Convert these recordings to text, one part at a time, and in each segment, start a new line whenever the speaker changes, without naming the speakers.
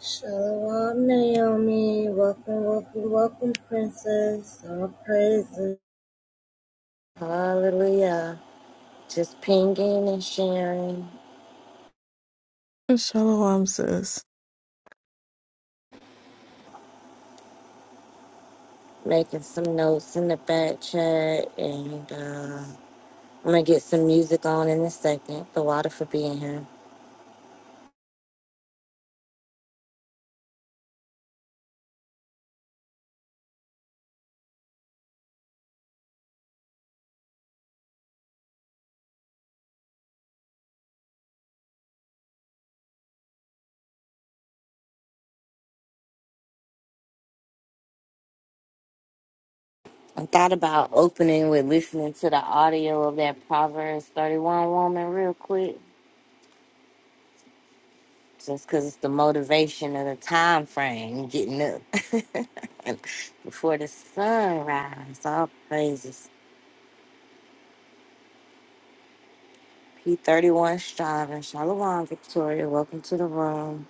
Shalom, Naomi. Welcome, welcome, welcome, princess. All praises. Hallelujah. Just pinging and sharing,
Shalom, sis.
making some notes in the back chat, and uh, I'm gonna get some music on in a second. The water for being here. I thought about opening with listening to the audio of that Proverbs 31 woman real quick. just because it's the motivation of the time frame getting up before the sunrise. All praises. P31 striving. Shalom, Victoria. Welcome to the room.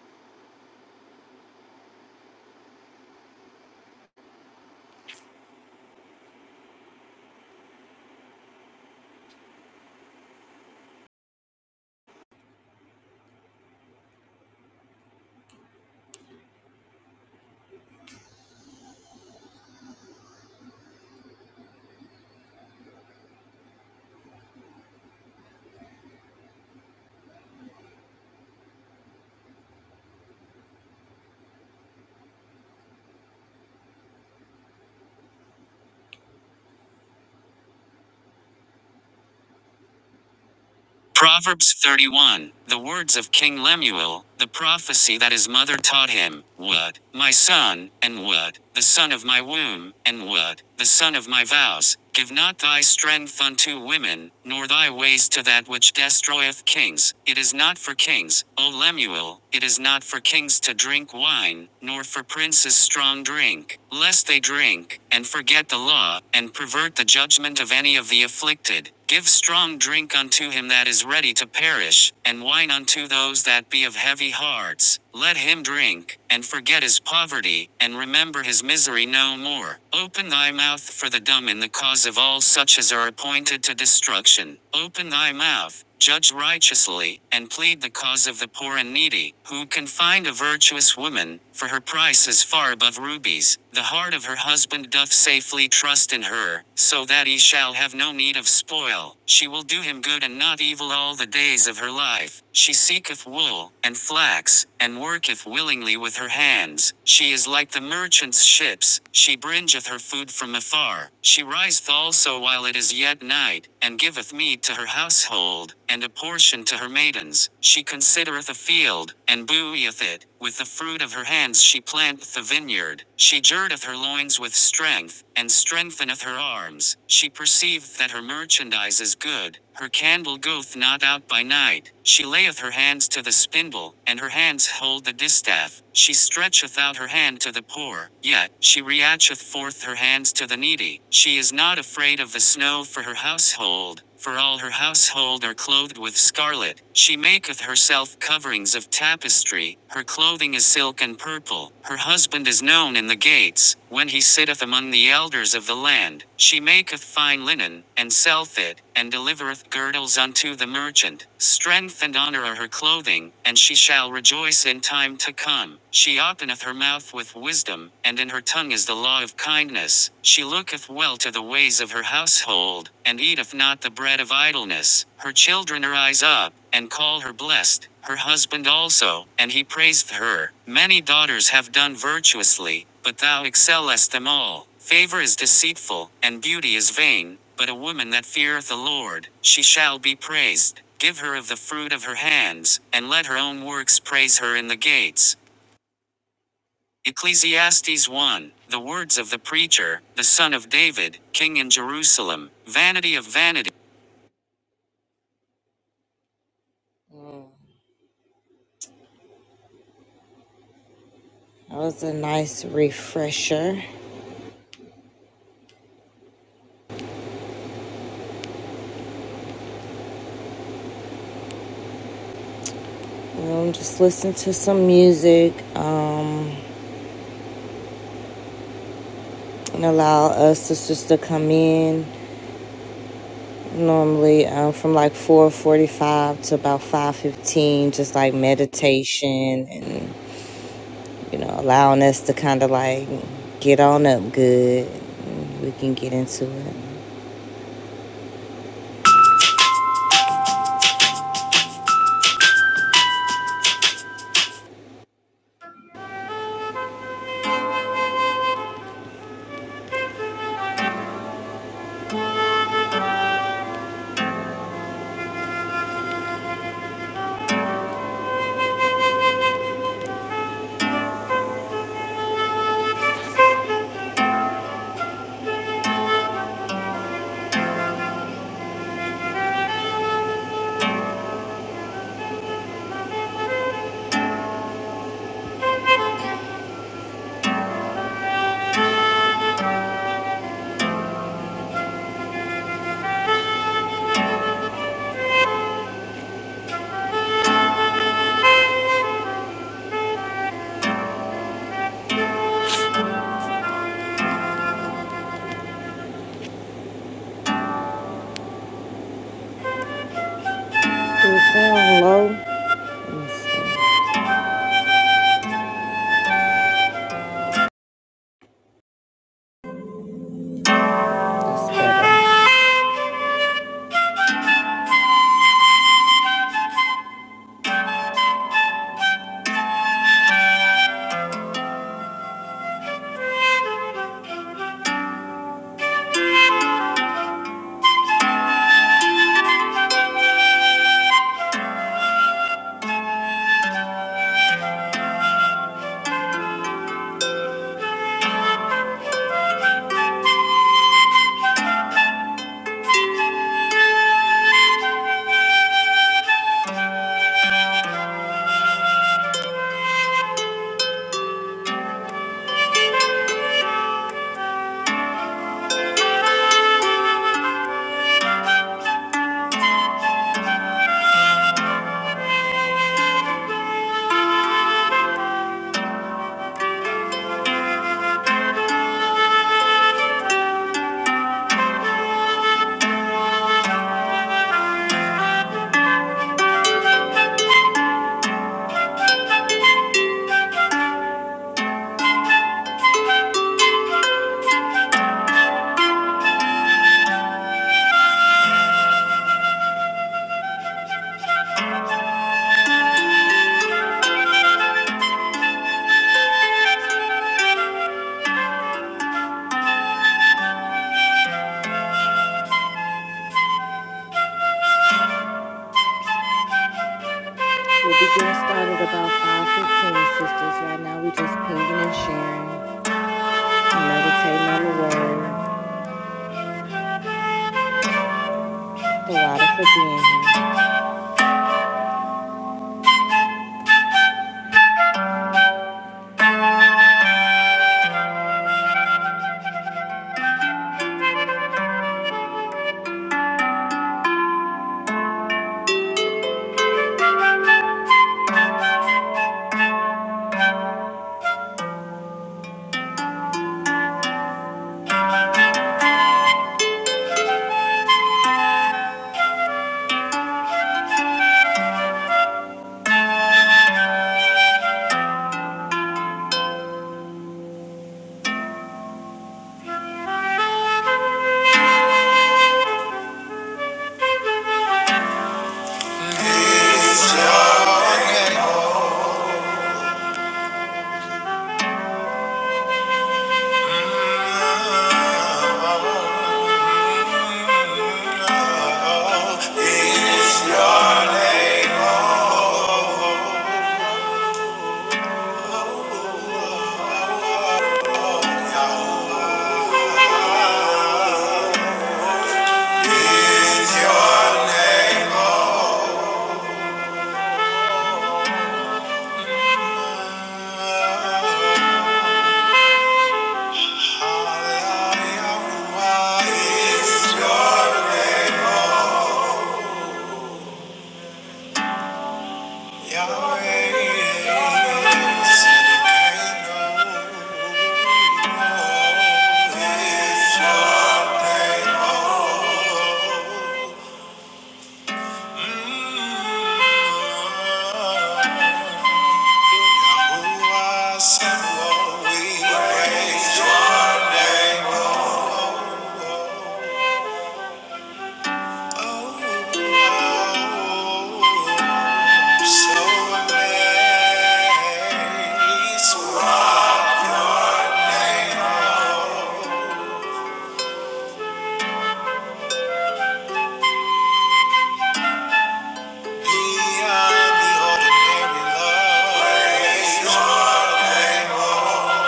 Proverbs 31, the words of King Lemuel, the prophecy that his mother taught him, What, my son, and what, the son of my womb, and what, the son of my vows, give not thy strength unto women, nor thy ways to that which destroyeth kings. It is not for kings, O Lemuel, it is not for kings to drink wine, nor for princes strong drink, lest they drink, and forget the law, and pervert the judgment of any of the afflicted. Give strong drink unto him that is ready to perish, and wine unto those that be of heavy hearts. Let him drink, and forget his poverty, and remember his misery no more. Open thy mouth for the dumb in the cause of all such as are appointed to destruction. Open thy mouth, judge righteously, and plead the cause of the poor and needy, who can find a virtuous woman, for her price is far above rubies. The heart of her husband doth safely trust in her, so that he shall have no need of spoil. She will do him good and not evil all the days of her life. She seeketh wool, and flax, and worketh willingly with her hands. She is like the merchant's ships, she bringeth her food from afar. She riseth also while it is yet night, and giveth meat to her household, and a portion to her maidens. She considereth a field, and buoyeth it. With the fruit of her hands she planteth the vineyard, she girdeth her loins with strength, and strengtheneth her arms. She perceiveth that her merchandise is good, her candle goeth not out by night. She layeth her hands to the spindle, and her hands hold the distaff. She stretcheth out her hand to the poor, yet she reacheth forth her hands to the needy. She is not afraid of the snow for her household, for all her household are clothed with scarlet. She maketh herself coverings of tapestry. Her clothing is silk and purple. Her husband is known in the gates, when he sitteth among the elders of the land. She maketh fine linen, and selleth it, and delivereth girdles unto the merchant. Strength and honor are her clothing, and she shall rejoice in time to come. She openeth her mouth with wisdom, and in her tongue is the law of kindness. She looketh well to the ways of her household, and eateth not the bread of idleness. Her children arise up, and call her blessed, her husband also, and he praiseth her. Many daughters have done virtuously, but thou excellest them all. Favor is deceitful, and beauty is vain, but a woman that feareth the Lord, she shall be praised. Give her of the fruit of her hands, and let her own works praise her in the gates. Ecclesiastes 1 The words of the preacher, the son of David, king in Jerusalem, vanity of vanity. Mm, That was a nice refresher. We'll just listen to some music um, and allow us sisters to come in normally um, from like 4.45 to about 5.15 just like meditation and. you know, allowing us to kind of like get on up good. We can get into it. Do it sound low? Let me see. That's better. We'll be getting started about 5.15, sisters. Right now, we just pinging and sharing and meditating on the word, the lot of forgiveness. Yahweh, So amazed, what your name beyond the ordinary love. Praise your name, Lord.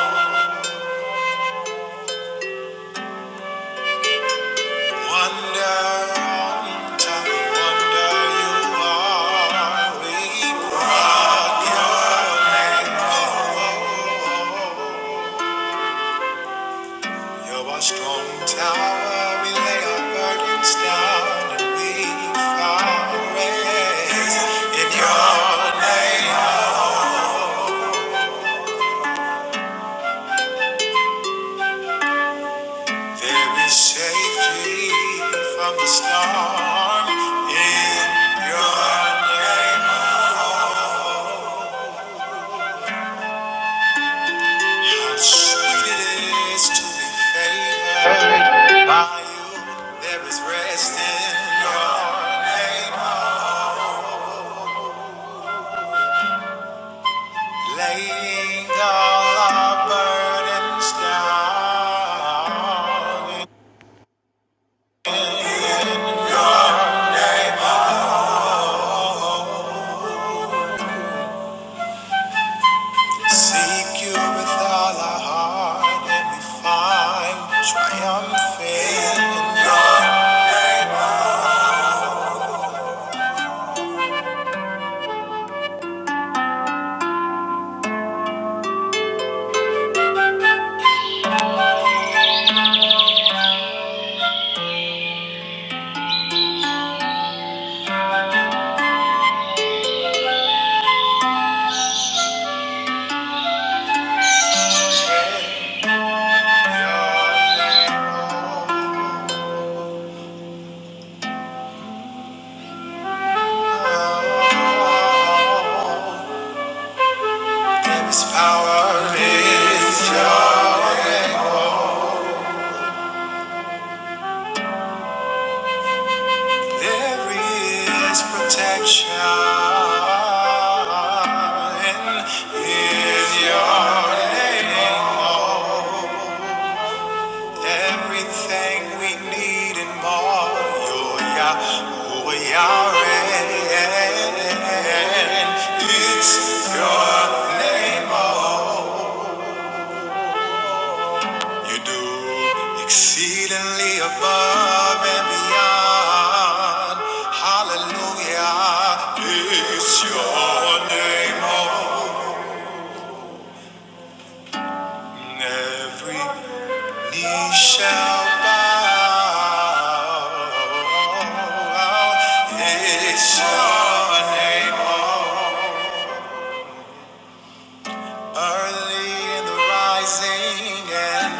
Wonder on top of wonder you are. We brought your name. Lord. You're our strong tower, we lay our burdens down and we find rest in your name. There is safety from the storm in your name. How sweet it is to be favored by you. There is rest in your name. Laying all our burdens down. we Seek you with all our heart, and we find triumph in your name. In Your name, oh, There is power in your name. There is protection in your name. oh. Everything we need and more. You're Yahweh, Yahweh. It's your name, oh. You do exceedingly above and beyond. Hallelujah. It's your name, oh. Every knee shall bow. It's your name, oh. Early in the rising and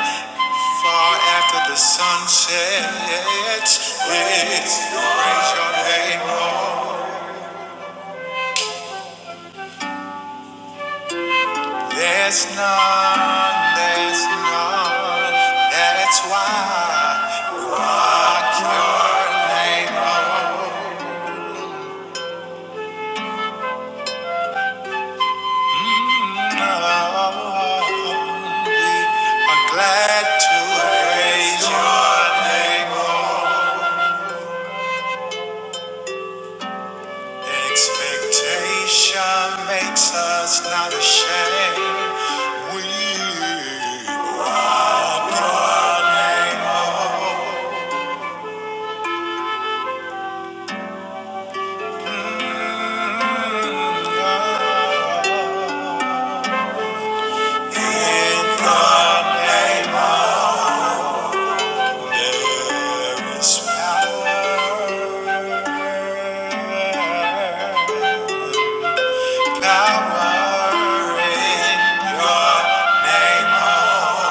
far after the sun sets, let's praise your name, Lord. There's none, there's none. That's why we rock your name, Lord. Mm, oh, we are glad to praise your name, Lord. Expectation makes us not ashamed. We walk your name up. In the name of there is power. Power in your name. oh.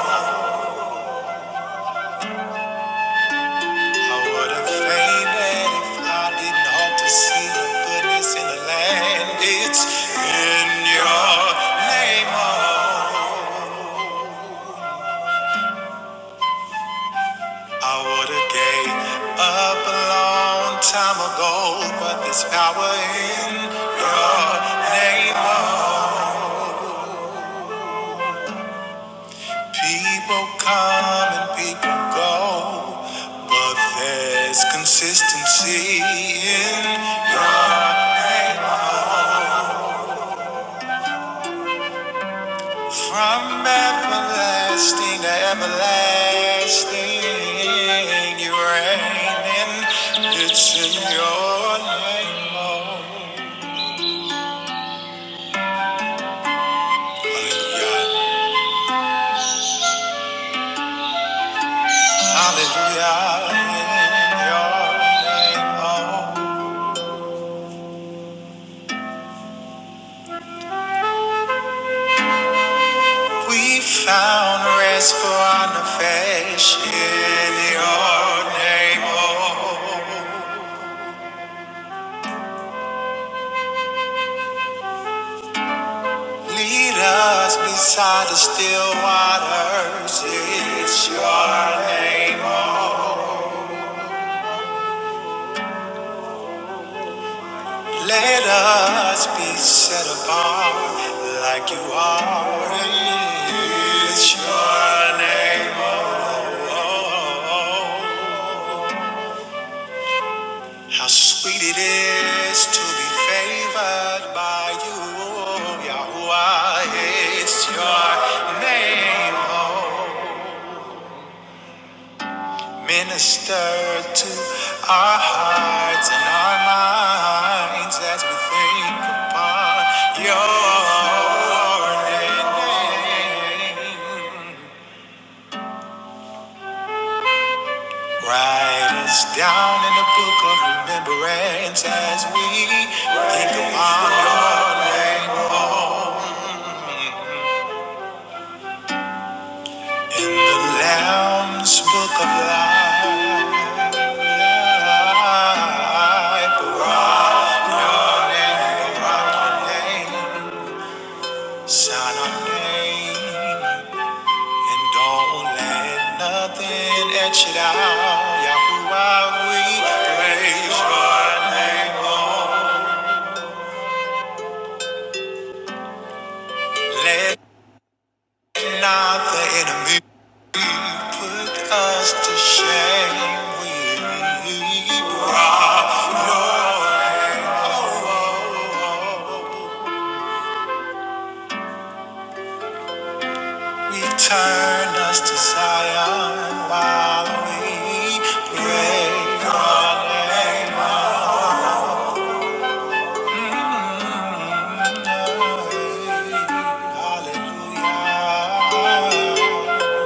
I would have fainted if I didn't hope to see your goodness in the land. It's in your name, oh. I would have gave up a long time ago, but there's power in your name, oh. People come and people go, but there's consistency in your name, oh. From everlasting to everlasting, you reign in it's in your name, oh Hallelujah, Hallelujah, in your name, oh. We found rest for our nafesh in your name, oh. Lead us beside the still waters, it's your name, oh. Let us be set apart like you are It's your name. Oh, oh, oh. how sweet it is to be favored by you. Yahweh, it's your name. Oh, Minister to our hearts and our minds as we think upon your name. Write us down in the book of remembrance as we think upon your name. Oh, In the Lamb's book of life. Shine on name and don't let nothing etch it out. Yahuwah, we praise your name. Oh, let not the enemy put us to shame. We rock your name. Oh, oh, oh. Return us to Zion while we pray. Hallelujah. Hallelujah.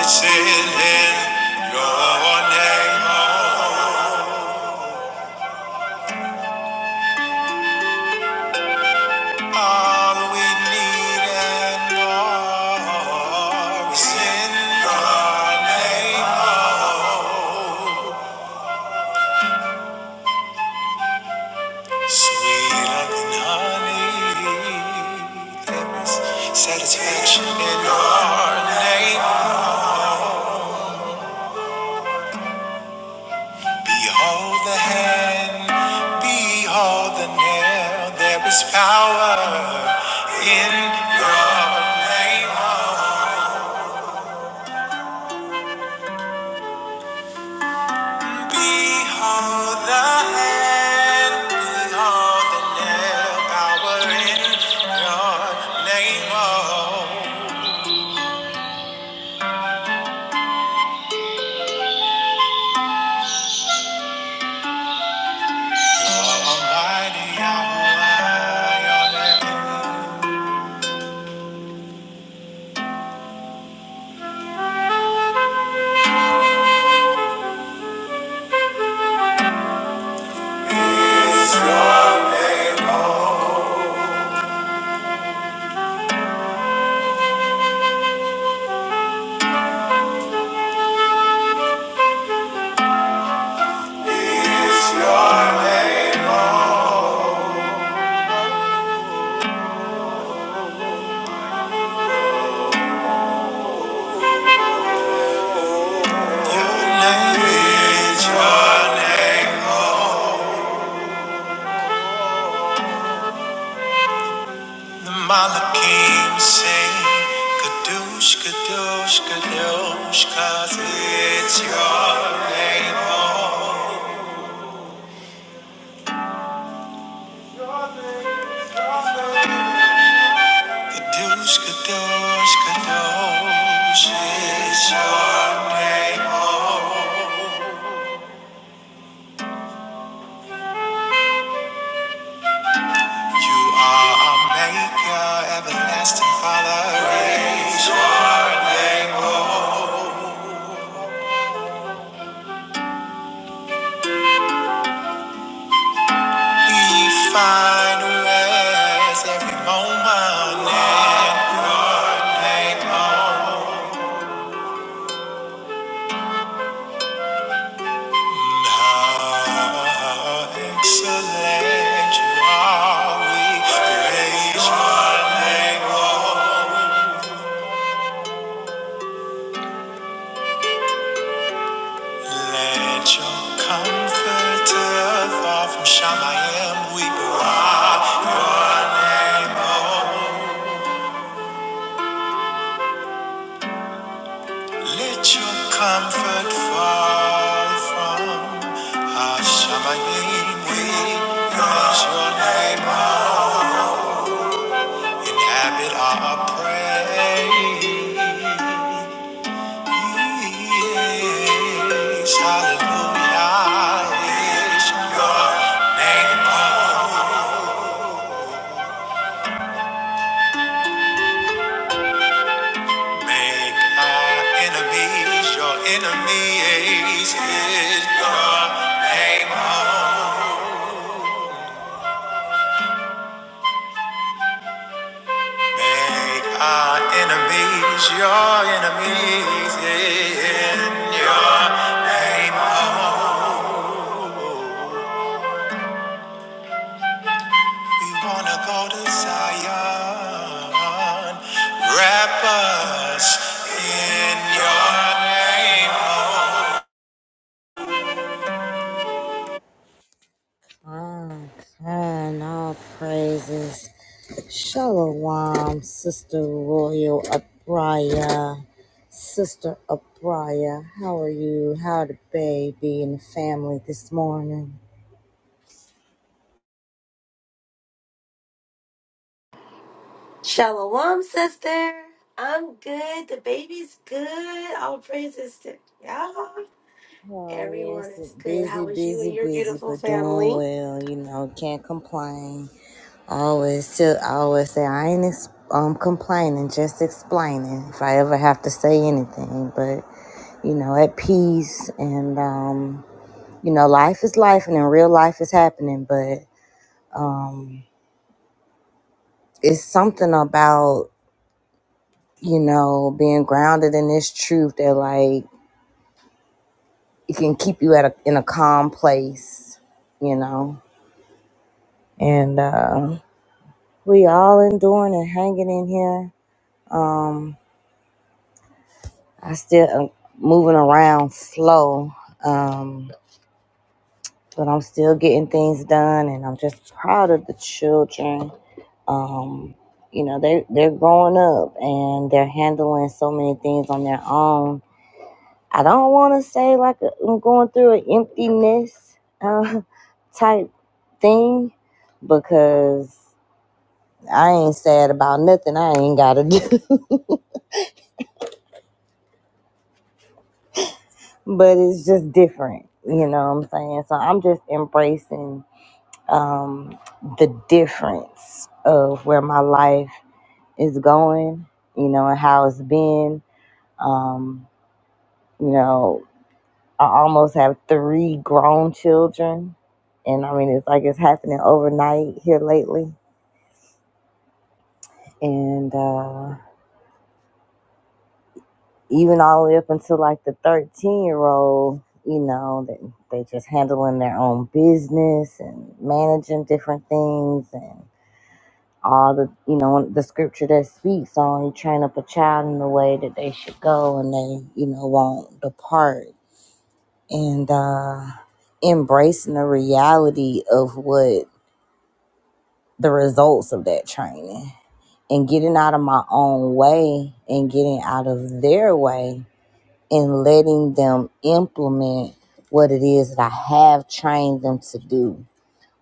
It's in your name. Lord. All we need and more is in your name. Lord. Sweeter than honey, there is satisfaction in your name. Behold the hand, behold the nail, there is power in your name. Behold the hand, behold the nail, power in your name. Oh. your name. is your name, oh. Is your name, oh. Your name is your name, The Malachim sing Kadosh, Kadosh, Kadosh, cause it's your name, oh. Kadosh, Kadosh, Kadosh, it's your name, oh. You are our maker, everlasting Father, it's your name, oh. We find rest every moment in your name, oh. How excellent you are. We praise your name, Lord. Let your comforter fall from Shemayim. We praise your name, Lord. Let your comfort fall from Shemayim. We praise your name, Lord. Inhabit our praise. Yes, Yes, your name will make our enemies your enemies. Yes, your name will make our enemies your enemies. In your name, oh. We wanna go to Zion. Wrap us in your name. Okay, all praises. Shalom, Sister Royal Abraya. Sister Abraya, how are you? How the baby and the family this morning?
Shalom, sister. I'm good. The baby's good. All praises to y'all.
Oh
Everyone
yes,
is good.
busy,
How was you and
busy,
your
busy,
beautiful
but doing
family?
well. You know, can't complain. always, tell, I always say I ain't ex- um complaining, just explaining. If I ever have to say anything, but you know, at peace and um, you know, life is life, and in real life is happening. But um, it's something about you know being grounded in this truth that like it can keep you at a, in a calm place. You know, and. Uh, We all enduring and hanging in here. Um, I still am moving around slow, um, but I'm still getting things done, and I'm just proud of the children. Um, you know, they they're growing up and they're handling so many things on their own. I don't want to say like i am going through an emptiness uh, type thing because I ain't sad about nothing I ain't gotta do. but it's just different. You know what I'm saying? So I'm just embracing um, the difference of where my life is going, you know, and how it's been. Um, you know, I almost have three grown children. And I mean, it's like it's happening overnight here lately. And, uh, even all the way up until like the 13 year old, you know, they, they just handling their own business and managing different things and all the, you know, the scripture that speaks on you train up a child in the way that they should go and they, you know, won't depart. And uh, embracing the reality of what the results of that training and getting out of my own way and getting out of their way and letting them implement what it is that I have trained them to do,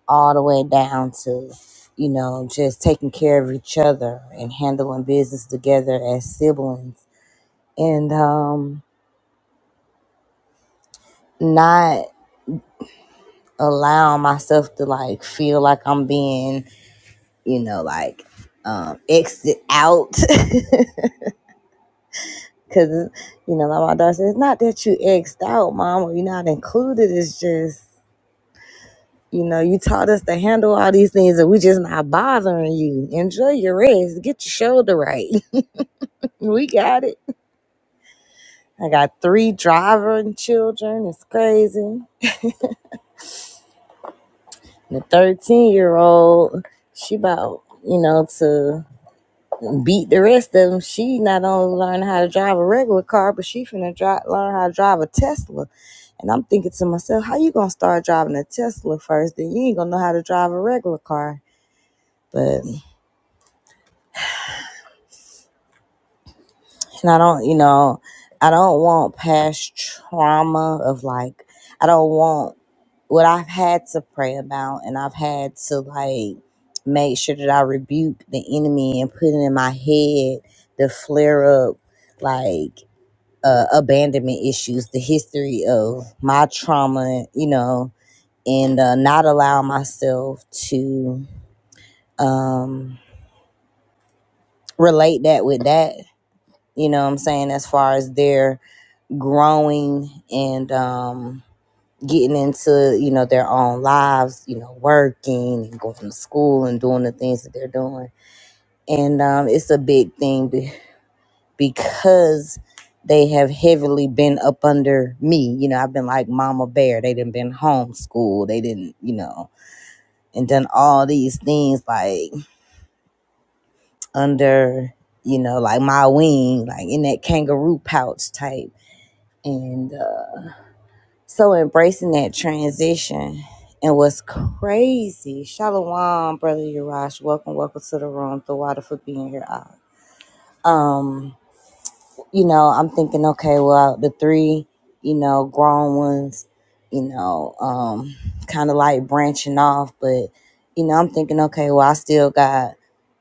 all the way down to, you know, just taking care of each other and handling business together as siblings and um, not allowing myself to like feel like I'm being, you know, like um, exit out. Cause you know, like my daughter says, it's not that you exed out, mom, or you're not included. It's just You know, you taught us to handle all these things and we just not bothering you. Enjoy your rest. Get your shoulder right. we got it. I got three driving children. It's crazy. And The 13 year old, she about, you know, to beat the rest of them. She not only learned how to drive a regular car, but she finna dri learn how to drive a Tesla. And I'm thinking to myself, how you gonna start driving a Tesla first? Then you ain't gonna know how to drive a regular car. But And I don't, you know, I don't want past trauma of like, I don't want what I've had to pray about and I've had to like make sure that I rebuke the enemy and put it in my head the flare up like uh, abandonment issues, the history of my trauma, you know, and uh, not allow myself to um, relate that with that, you know what I'm saying, as far as their growing and um, getting into you know their own lives you know working and going to school and doing the things that they're doing and um, it's a big thing be- because they have heavily been up under me you know i've been like mama bear they didn't been homeschooled they didn't you know and done all these things like under you know like my wing like in that kangaroo pouch type and. uh, So embracing that transition. And what's crazy, Shalom, brother Yarash, welcome, welcome to the room. The water for being here. Uh, Um, you know, I'm thinking, okay, well, the three, you know, grown ones, you know, um, kind of like branching off, but you know, I'm thinking, okay, well, I still got,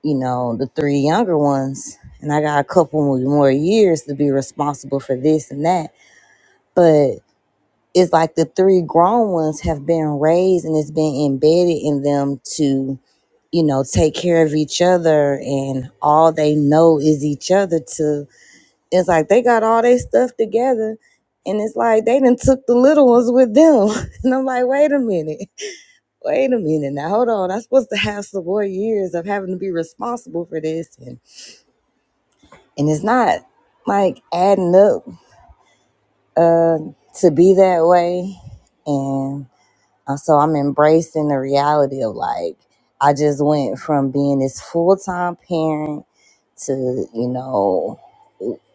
you know, the three younger ones, and I got a couple more years to be responsible for this and that. but it's like the three grown ones have been raised and it's been embedded in them to you know take care of each other and all they know is each other to it's like they got all their stuff together and it's like they done took the little ones with them and i'm like wait a minute wait a minute now hold on i'm supposed to have some more years of having to be responsible for this and and it's not like adding up uh to be that way and. Uh, So I'm embracing the reality of like, I just went from being this full time parent to, you know,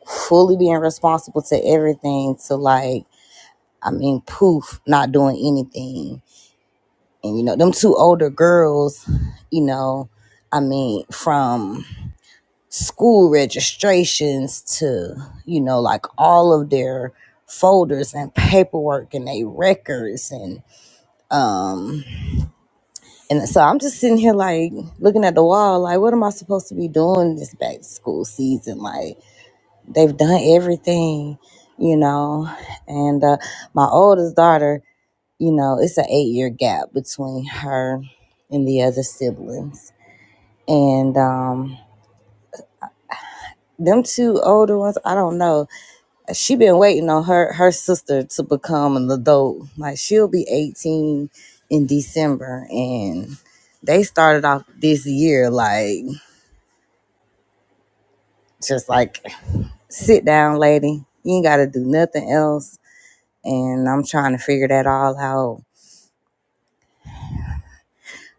fully being responsible to everything to like, I mean, poof, not doing anything. And, you know, them two older girls, you know, I mean, from school registrations to, you know, like all of their folders and paperwork and they records and um. And so I'm just sitting here like looking at the wall, like, what am I supposed to be doing this back to school season? Like, they've done everything, you know. And uh, my oldest daughter, you know, it's an eight year gap between her and the other siblings. And um, them two older ones, I don't know. She been waiting on her her sister to become an adult. Like she'll be 18 in December, and they started off this year like just like sit down lady you ain't gotta do nothing else and i'm trying to figure that all out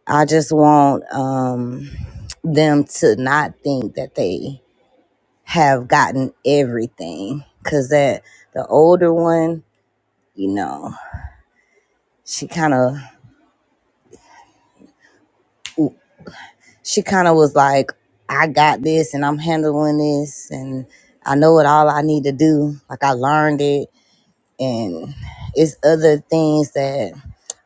i just want um them to not think that they have gotten everything because that the older one you know she kind of she kind of was like i got this and i'm handling this and i know what all i need to do like i learned it and it's other things that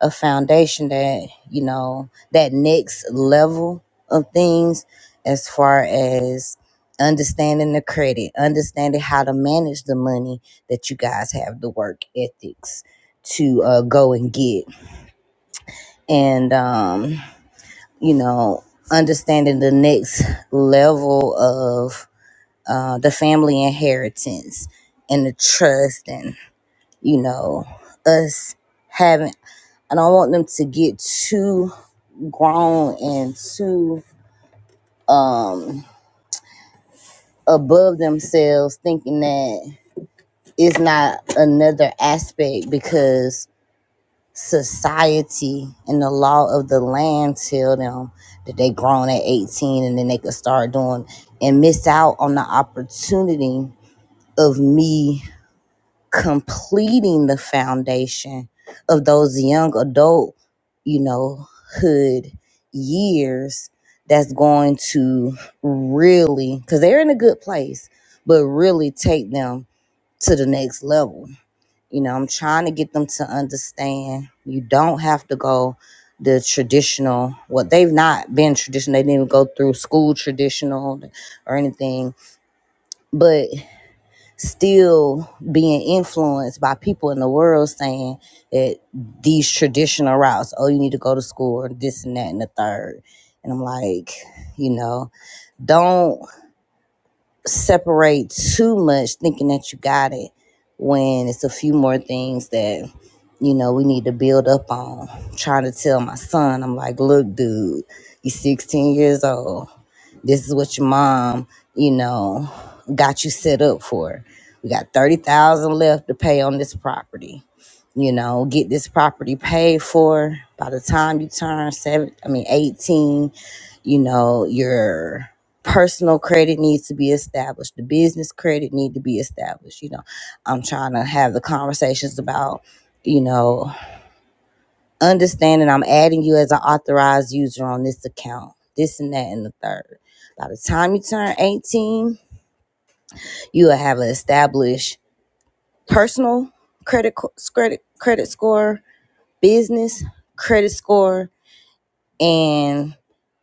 a foundation that you know that next level of things as far as understanding the credit understanding how to manage the money that you guys have the work ethics to uh, go and get and um, you know understanding the next level of uh, the family inheritance and the trust and you know, us having I don't want them to get too grown and too um above themselves thinking that it's not another aspect because society and the law of the land tell them that they grown at 18 and then they could start doing and miss out on the opportunity of me completing the foundation of those young adult, you know, hood years that's going to really cuz they're in a good place, but really take them to the next level. You know, I'm trying to get them to understand you don't have to go the traditional what they've not been traditional they didn't even go through school traditional or anything but still being influenced by people in the world saying that these traditional routes, oh, you need to go to school or this and that and the third. And I'm like, you know, don't separate too much thinking that you got it when it's a few more things that, you know, we need to build up on. Trying to tell my son, I'm like, look, dude, you're 16 years old this is what your mom, you know, got you set up for. We got 30,000 left to pay on this property. You know, get this property paid for by the time you turn 7 I mean 18, you know, your personal credit needs to be established. The business credit need to be established, you know. I'm trying to have the conversations about you know understanding I'm adding you as an authorized user on this account, this and that, and the third. By the time you turn 18, you will have an established personal credit credit credit score, business credit score, and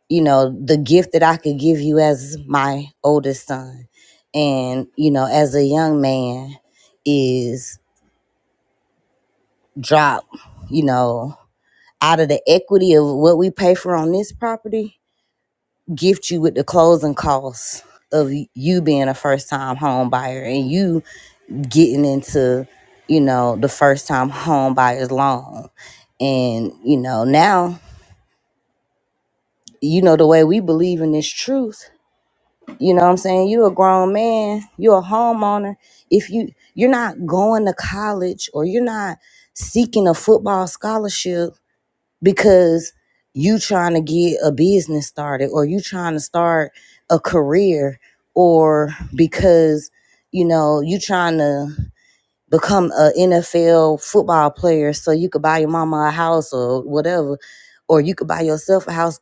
you know the gift that I could give you as my oldest son, and you know as a young man is drop, you know out of the equity of what we pay for on this property gift you with the closing costs of you being a first time home buyer and you getting into, you know, the first time home buyer's loan. And, you know, now, you know, the way we believe in this truth, you know what I'm saying? You're a grown man, you're a homeowner. If you you're not going to college or you're not seeking a football scholarship because you trying to get a business started or you trying to start a career or because you know you trying to become a NFL football player so you could buy your mama a house or whatever or you could buy yourself a house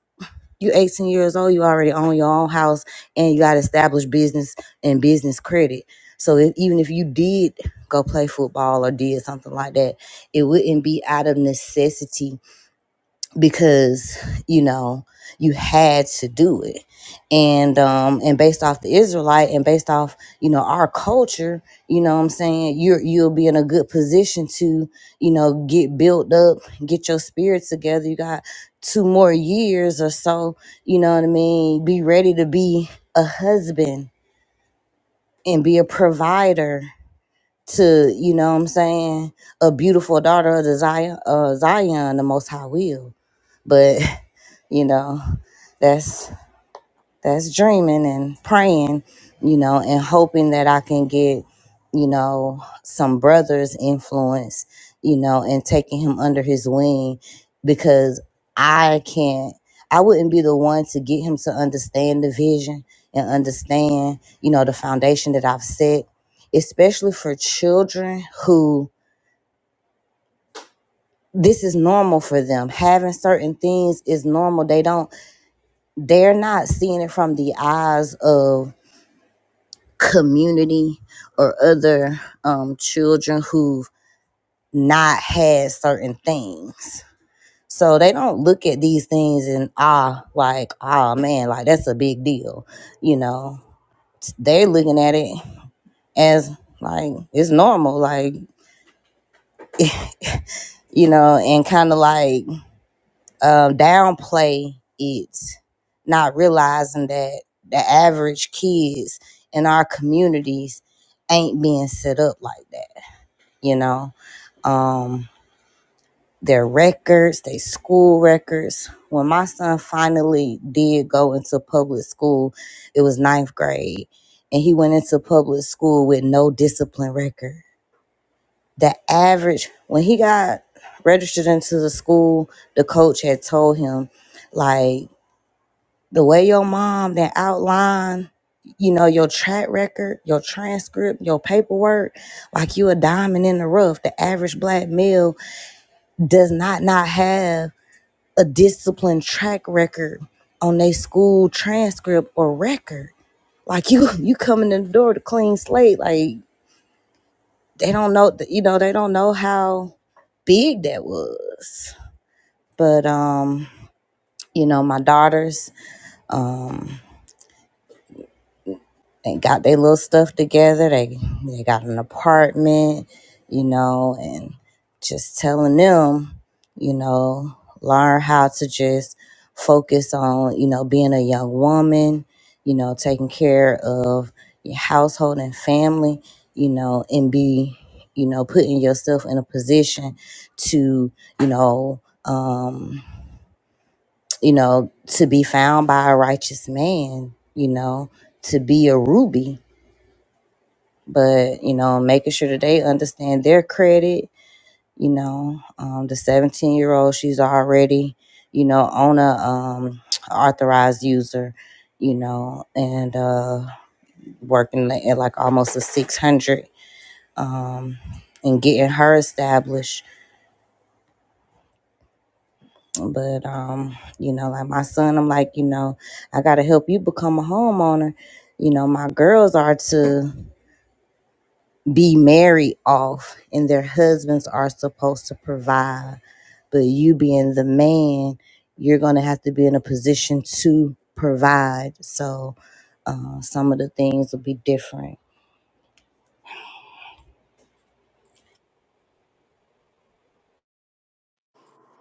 you 18 years old you already own your own house and you got established business and business credit so if, even if you did go play football or did something like that it wouldn't be out of necessity because you know you had to do it and um and based off the israelite and based off you know our culture you know what i'm saying you're you'll be in a good position to you know get built up get your spirit together you got two more years or so you know what i mean be ready to be a husband and be a provider to you know what i'm saying a beautiful daughter of the zion uh zion the most high will but you know that's that's dreaming and praying you know and hoping that i can get you know some brother's influence you know and taking him under his wing because i can't i wouldn't be the one to get him to understand the vision and understand you know the foundation that i've set especially for children who this is normal for them having certain things is normal they don't they're not seeing it from the eyes of community or other um, children who've not had certain things. So they don't look at these things and ah, like, oh man, like that's a big deal. You know, they're looking at it as like it's normal, like, you know, and kind of like um, downplay it, not realizing that the average kids in our communities ain't being set up like that. You know, um, their records, their school records. When my son finally did go into public school, it was ninth grade, and he went into public school with no discipline record. The average, when he got registered into the school, the coach had told him, like, the way your mom that outline you know your track record your transcript your paperwork like you a diamond in the rough the average black male does not not have a disciplined track record on their school transcript or record like you you coming in the door with a clean slate like they don't know th- you know they don't know how big that was but um you know my daughters um. they got their little stuff together. They they got an apartment, you know, and just telling them, you know, learn how to just focus on, you know, being a young woman, you know, taking care of your household and family, you know, and be, you know, putting yourself in a position to, you know, um, you know, to be found by a righteous man, you know, to be a ruby but you know making sure that they understand their credit you know um, the 17 year old she's already you know on a um, authorized user you know and uh, working at like almost a 600 um, and getting her established but um, you know like my son i'm like you know i gotta help you become a homeowner you know my girls are too be married off and their husbands are supposed to provide but you being the man you're going to have to be in a position to provide so uh, some of the things will be different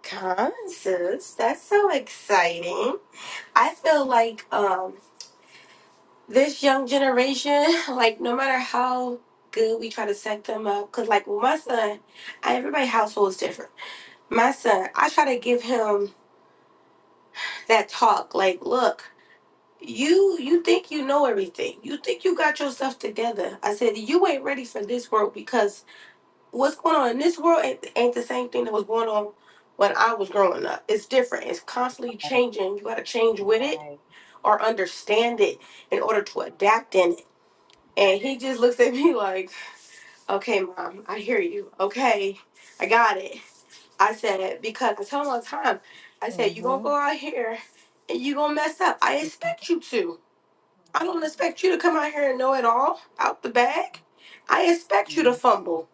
Come, sis. That's so exciting. I feel like um, this young generation, like no matter how good we try to set them up, because like with my son, I, everybody household is different. My son, I try to give him that talk, like, look. You you think you know everything. You think you got your stuff together. I said you ain't ready for this world because what's going on in this world ain't, ain't the same thing that was going on when I was growing up. It's different. It's constantly changing. You got to change with it or understand it in order to adapt in it. And he just looks at me like, "Okay, mom, I hear you. Okay, I got it." I said because I tell him all the time. I said you gonna
hmm
go out here and you gonna mess up. I expect you to. I don't expect you to come out here and know it all out the bag. I expect you
hmm
to fumble,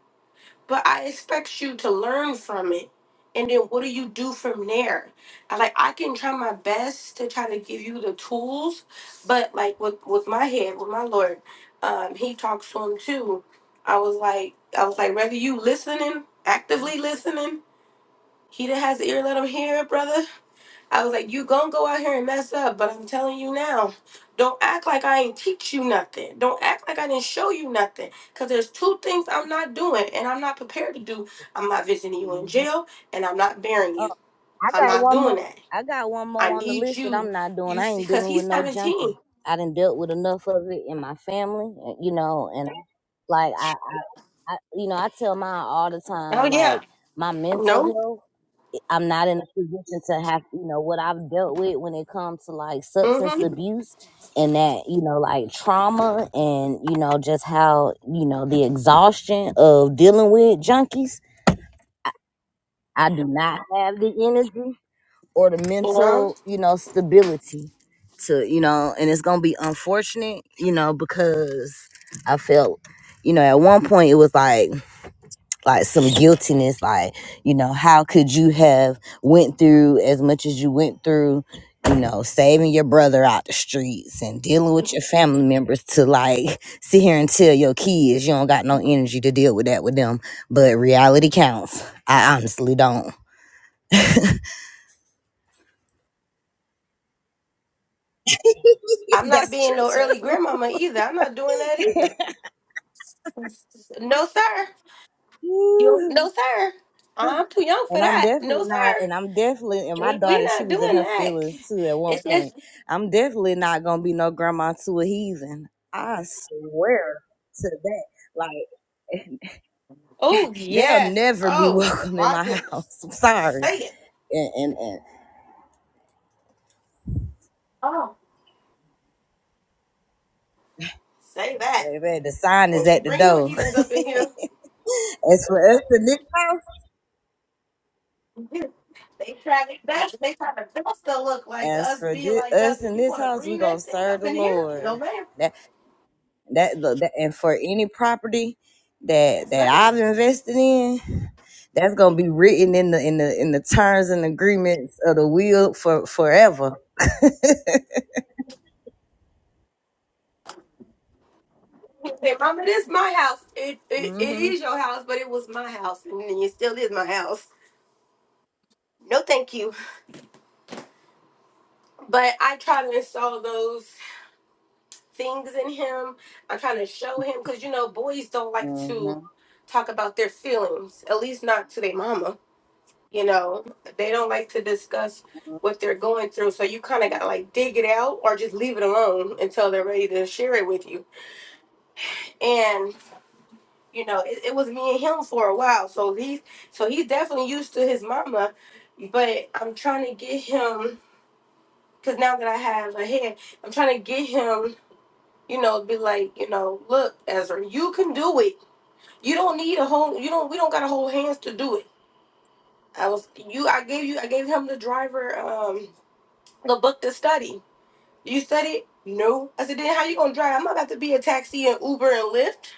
but I expect you to learn from it. And then what do you do from there? I like I can try my best to try to give you the tools, but like with with my head, with my Lord, um, he talks to him too. I was like I was like, whether you listening, actively listening, he that has the ear let him hear, brother I was like, you gonna go out here and mess up, but I'm telling you now, don't act like I ain't teach you nothing. Don't act like I didn't show you nothing. Cause there's two things I'm not doing and I'm not prepared to do. I'm not visiting you in jail and I'm not burying
oh
you.
i
I'm
got
not
one
doing
more
that.
i got one
I
more on the
need
list that
you.
i'm not doing
You
i
see,
ain't
cause
dealing with
he's
no
17.
junkie i done dealt with enough of it in my family uh, you know and like I, I you know i tell mine all the
Oh
time
yeah.
like my mental
No.
health I'm not in a position to have, you know, what I've dealt with when it comes to like substance
Mm-hmm.
abuse and that, you know, like trauma and, you know, just how, you know, the exhaustion of dealing with junkies. I do not have the energy or the
Well,
mental, you know, stability to, you know, and it's going to be unfortunate, you know, because I felt, you know, at one point it was like, like some guiltiness like you know how could you have went through as much as you went through you know saving your brother out the streets and dealing with your family members to like sit here and tell your kids you don't got no energy to deal with that with them but reality counts i honestly don't
I'm not
that's
being no
true
early
too
grandmama either. I'm not doing that either. No, sir. You
Ooh.
no sir. I'm too young for
And I'm
that. No,
definitely not,
sir.
and I'm definitely, and my
We we're
daughter, she
not
was in
doing
her
that.
feelings too at one
It's
point.
just
I'm definitely not gonna be no grandma to a heathen. I swear to that. Like
oh
they'll
yes.
never be
Oh
welcome in
my
my
goodness.
house. I'm sorry.
Say it.
And and, and
Oh. Say that.
baby, the sign is
Don't you
at the
bring no
door.
heathens up in here.
as for us in this house,
They try to best they try to best to look like
as
us,
for
be
this,
like us,
us in
and you
this
wanna
house, we
bring
gonna
that thing
serve
up
the
in here? No
Lord.
ma'am.
That, look, that and for any property that
That's
that
ma'am.
I've invested in, that's gonna be written in the in the in the terms and agreements of the will for forever.
Say, Mama, this my house. It, it it
hmm
is your house, but it was my house, and it still is my house. No, thank you. But I try to install those. things in him. I kind of show him because you know boys don't like to
hmm
talk about their feelings, at least not to their mama. You know, they don't like to discuss what they're going through. So you kind of got to like dig it out or just leave it alone until they're ready to share it with you. And you know, it, it was me and him for a while. So he's so he's definitely used to his mama, but I'm trying to get him because now that I have a head, I'm trying to get him you know, be like, you know, look, Ezra, you can do it. You don't need a whole. You don't. We don't got to hold hands to do it. I was you. I gave you. I gave him the driver. Um, the book to study. You said it. No. I said, then how you gonna drive? I'm not about to be a taxi and Uber and Lyft.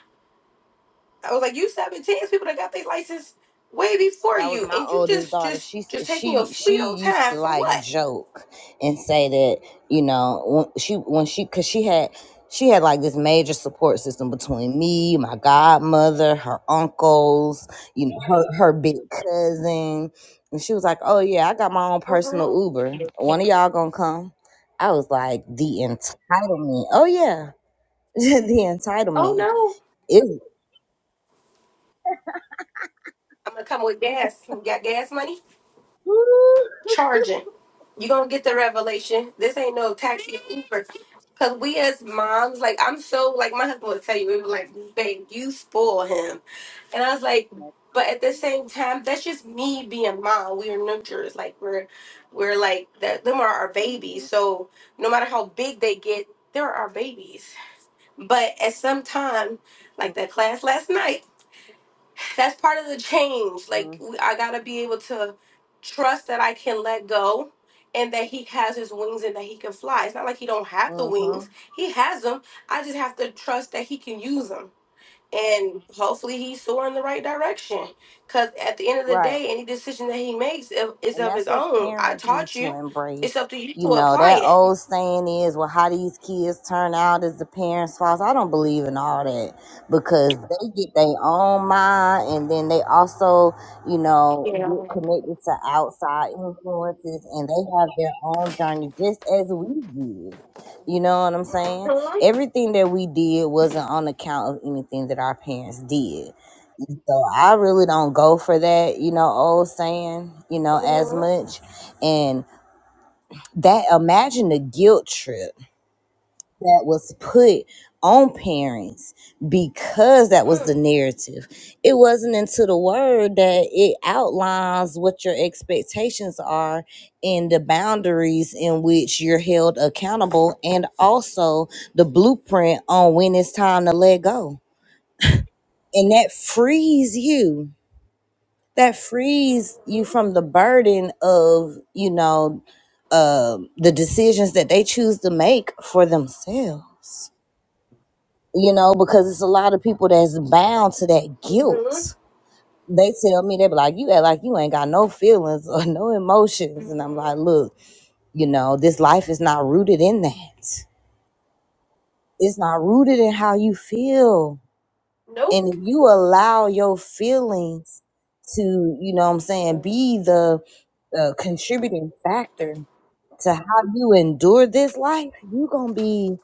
I was like, you 17. It's people that got their license way before
That was
you,
my
and you
oldest
just,
daughter.
just,
She
just
s-
taking your
she she
sweet old
used
time
to
for
like
what?
joke and say that you know when she when she because she had she had like this major support system between me, my godmother, her uncles, you know her her big cousin, and she was like, "Oh yeah, I got my own personal
Mhm.
Uber. One of y'all gonna come?" I was like, "The entitlement. Oh yeah, the
Oh
entitlement
no.
is."
I'm gonna come with gas. You got gas money? charging. You're gonna get the revelation. This ain't no taxi or Uber. Cause we as moms, like I'm so like my husband would tell you, we were like, babe, you spoil him. And I was like, but at the same time, that's just me being mom. We are nurturers. Like we're we're like that them are our babies. So no matter how big they get, they're our babies. But at some time, like that class last night that's part of the change.
Mm-hmm.
Like we- I gotta be able to trust that I can let go and that he has his wings and that he can fly. It's not like he don't have the
Mm-hmm.
wings. He has them. I just have to trust that he can use them. And hopefully he's soaring in the right direction. Cause at the end of the
Right.
day, any decision that he makes i- is
And
of
that's
his
what
own. I
parents need
taught
to
you. It's
embrace.
up to you
You
to
know,
apply
that
it.
old saying is, well, how these kids turn out is the parents' fault. I don't believe in all that because they get their own mind and then they also, you know,
Yeah.
get connected to outside influences and they have their own journey just as we did. You know what I'm saying?
Mhm.
Everything that we did wasn't on account of anything that our parents did so I really don't go for that, you know, old saying, you know, as
Mhm.
much. And that imagine the guilt trip that was put on parents because that was the
Mm.
narrative. It wasn't until the word that it outlines what your expectations are and the boundaries in which you're held accountable and also the blueprint on when it's time to let go. And that frees you that frees you
Mhm.
from the burden of you know um the decisions that they choose to make for themselves you know because it's a lot of people that's bound to that
Mhm.
guilt they tell me they be like you act like you ain't got no feelings or no emotions and i'm like
Mhm.
look you know this life is not rooted in that it's not rooted in how you feel and if
Nope.
you allow your feelings to you know what i'm saying
Yeah.
be the uh, contributing factor to how you endure this life you're gonna be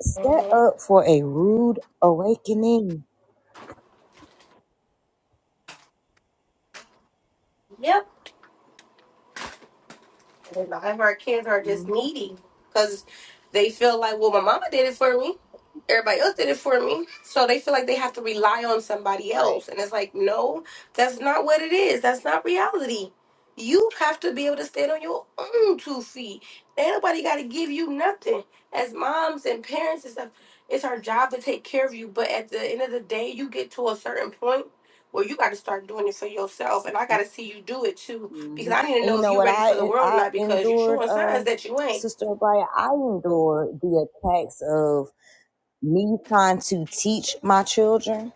set
hmm
up for a rude awakening
Yep. A lot of our kids are just
Mhm.
needy because they feel like, well, my mama did it for me. everybody else did it for me. So they feel like they have to rely on somebody
right
else. And it's like, no, that's not what it is. That's not reality. You have to be able to stand on your own two feet. Ain't nobody got to give you nothing. As moms and parents and stuff, it's our job to take care of you. But at the end of the day, you get to a certain point where you got to start doing it for yourself. And I got to see you do it too.
hmm
Because I need to
and you
know if
know
you're
what
ready for the
i
world or
i
not because you
endured
showing signs
um
that you ain't.
sister O'Brien, i endured the attacks of me trying to teach my children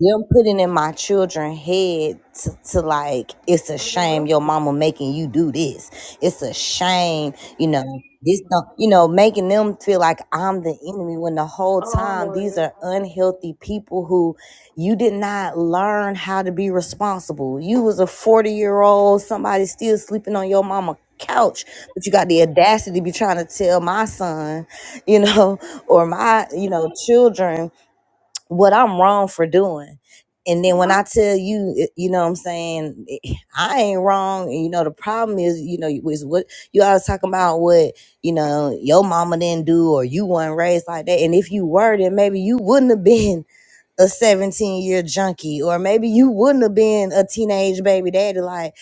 them putting in my children head to, to like it's a
hmm
shame your mama making you do this it's a shame you know this don't you know making them feel like i'm the enemy when the whole time these
Oh,
are unhealthy people who you did not learn how to be responsible you was a 40 year old somebody still sleeping on your mama couch but you got the audacity to be trying to tell my son you know or my you know children what I'm wrong for doing. And then when
yeah.
I tell you, it- you know what I'm saying, it- I ain't wrong. And you know, the problem is, you know, is what you always talking about what, you know, your mama didn't do or you weren't raised like that. And if you were, then maybe you wouldn't have been a 17 year junkie or maybe you wouldn't have been a teenage baby daddy. Like,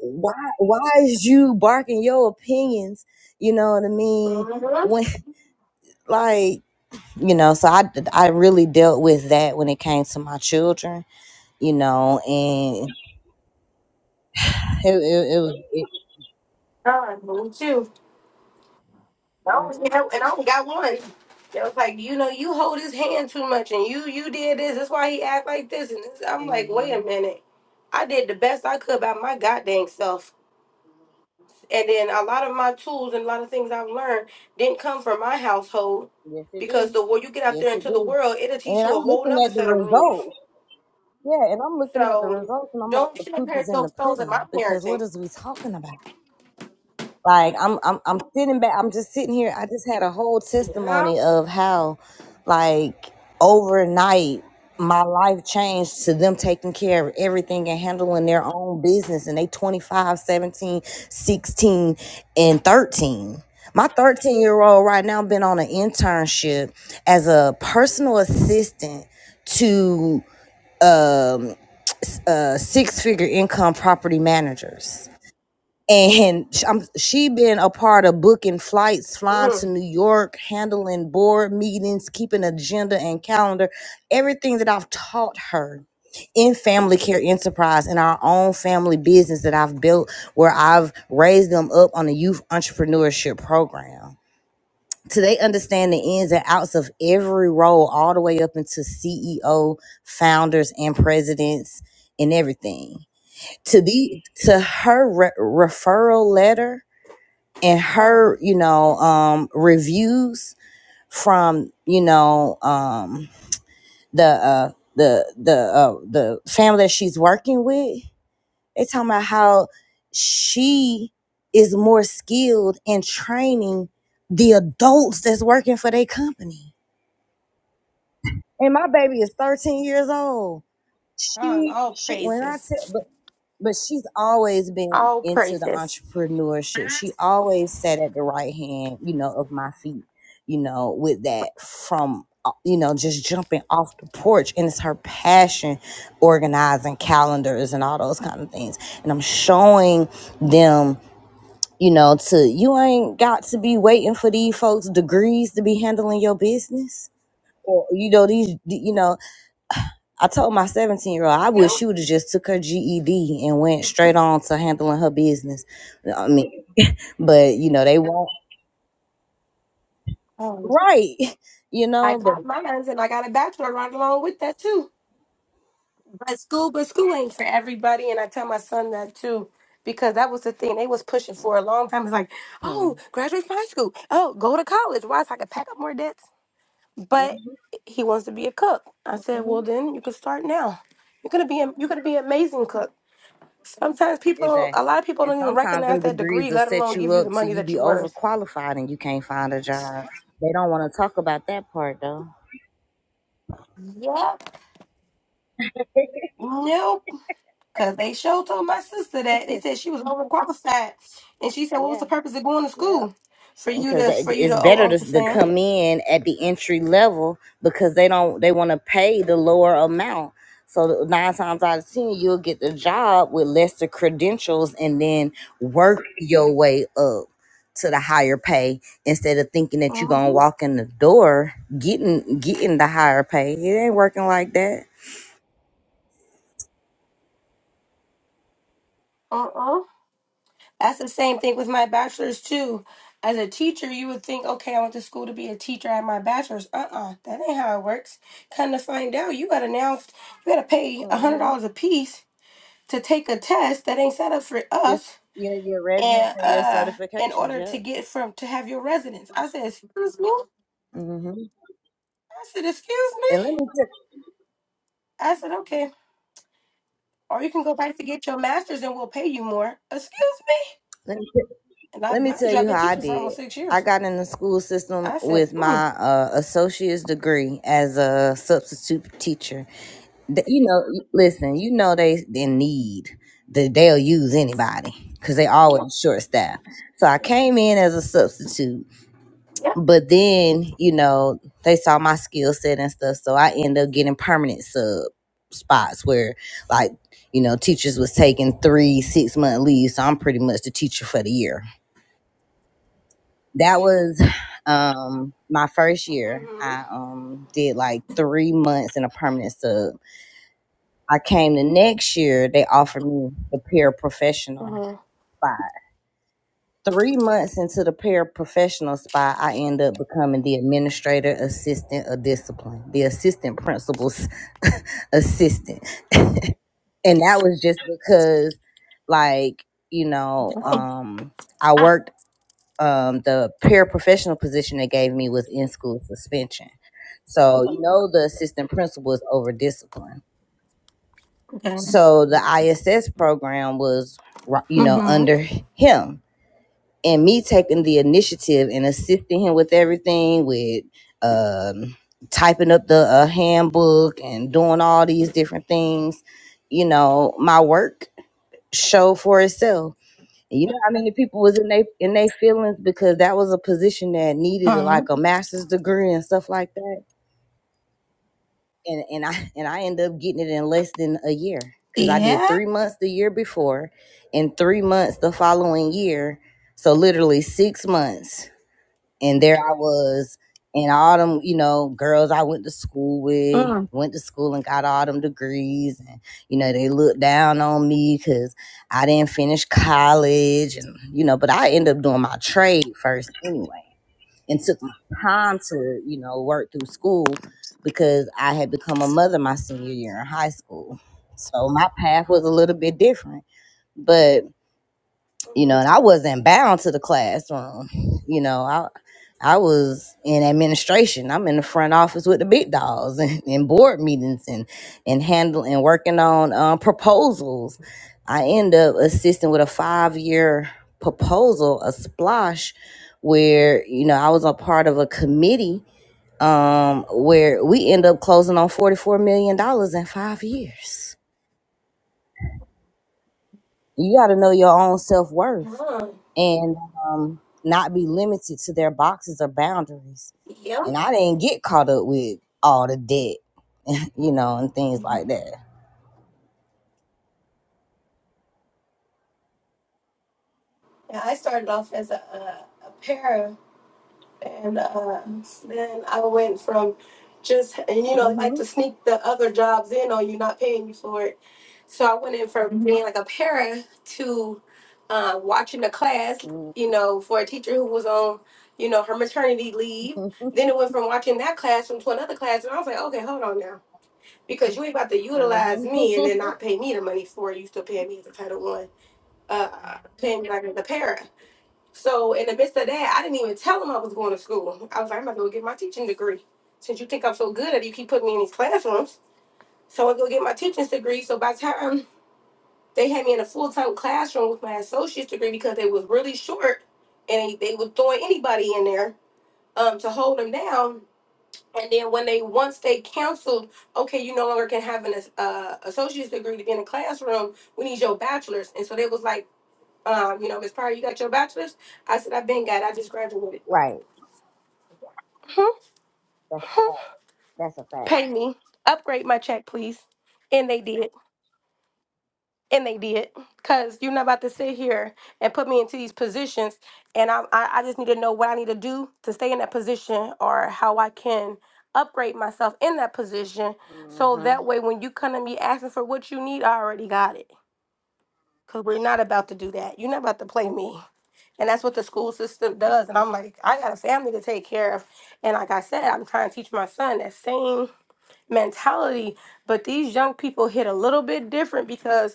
why, why is you barking your opinions? You know what I mean?
Mm-hmm.
When, like, you know so i i really dealt with that when it came to my children you know and it it, it was it,
I moved too. I only had, and I only got one. It was like, you know, you hold his hand too much, and you you did this. That's why he act like this. And this. I'm like, wait
hmm
a minute. I did the best I could by my goddamn self. And then a lot of my tools and a lot of things I've learned didn't come from my household
yes it
because
do
the way you get out there
yes it
into the
do
world, it'll
and
teach you a
i'm
whole
looking
nother
at the
set of rules.
results yeah and i'm looking at the
So
results and i'm like
don't
the
compare
poop is in the
those stones at
pudding
my
because what
parenting.
is we talking about Like I'm I'm I'm sitting back. I'm just sitting here. I just had a whole
You know?
testimony of how, like overnight, my life changed to them taking care of everything and handling their own business. And they 25, 17, 16, and 13. My 13 year old right now been on an internship as a personal assistant to um, s- uh, six figure income property managers and sh- I'm, she been a part of booking flights flying to
Mhm.
new york handling board meetings keeping agenda and calendar everything that i've taught her in family care enterprise in our own family business that i've built where i've raised them up on a youth entrepreneurship program so they understand the ins and outs of every role all the way up into ceo founders and presidents and everything to the to her re- referral letter and
Mm.
her you know um reviews from you know um the uh the the uh the family that she's working with they talking about how she is more skilled in training the adults that's working for their company and my baby is 13 years old
On
she
all
she when i
praises.
said but she's always been
All
into the
praises.
entrepreneurship. She always sat at the right hand, you know, of my feet, you know, with that from uh, you know just jumping off the porch and it's her passion organizing calendars and all those kind of things and i'm showing them you know to you ain't got to be waiting for these folks degrees to be handling your business or you know these you know I told my 17 year old, I wish she
Nope.
would have just took her GED and went straight on to handling her business. I mean, but you know, they won't,
Um,
right? You
I
know, the
got mines and I got a bachelor right along with that too. But school, but school ain't for everybody. And I tell my son that too. Because that was the thing they was pushing for a long time. It's like,
mhm,
oh, graduate from high school. Oh, go to college. Why? So I could pack up more debts.
mhm,
But he wants to be a cook. I said,
mhm.
well, then you can start now. You're gonna be a, you're gonna be an amazing cook. Sometimes people, don't, a
exactly.
lot of people
And
don't even
sometimes
recognize
them
that
degrees
degree,
will
let
set
alone
you
give you the
up to
money
you
that
be
you're worth.
overqualified and you can't find a job. They don't want to talk about that part though.
Yeah, Nope, because they showed told my sister that they said she was overqualified, and she said, "What was
Yeah,
the purpose of going to
yeah.
school for you
because
to for you
it's
to owe
better to,
Uncle
to
Sam?"
come in at the entry level because they don't they want to pay the lower amount so nine times out of ten you'll get the job with lesser credentials and then work your way up to the higher pay instead of thinking that you're gonna
Uh-huh.
walk in the door getting getting the higher pay it ain't working like that
Uh-uh. That's the same thing with my bachelor's too. As a teacher, you would think, "Okay, I went to school to be a teacher at my bachelor's." Uh-uh, that ain't how it works. Come to find out, you gotta now you gotta pay a hundred
mm-hmm.
dollars a piece to take a test that ain't set up for
just
us,
your, your residence
and
and your
uh, in
certifications
order to
yeah
get from to have your residence. I said, "Excuse me."
mm-hmm.
I said, excuse
and
me.
let me tell,
I said, okay. Or you can go back to get your master's and we'll pay you more. Excuse me.
let me tell-
And I
Let me
mind
tell
you, I've
you
been
how I
teaching for
did.
almost six
I
years.
got in the school system
I said,
with
mm,
my uh, associate's degree as a substitute teacher. Th- You know, listen, you know they they need that they'll use anybody because they always short staffed. So I came in as a substitute,
yeah.
but then you know they saw my skill set and stuff, so I ended up getting permanent sub spots where like you know teachers was taking three six month leaves, so I'm pretty much the teacher for the year that was um my first year
Mm-hmm.
i um did like three months in a permanent sub i came the next year they offered me the paraprofessional
Mm-hmm.
spot three months into the paraprofessional spot i end up becoming the administrator assistant of discipline the assistant principal's assistant and that was just because like you know
Oh,
um i
ah,
worked um, the paraprofessional position they gave me was in school suspension. So you know the assistant principal is over discipline.
okay.
So the ISS program was ri- you know
Mm-hmm.
under him and me taking the initiative and assisting him with everything with um, typing up the uh, handbook and doing all these different things. You know my work showed for itself you know how many people was in they in their feelings because that was a position that needed
Uh,
like a master's degree and stuff like that. And and I and I ended up getting it in less than a year because I did
yeah.
three months the year before, and three months the following year. So literally six months and there I was, and all them, you know, girls I went to school with,
Mm.
went to school and got all them degrees, and you know, they looked down on me because I didn't finish college, and you know, but I ended up doing my trade first anyway, and took my time to, you know, work through school because I had become a mother my senior year in high school, so my path was a little bit different, but you know, and I
Mm-hmm.
wasn't bound to the classroom. You know, I I was in administration. I'm in the front office with the big dogs and, and board meetings and and handling and working on um, proposals. I end up assisting with a five year proposal, a splosh, where you know I was a part of a committee um, where we end up closing on forty four million dollars in five years. You got to know your own self worth
Mm.
and um, not be limited to their boxes or boundaries.
Yep.
And I didn't get caught up with all the debt, you know, and things like that.
Yeah, I started off as a, a, a para, and uh, then I went from just, and you know, like
hmm
to sneak the other jobs in on you, not paying you for it So I went in from being like a para to uh, watching the class, you know, for a teacher who was on, you know, her maternity leave.
hmm
Then it went from watching that classroom to another classroom. I was like, okay, hold on now, because you ain't about to utilize me and then not pay me the money for it. You still paying me as a Title One, uh, paying me like as a para. So in the midst of that, I didn't even tell them I was going to school. I was like, I'm about to go get my teaching degree. Since you think I'm so good at it, you keep putting me in these classrooms. So I go get my teaching degree. So by the time they had me in a full time classroom with my associate's degree because it was really short, and they, they were throwing anybody in there um, to hold them down. And then when they once they canceled, okay, you no longer can have an uh, associate's degree to be in a classroom. We need your bachelor's, and so they was like, um, you know, Miss Pryor, you got your bachelor's. I said, I've been got. it. I just graduated.
Right. That's a fact. That's a fact.
Pay me, upgrade my check, please. And they did. and they did because you're not about to sit here and put me into these positions and I, I i just need to know what i need to do to stay in that position or how i can upgrade myself in that position so
hmm
that way when you come to me asking for what you need i already got it because we're not about to do that you're not about to play me and that's what the school system does and i'm like i got a family to take care of and like i said i'm trying to teach my son that same mentality but these young people hit a little bit different because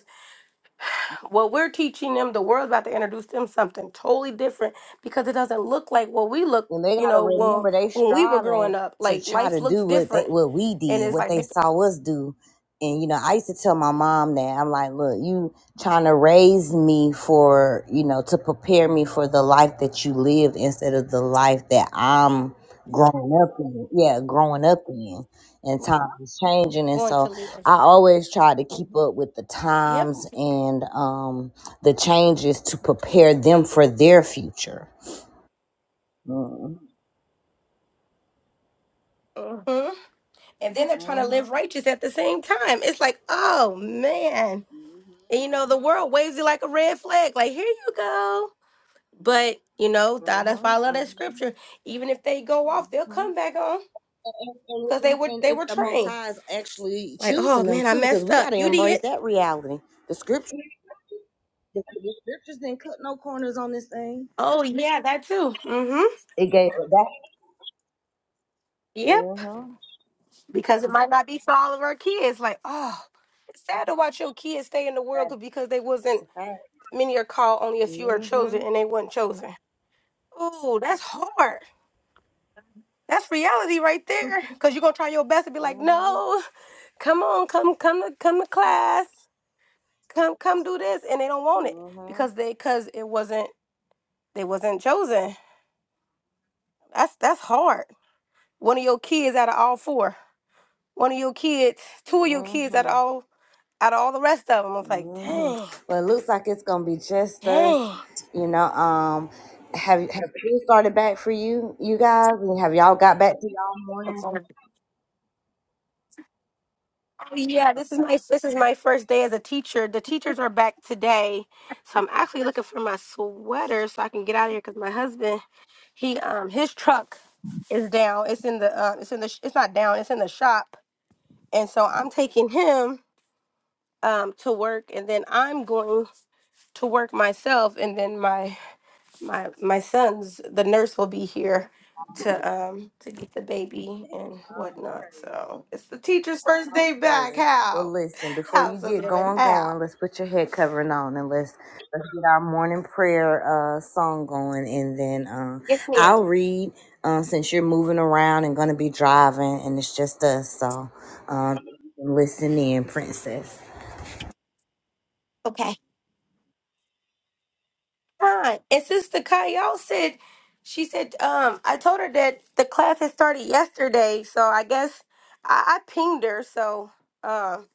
what we're teaching them, the world's about to introduce them something totally different because it doesn't look like what we look,
And they
you
gotta
know, when
remember they
when we were
striving
growing up.
to
Like
try to
life looks
do what they
different,
what we
and
did,
it's
what
like
they
they're
saw us do. And you know, I used to tell my mom that I'm like, look, you trying to raise me for, you know, to prepare me for the life that you lived instead of the life that I'm growing up in. Yeah, growing up in. And time is changing. And
going to
so
live.
I always try to keep up with the
Yep.
times and um the changes to prepare them for their future. Mm-hmm.
hmm And then they're trying to live righteous at the same time. It's like, oh man.
Mhm.
And you know, the world waves you like a red flag. Like, here you go. But you know, that- that's why
Mhm.
I love that scripture. Even if they go off, they'll
Mhm.
come back on
And, and,
because they were
and
they
if
were
the Most
trained.
High is actually
Like, oh
choosing them
man, I
too, because
messed
we got
up.
to
You
embrace
did.
that reality. The scripture, the, the scriptures didn't cut no corners on this thing.
Oh yeah, that too. Mm-hmm.
It gave it that.
Yep.
Mhm.
Because it might not be for all of our kids. Like, oh, it's sad to watch your kids stay in the world 'cause-
That's
because they wasn't
a fact.
many are called, only a few are chosen,
Mhm.
and they weren't chosen. Oh, that's hard. That's reality right there. Cause you're gonna try your best to be like,
Mhm.
no, come on, come, come to come to class. Come come do this. And they don't want it
Mhm.
because they cause it wasn't they wasn't chosen. That's that's hard. One of your kids out of all four. One of your kids, two of your kids out
Mhm.
of all out of all the rest of them, I was like,
hmm
dang,
Well, it looks like it's gonna be just us.
dang.
You know, um, have have you started back for you, you guys? And have y'all got back to y'all
That's
morning?
all. Oh, yeah, this is
Okay.
my this is my first day as a teacher. The teachers are back today, so I'm actually looking for my sweater so I can get out of here because my husband he um his truck is down. It's in the um it's in the sh- it's not down. It's in the shop, and so I'm taking him um to work, and then I'm going to work myself, and then my my my son's the nurse will be here to um to get the baby and whatnot. So it's the teacher's first
All
day back.
praises. Well,
How?
listen, before
How,
you get
Sister Mary?
going,
How?
going, let's put your head covering on and let's, let's get our morning prayer uh, song going. And then uh,
Yes, ma'am.
I'll read uh, since you're moving around and going to be driving and it's just us. So um, listen in, princess.
Okay. Hi. And Sister Kyle said she said, um, I told her that the class had started yesterday, so I guess I, I pinged her, so um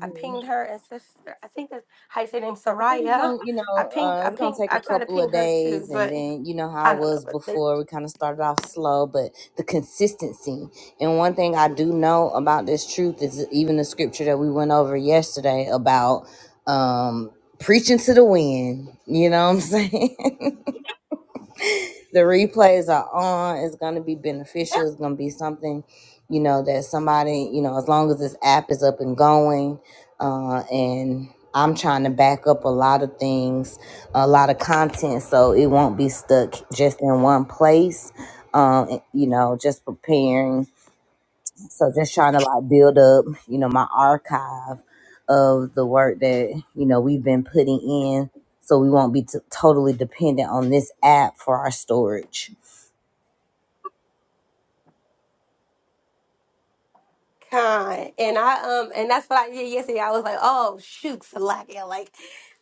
I pinged her and sister I think that's how you say her name,
I think it's
Soraya.
gonna, you
I
know,
pinged
uh,
I
it's gonna
pinged
take
I
a
tried to
couple
ping
of
her too,
days, and
but
then you know how I
I don't know,
was
but they,
before. We kind of started off slow, but the consistency. And one thing I do know about this truth is even the scripture that we went over yesterday about um, preaching to the wind. You know what I'm saying? the replays are on. It's gonna be
yeah.
beneficial. It's gonna be something, you know, that somebody, you know, as long as this app is up and going, uh, and I'm trying to back up a lot of things, a lot of content, so it won't be stuck just in one place. Um, you know, just preparing. So just trying to like build up, you know, my archive of the work that you know we've been putting in, so we won't be t- totally dependent on this app for our storage.
Con. And I um and that's what I did yesterday. I was like, oh shoot, Salakia. Like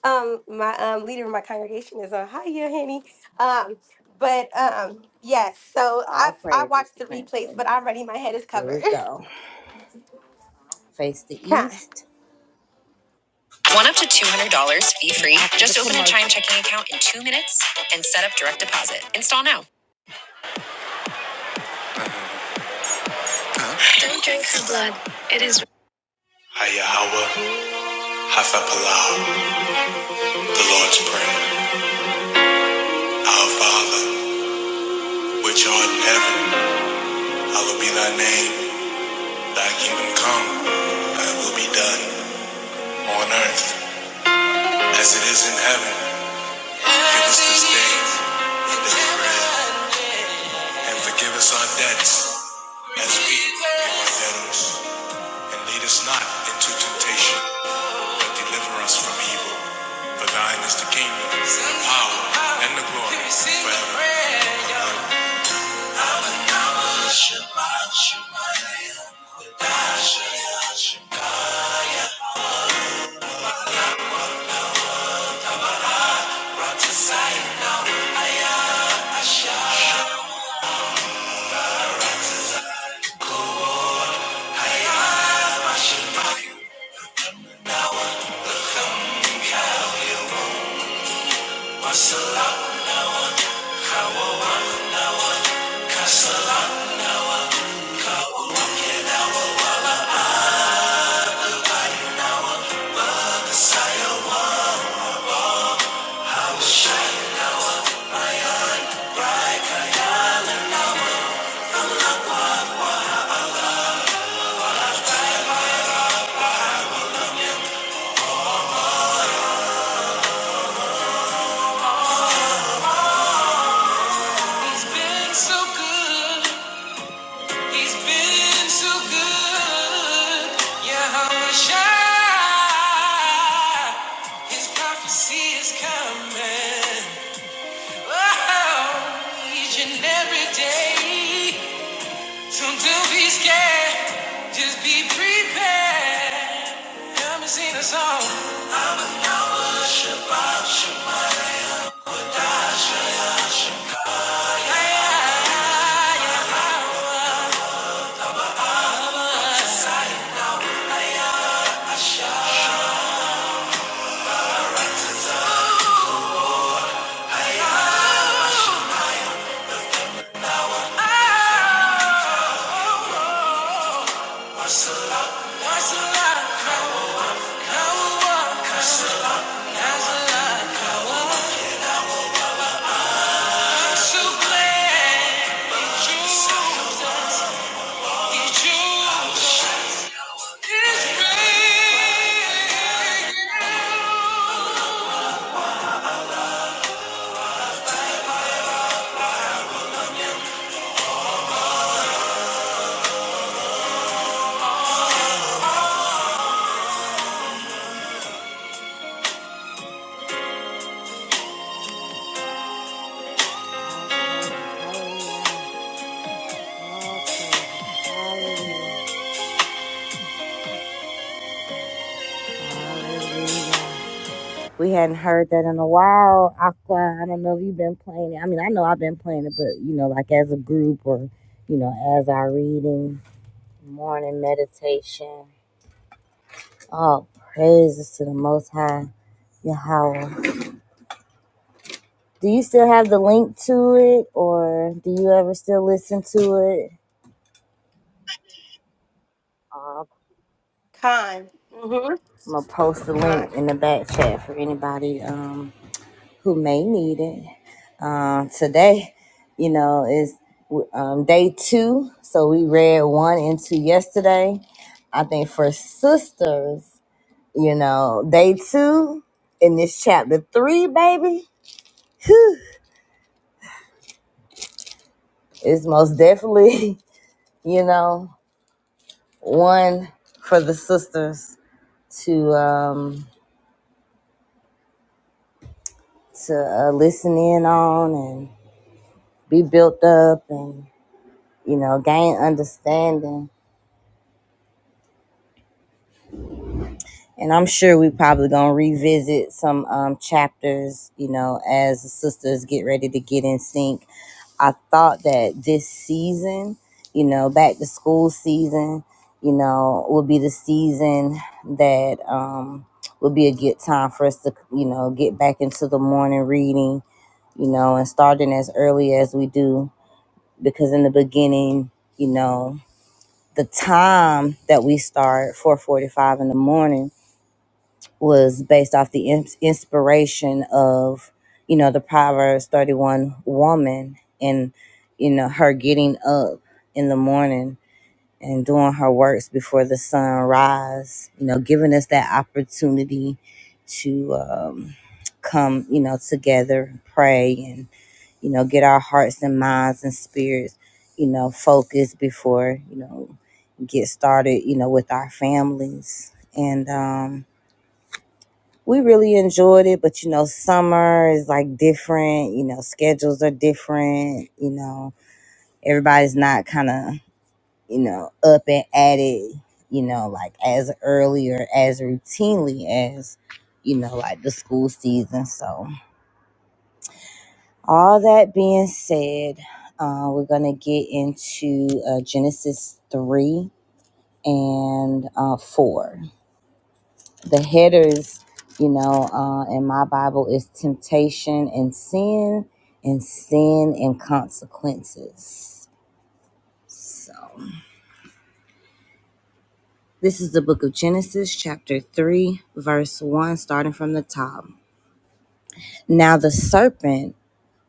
um my um leader of my congregation is on hi yeah, honey. Um but um yes, so I
All
I
praises to
watched the replays,
Princess.
but I'm ready, my head is
Here
covered.
we go. Face the
Con.
East. One up to $200 fee free. Just open a Chime checking account in two minutes and set up direct deposit. Install now. Don't drink the blood. It is. Hayahawa, Hafapalau, the Lord's Prayer. Our Father, which art in heaven, hallowed be thy name. Thy kingdom come, thy will be done, on earth as it is in heaven. Give us this day our daily bread. And forgive us our debts as we forgive our debtors. And lead us not into temptation, but deliver us from evil. For thine is the kingdom, the power, and the glory forever. He's been so good. He's been so good. Yahweh Shai. His prophecy is coming. Oh, each and every day. So Don't be scared, just be prepared. Come and sing a song. I'm a cowboy, Shabba, Shabba, da, Shaya, Shabba, ya, ya, ya, ya. Oh, Nasala, Kawa, Kawa, Kasu, Nasala, Kawa, Kasu, Bless, Jesus. We hadn't heard that in a while. Aqua, I don't know if you've been playing it. I mean, I know I've been playing it, but you know, like as a group or you know, as our reading, morning meditation. Oh, praises to the Most High, Yahweh. Do you still have the link to it, or do you ever still listen to it? Uh,
Con. Mm-hmm.
I'm gonna post the
Con.
link in the back chat for anybody um, who may need it. Um, today, you know, is um, day two, so we read one and two yesterday. I think for sisters, you know, day two in this chapter three, baby, whew, is most definitely, you know, one for the sisters to um, to uh, listen in on and be built up and you know gain understanding. And I'm sure we probably gonna revisit some um, chapters, you know, as the sisters get ready to get in sync. I thought that this season, you know, back to school season, you know, will be the season that um, would be a good time for us to, you know, get back into the morning reading, you know, and starting as early as we do because in the beginning, you know, the time that we start 4:45 in the morning was based off the ins- inspiration of, you know, the Proverbs 31 woman and you know her getting up in the morning and doing her works before the sun rise, you know, giving us that opportunity to um, come, you know, together, pray and you know, get our hearts and minds and spirits, you know, focused before, you know, get started, you know, with our families. And um, we really enjoyed it, but you know, summer is like different, you know, schedules are different, you know, everybody's not kind of, you know, up and at it, you know, like as early or as routinely as, you know, like the school season. So, All that being said, uh, we're going to get into uh, Genesis 3 and uh, 4. The headers, you know, uh, in my Bible is temptation and sin, and sin and consequences. So, this is the book of Genesis, chapter 3, verse 1, starting from the top. Now the serpent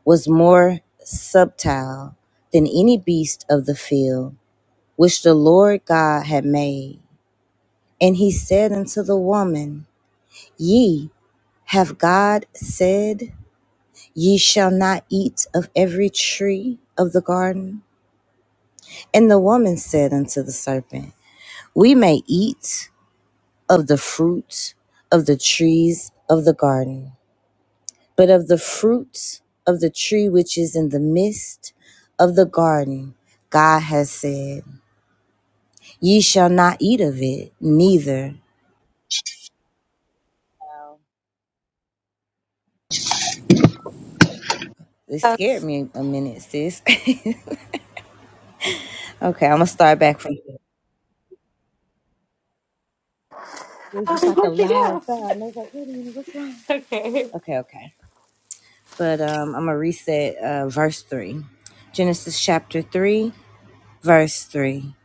was more subtile than any beast of the field which the Lord God had made. And he said unto the woman, Ye have God said, Ye shall not eat of every tree of the garden? And the woman said unto the serpent, We may eat of the fruit of the trees of the garden, but of the fruit of the tree which is in the midst of the garden, God has said, Ye shall not eat of it, neither It
Uh,
scared me a minute, sis. okay, I'm gonna start back from. here. It was just
oh,
like a
what you
loud
got?
sound. I was like, "Wait a minute, what's wrong?"
Okay.
Okay, okay. But um, I'm gonna reset uh, verse three, Genesis chapter three, verse three.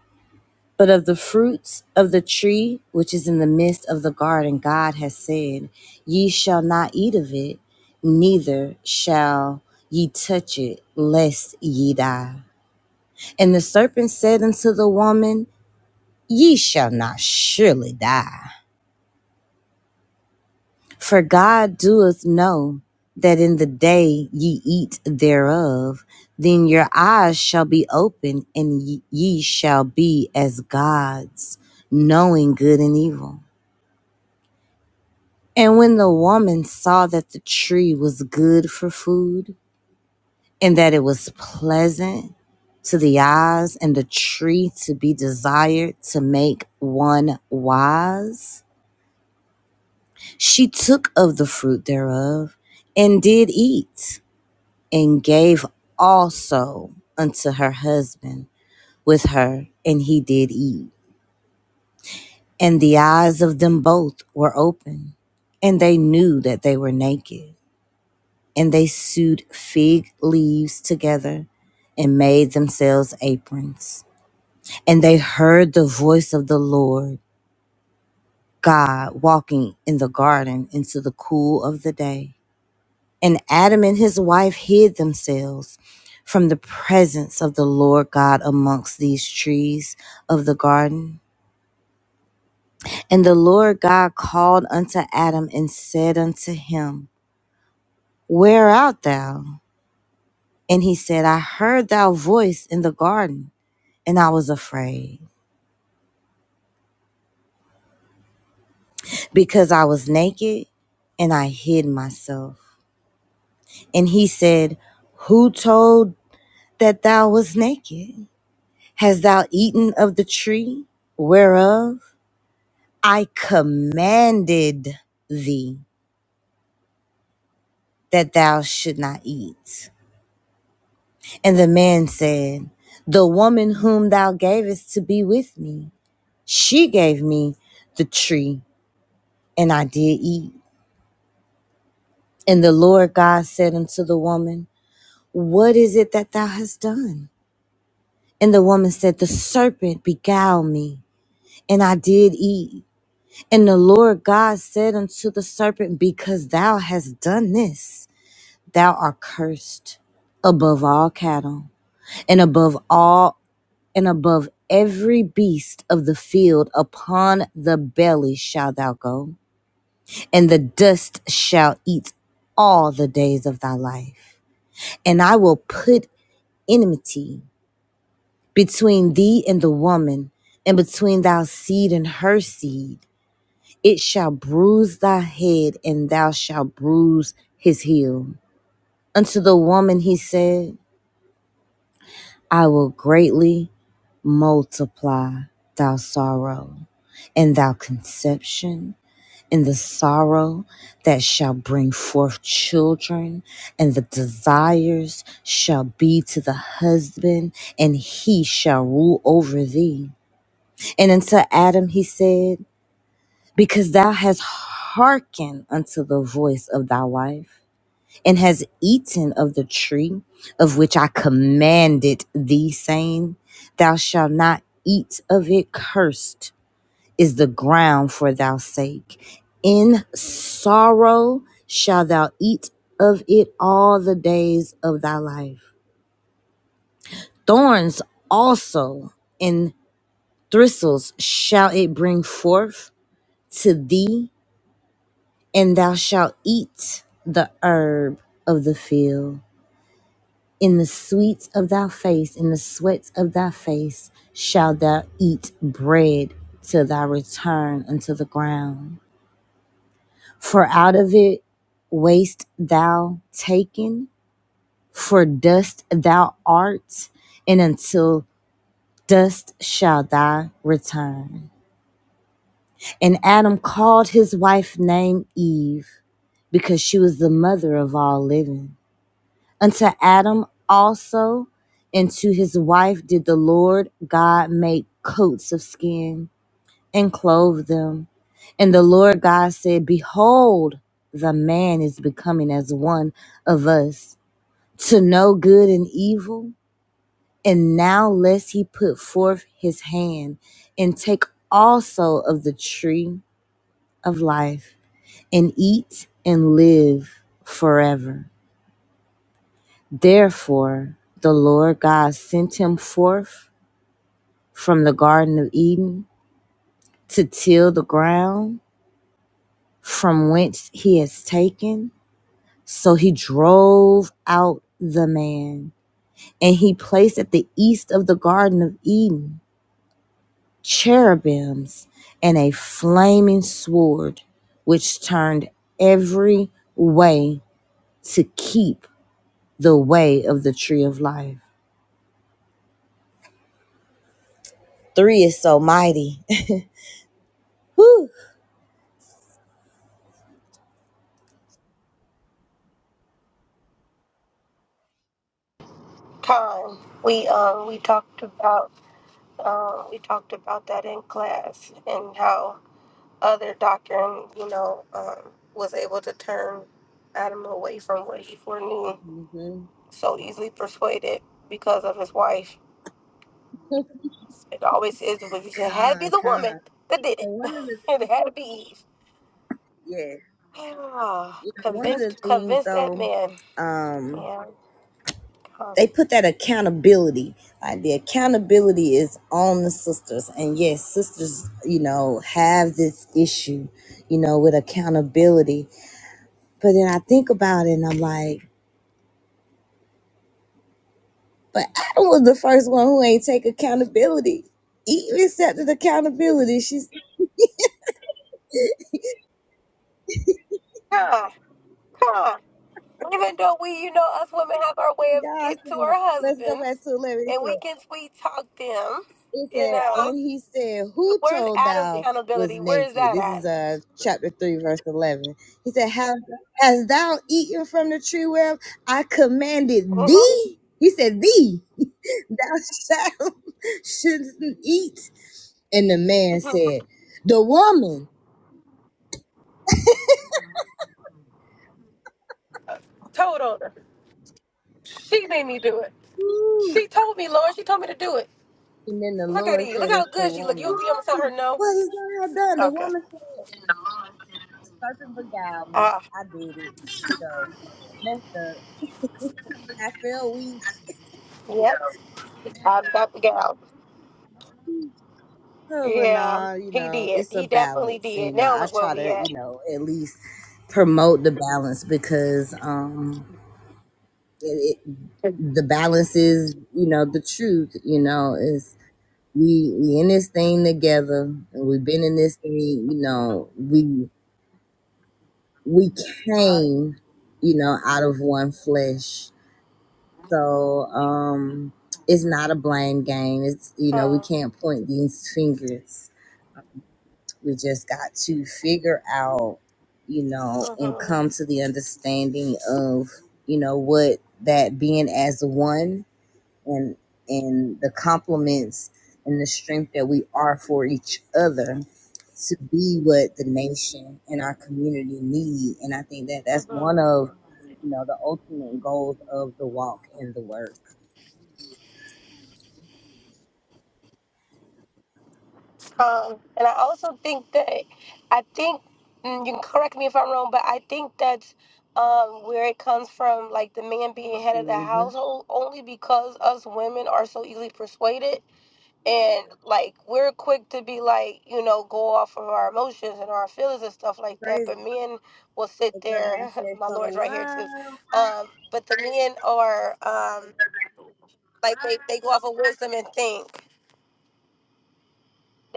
But of the fruits of the tree which is in the midst of the garden, God has said, Ye shall not eat of it, neither shall ye touch it, lest ye die. And the serpent said unto the woman ye shall not surely die. For God doeth know that in the day ye eat thereof, then your eyes shall be opened, and ye shall be as gods, knowing good and evil. And when the woman saw that the tree was good for food, and that it was pleasant to the eyes, and the tree to be desired to make one wise, She took of the fruit thereof and did eat, and gave also unto her husband with her, and he did eat. And the eyes of them both were open, and they knew that they were naked. And they sewed fig leaves together and made themselves aprons. And they heard the voice of the Lord God walking in the garden into the cool of the day And Adam and his wife hid themselves from the presence of the Lord God amongst these trees of the garden. And the Lord God called unto Adam and said unto him, Where art thou? And he said, I heard thy voice in the garden, and I was afraid, because I was naked and I hid myself. And he said, Who told that thou was naked? Hast thou eaten of the tree whereof I commanded thee that thou should not eat. And the man said, The woman whom thou gavest to be with me, she gave me the tree, and I did eat. And the Lord God said unto the woman, What is it that thou hast done? And the woman said, The serpent beguiled me, and I did eat. And the Lord God said unto the serpent, Because thou hast done this. Thou art cursed above all cattle and above all and above every beast of the field. Upon the belly shalt thou go, and the dust shall eat all the days of thy life. And I will put enmity between thee and the woman, and between thy seed and her seed. It shall bruise thy head, and thou shalt bruise his heel. Unto the woman he said, I will greatly multiply thou sorrow and thou conception and the sorrow that shall bring forth children and the desires shall be to the husband and he shall rule over thee and unto adam he said because thou hast hearkened unto the voice of thy wife and has eaten of the tree of which I commanded thee, saying, Thou shalt not eat of it, cursed is the ground for thy sake. In sorrow shalt thou eat of it all the days of thy life. Thorns also and thistles shall it bring forth to thee, and thou shalt eat the herb of the field. In the sweets of thy face, in the sweats of thy face, shalt thou eat bread till thy return unto the ground. For out of it wast thou taken, for dust thou art, and until dust shall thy return. And Adam called his wife name Eve, because she was the mother of all living. Unto Adam also and to his wife did the Lord God make coats of skin and clothe them. And the Lord God said, Behold, the man is becoming as one of us to know good and evil. And now lest he put forth his hand and take also of the tree of life and eat and live forever. Therefore, the Lord God sent him forth from the Garden of Eden to till the ground from whence he is taken. So he drove out the man, and he placed at the east of the Garden of Eden cherubims and a flaming sword, which turned every way to keep the way of the tree of life. Three is so mighty. Whew.
Con. We um we talked about um we talked about that in class and how other doctrine, you know, um, was able to turn Adam away from what he foreknew,
Mm-hmm.
so easily persuaded because of his wife. It always is, but it had to be
Con,
the woman
con.
that did it.
And one of the
it had to be Eve.
yeah,
Ah,
you know, one of the
convinced,
things
convinced that
though,
man.
um,
Yeah, come,
they put that accountability. Like the accountability is on the sisters, and yes, sisters, you know, have this issue, you know, with accountability. But then I think about it, and I'm like, but Adam was the first one who ain't take accountability. Eve accepted accountability. She's
come, come. Even though we, you know, us women have our way of
God
getting
said,
to our
let's go
husbands,
back to
and
eleven.
we can sweet talk them.
It
You
said,
know,
and he said, Who
where's
told
Adam's
thou was
accountability? Where is
naked?
that
This is
at?
uh chapter 3, verse 11. He said, Have hast thou eaten from the tree whereof I commanded
Mhm.
thee? He said, Thee, thou shalt shouldn't eat. And the man said, The woman.
Told on her. She made me do it.
Woo.
She told me, Lord. She told me to do it.
And then the
Look at
Lord
you.
said,
Look how
It's the
good she look. You
woman.
you gonna tell her no?
What is that I done? The
Okay.
woman said, Serpent beguiled me.
Ah.
I did it. You know, messed up. I feel weak.
yep. I got the gal.
Oh, and
Yeah.
nah, you
He
know,
did.
it's a
He definitely
balance. You
did.
know,
Now
I
look where
try
we
to,
at.
you know, at least promote the balance because um, it, it, the balance is, you know, the truth. You know, is we we in this thing together, and we've been in this thing. You
Mhm.
know, we we
All right.
came, you know, out of one flesh. So um, it's not a blame game. It's you know, we
Calm.
can't point these fingers We just got to figure out, you know, and
Mhm.
come to the understanding of, you know, what that being as one and and the compliments and the strength that we are for each other to be what the nation and our community need. And I think that that's one
Mhm.
of, you know, the ultimate goals of the walk and the work.
Calm. And I also think that I think mm, you can correct me if I'm wrong, but I think that's um, where it comes from, like the man being head of the
hmm
household, only because us women are so easily persuaded And like we're quick to be like, you know, go off of our emotions and our feelings and stuff like that.
Praise
But men will sit there.
God,
My
fellow.
Lord's right here
Wow.
too. Um, but the men are um, like they they go off of wisdom and think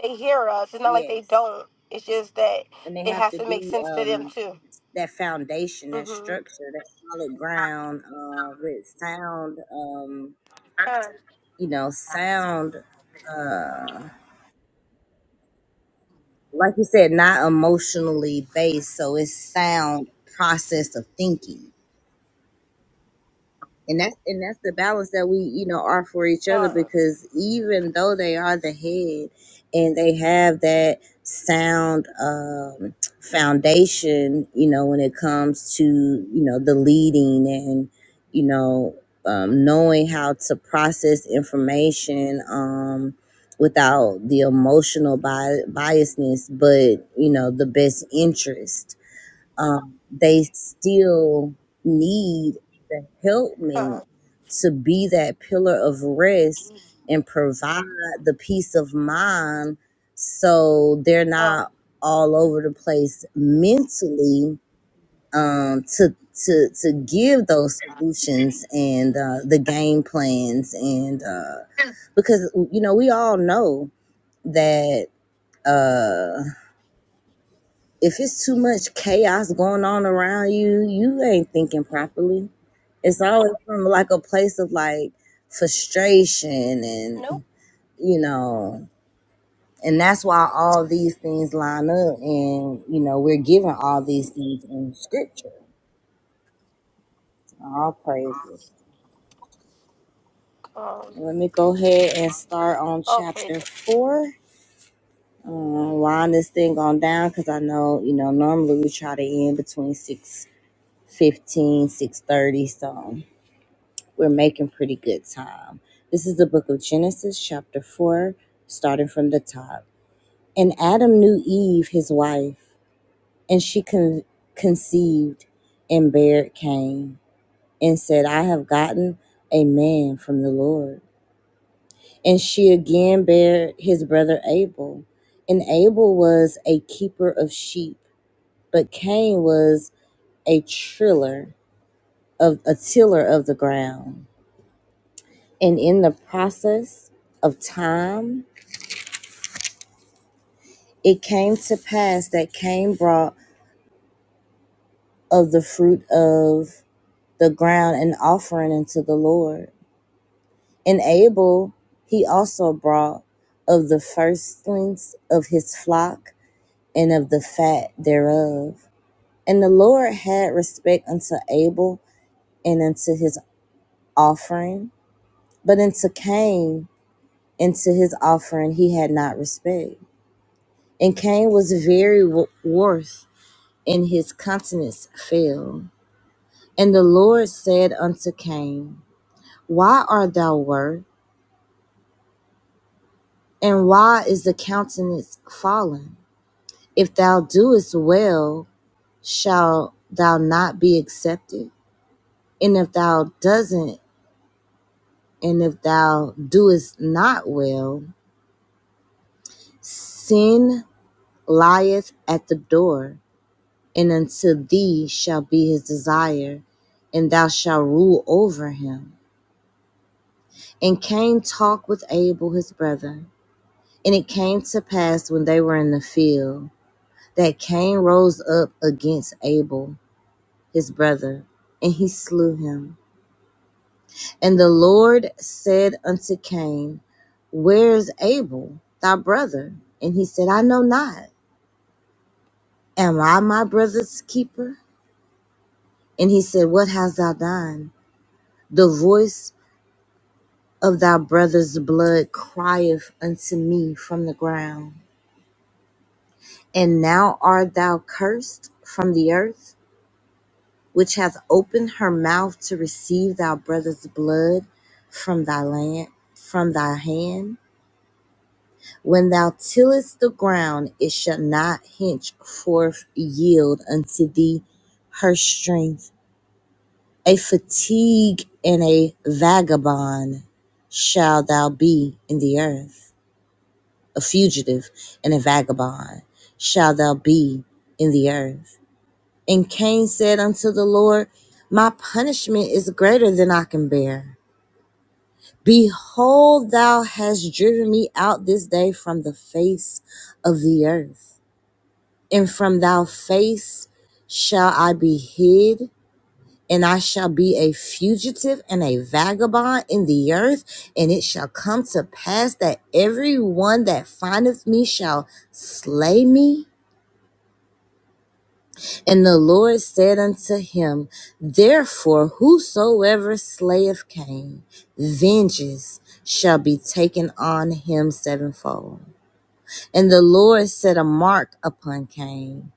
they hear us. It's not like they
Yes.
don't. It's just that
And they
it
have
has
to
to make
be.
sense to them
um
too.
that foundation, that
Mm-hmm.
structure, that solid ground uh, with sound, um,
Come,
you know, sound, uh, like you said, not emotionally based. So it's sound process of thinking. and that's and that's the balance that we you know are for each other
come,
because even though they are the head and they have that sound um, foundation you know when it comes to you know the leading and you know um, knowing how to process information um, without the emotional bi- biasness but you know the best interest um, they still need the helpmate
come,
to be that pillar of rest and provide the peace of mind so they're
come.
not all over the place mentally um, to to to give those solutions and uh, the game plans and uh, because you know we all know that uh, if it's too much chaos going on around you, you ain't thinking properly. It's always from like a place of like frustration
Nope.
and you know, and that's why all these things line up and you know, we're given all these things in scripture. All praises.
Come.
Let me go ahead and start on
Oh
chapter
praises.
four. Um, line this thing on down because I know, you know, normally we try to end between six fifteen, six thirty, 15, So we're making pretty good time. This is the book of Genesis, chapter 4, starting from the top. And Adam knew Eve, his wife, and she con- conceived and bare Cain, and said, I have gotten a man from the Lord. And she again bare his brother Abel. And Abel was a keeper of sheep, but Cain was a triller of a tiller of the ground. And in the process of time, it came to pass that Cain brought of the fruit of the ground an offering unto the Lord. And Abel he also brought of the firstlings of his flock and of the fat thereof. And the Lord had respect unto Abel and unto his offering, but unto Cain and to his offering he had not respect. And Cain was very wroth, and his countenance fell. And the Lord said unto Cain, Why art thou wroth? And why is the countenance fallen? If thou doest well, shall thou not be accepted? And if thou doesn't, and if thou doest not well, sin lieth at the door, and unto thee shall be his desire, and thou shalt rule over him. And Cain talked with Abel his brother. And it came to pass when they were in the field that Cain rose up against Abel, his brother, and he slew him. And the Lord said unto Cain, Where is Abel, thy brother? And he said, I know not. Am I my brother's keeper? And he said, What hast thou done? The voice of thy brother's blood crieth unto me from the ground. And now art thou cursed from the earth? which hath opened her mouth to receive thy brother's blood from thy land from thy hand. When thou tillest the ground, it shall not henceforth yield unto thee her strength. A fatigue and a vagabond shall thou be in the earth. A fugitive and a vagabond shall thou be in the earth. And Cain said unto the Lord, My punishment is greater than I can bear. Behold, thou hast driven me out this day from the face of the earth, and from thy face shall I be hid, and I shall be a fugitive and a vagabond in the earth. And it shall come to pass that every one that findeth me shall slay me. And the Lord said unto him, Therefore, whosoever slayeth Cain, vengeance shall be taken on him sevenfold. And the Lord set a mark upon Cain,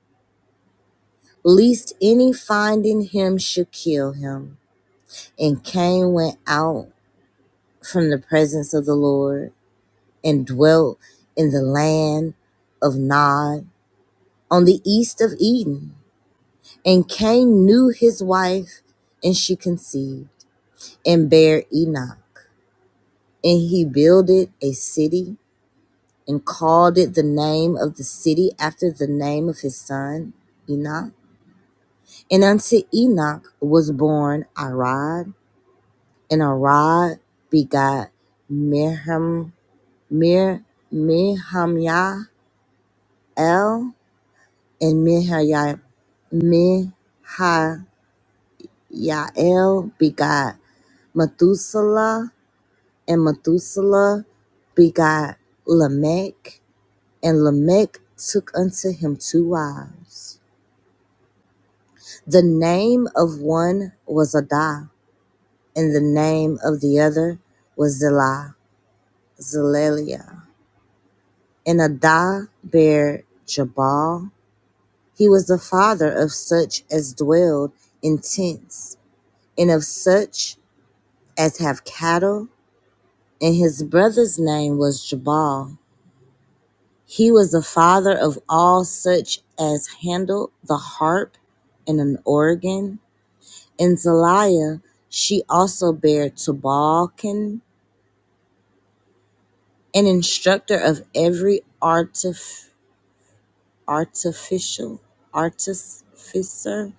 lest any finding him should kill him. And Cain went out from the presence of the Lord and dwelt in the land of Nod on the east of Eden. And Cain knew his wife, and she conceived and bare Enoch. And he builded a city and called it the name of the city after the name of his son Enoch. And unto Enoch was born Arad, and Arad begot Miham, Mer Mihamyael, and Mihayah. Mihael begot Methuselah, and Methuselah begot Lamech, And Lamech took unto him two wives. The name of one was Adah, and the name of the other was Zillah, Zelelia. And Adah bare Jabal. He was the father of such as dwelled in tents, and of such as have cattle. And his brother's name was Jabal. He was the father of all such as handled the harp and an organ And Zaliah, she also bare Tubal-cain, an instructor of every artif- artificial, artificer,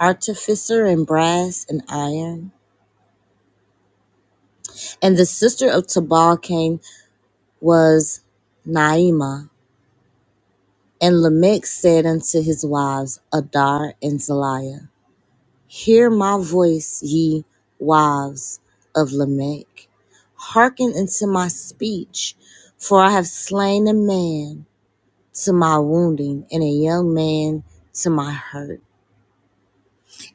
artificer in brass and iron. And the sister of Tubal-cain was Naima. And Lamech said unto his wives, Adar and Zaliah. Hear my voice, ye wives of Lamech. Hearken unto my speech, for I have slain a man to my wounding, and a young man to my hurt.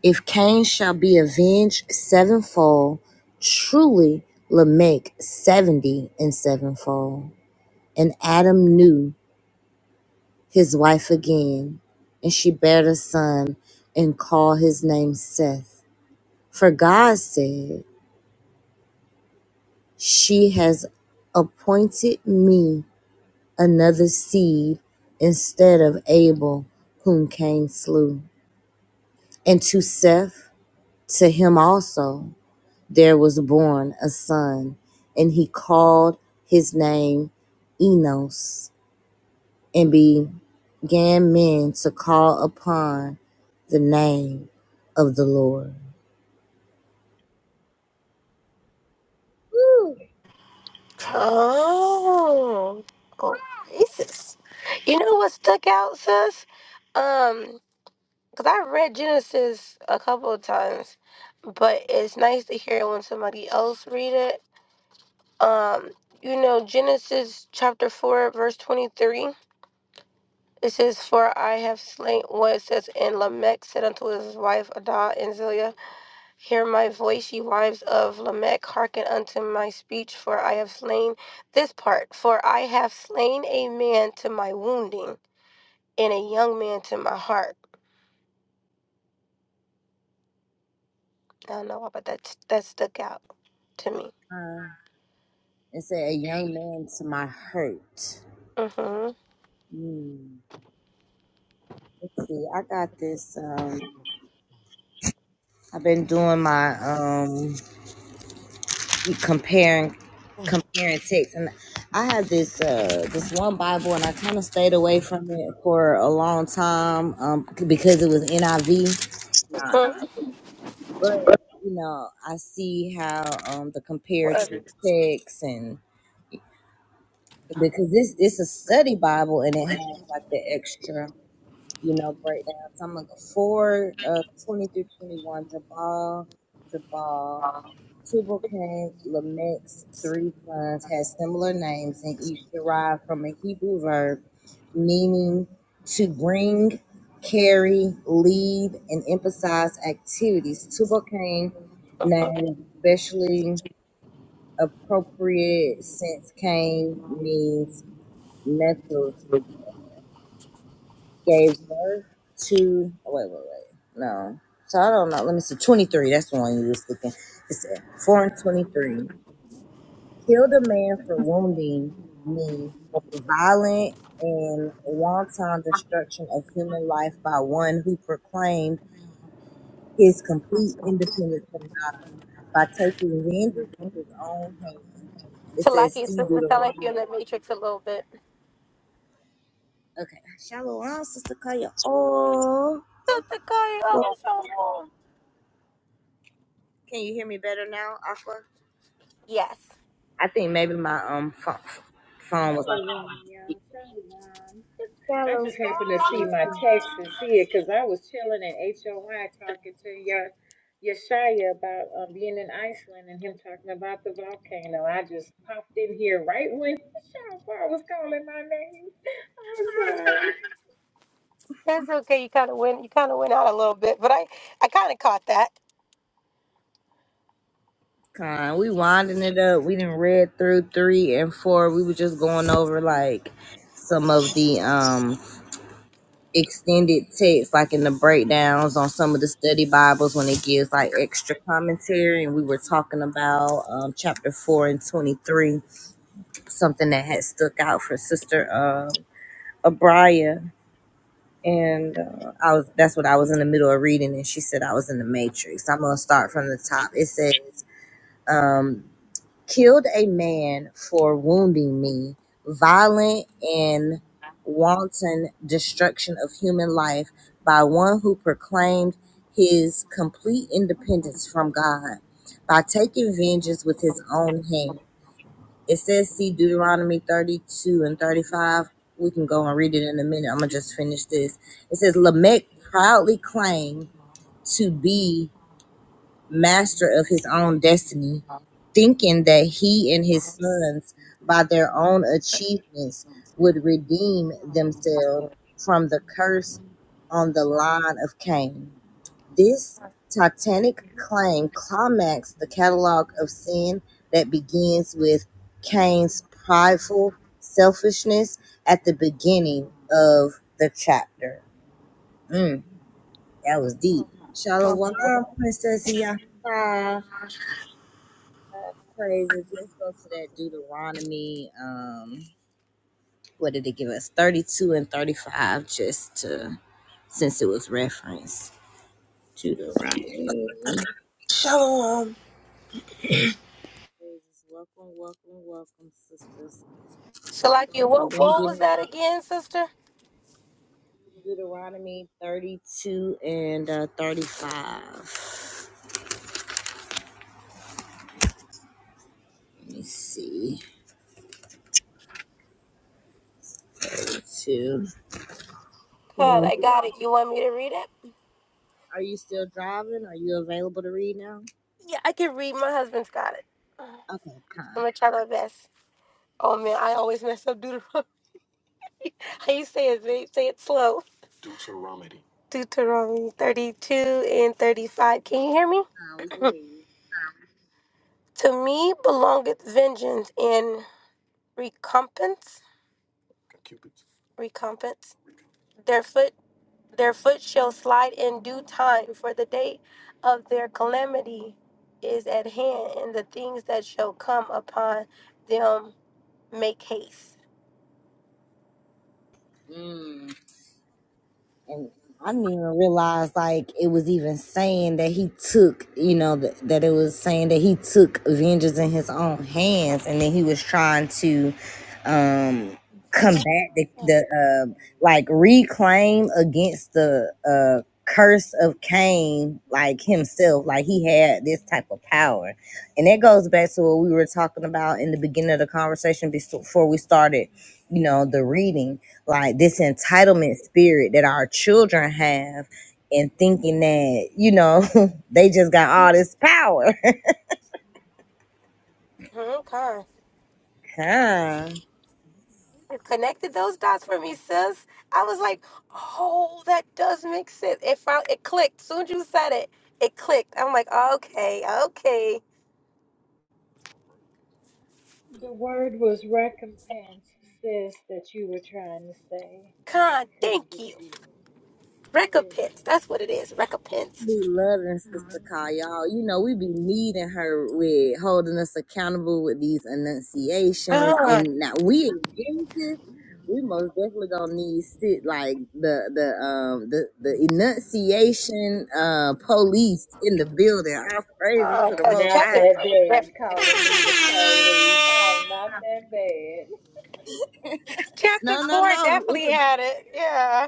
If Cain shall be avenged sevenfold, truly Lamech seventy and sevenfold. And Adam knew his wife again, and she bare a son, and called his name Seth. For God said, She has appointed me another seed instead of Abel, whom Cain slew. And to Seth, to him also, there was born a son, and he called his name Enos, and began men to call upon the name of the Lord. Woo!
Oh, oh, Jesus. You know what stuck out, sis? Um, because I read Genesis a couple of times, but it's nice to hear it when somebody else read it. Um, you know, Genesis chapter 4, verse 23. It says, For I have slain what it says, and Lamech said unto his wife Adah and Zillah. Hear my voice, ye wives of Lamech, hearken unto my speech, for I have slain this part, for I have slain a man to my wounding, and a young man to my heart. I don't know why, but that that stuck out to me.
Uh, and said, A young man to my hurt.
Mm-hmm.
Hmm. Let's see, I got this. um, I've been doing my um comparing comparing texts and I had this uh this one Bible and I kind of stayed away from it for a long time um because it was NIV Not,
Huh.
but you know I see how um the comparative
Whatever.
texts, and because this it's a study Bible and it has like the extra you know breakdown so I'm gonna go 4 uh 20 through 21 Jabal Jabal Tubal-Cain, Lamech's three sons had similar names and each derived from a Hebrew verb meaning to bring, carry, lead, and emphasize activities. Tubal-Cain name
Mhm.
was especially appropriate since Cain means metal gave birth to. oh, Wait, wait, wait. No. So I don't know. Let me see. 23. That's the one you was looking. It's 4 and 23. killed a man for wounding me, violent and wanton destruction of human life by one who proclaimed his complete independence from God by taking vengeance with his own hand. It says,
Talaki,
see
so it sound like you're
Deuteronomy.
in the Matrix a little bit.
Okay. Shalom, Sister Kaya. Oh,
That's the
well,
Oh, so long.
can you hear me better now, Aqua?
Yes,
I think maybe my um pho- phone was like,
Shalom, y'all. Shalom. I
Shalom.
just happened to see my text and see it because I was chilling at HOI talking to your Yeshaya about um, being in Iceland and him talking about the volcano. I just popped in here right when Shofar was calling my name. I'm sorry.
that's okay. You kind of went. You kind of went out a little bit, but I, I kind of caught that.
Kind. We winding it up. We didn't read through three and four. We were just going over like some of the um extended text, like in the breakdowns on some of the study Bibles when it gives like extra commentary. And we were talking about um chapter four and twenty three, something that had stuck out for Sister uh Abria. And uh, I was that's what I was in the middle of reading, and she said I was in the Matrix. I'm gonna start from the top. It says. um. killed a man for wounding me, violent and wanton destruction of human life by one who proclaimed his complete independence from God by taking vengeance with his own hand. It says, see Deuteronomy 32 and 35. We can go and read it in a minute. I'm going to just finish this. It says, Lamech proudly claimed to be master of his own destiny, thinking that he and his sons, by their own achievements, would redeem themselves from the curse on the line of Cain. This titanic claim climaxed the catalog of sin that begins with Cain's prideful selfishness at the beginning of the chapter. Mm, that was deep. Shalom,
Mm-hmm.
Princess Yah. praises. Let's go to that Deuteronomy. Um, what did it give us? 32 and 35, just to since it was referenced. Deuteronomy. Praises.
Shalom.
Welcome, welcome, welcome, sisters.
Salaki,
We're
what,
gonna
what
get
was
in
that again, sister?
Deuteronomy 32 and uh, 35. Let me see. Two. are
God, I got it. You want me to read it?
Are you still driving? Are you available to read now?
Yeah, I can read. My husband's got it. I'm
Okay, con.
gonna try my best. Oh man, I always mess up Deuteronomy. How you say it, babe? Say it slow. Deuteronomy 32 and 35. Can you hear me? To me belongeth vengeance and recompense. Recompense. Their foot, their foot shall slide in due time, for the day of their calamity is at hand, and the things that shall come upon them make haste.
Mm. and I didn't even realize like it was even saying that he took, you know, th- that it was saying that he took vengeance in his own hands, and then he was trying to um combat the the uh, like reclaim against the uh curse of Cain, like himself, like he had this type of power, and that goes back to what we were talking about in the beginning of the conversation bes- before we started you know the reading like this entitlement spirit that our children have and thinking that you know they just got all this power
Mm-hmm, Con,
Huh.
You connected those dots for me, sis. I was like, oh, that does make sense. It found it clicked. Soon as you said it, it clicked. I'm like, okay, okay.
The word was recompense, sis, that you were trying to say. I didn't,
Con,
couldn't
thank
get
you.
to you. You're
Recompense.
welcome.
That's what it is.
we
Recompense.
loving sister call y'all you know we be needing her with holding us accountable with these enunciations and now we examples we most definitely gonna need sit like the the um the the enunciation uh police in the building our praises
Oh,
to
I
the
am
because
most
not
chapter
high
that
four was
bad
definitely
calling me the police. I'm not that bad.
chapter
No, no,
four
no. It's a,
definitely had it. Yeah.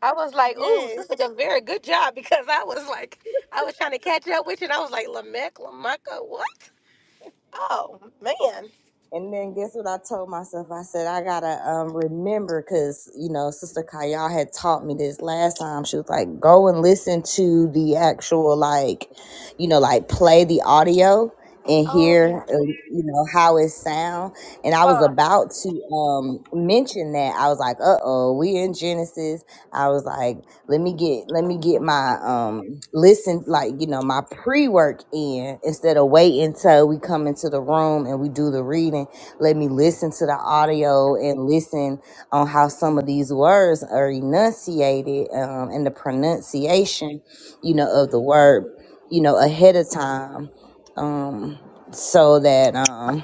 I was like, ooh,
yeah.
this is a very good job because I was like, I was trying to catch up with you and I was like, Lamech, Lamecca, what? Oh man.
And then guess what I told myself? I said I gotta um remember because you know Sister Kayal had taught me this last time. She was like, go and listen to the actual like you know, like play the audio and
Oh
hear,
yeah,
uh, you know, how it sound. And I was
con,
about to um, mention that I was like, uh oh, we in Genesis. I was like, let me get, let me get my um, listen, like you know, my pre work in instead of waiting till we come into the room and we do the reading. Let me listen to the audio and listen on how some of these words are enunciated um, and the pronunciation, you know, of the word you know, ahead of time um, so that um,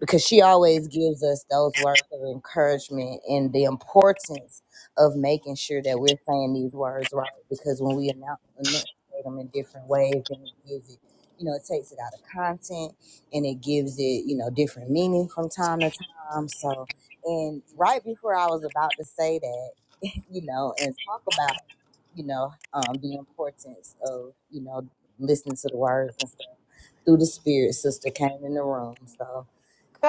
because she always gives us those words of encouragement and the importance of making sure that we're saying these words right. Because when we announce enunciate them in different ways, then it gives it, you know, it takes it out of content and it gives it, you know, different meaning from time to time. So, and right before I was about to say that, you know, and talk about, you know, um, the importance of, you know, listening to the words and stuff through the spirit, sister came in the room. So,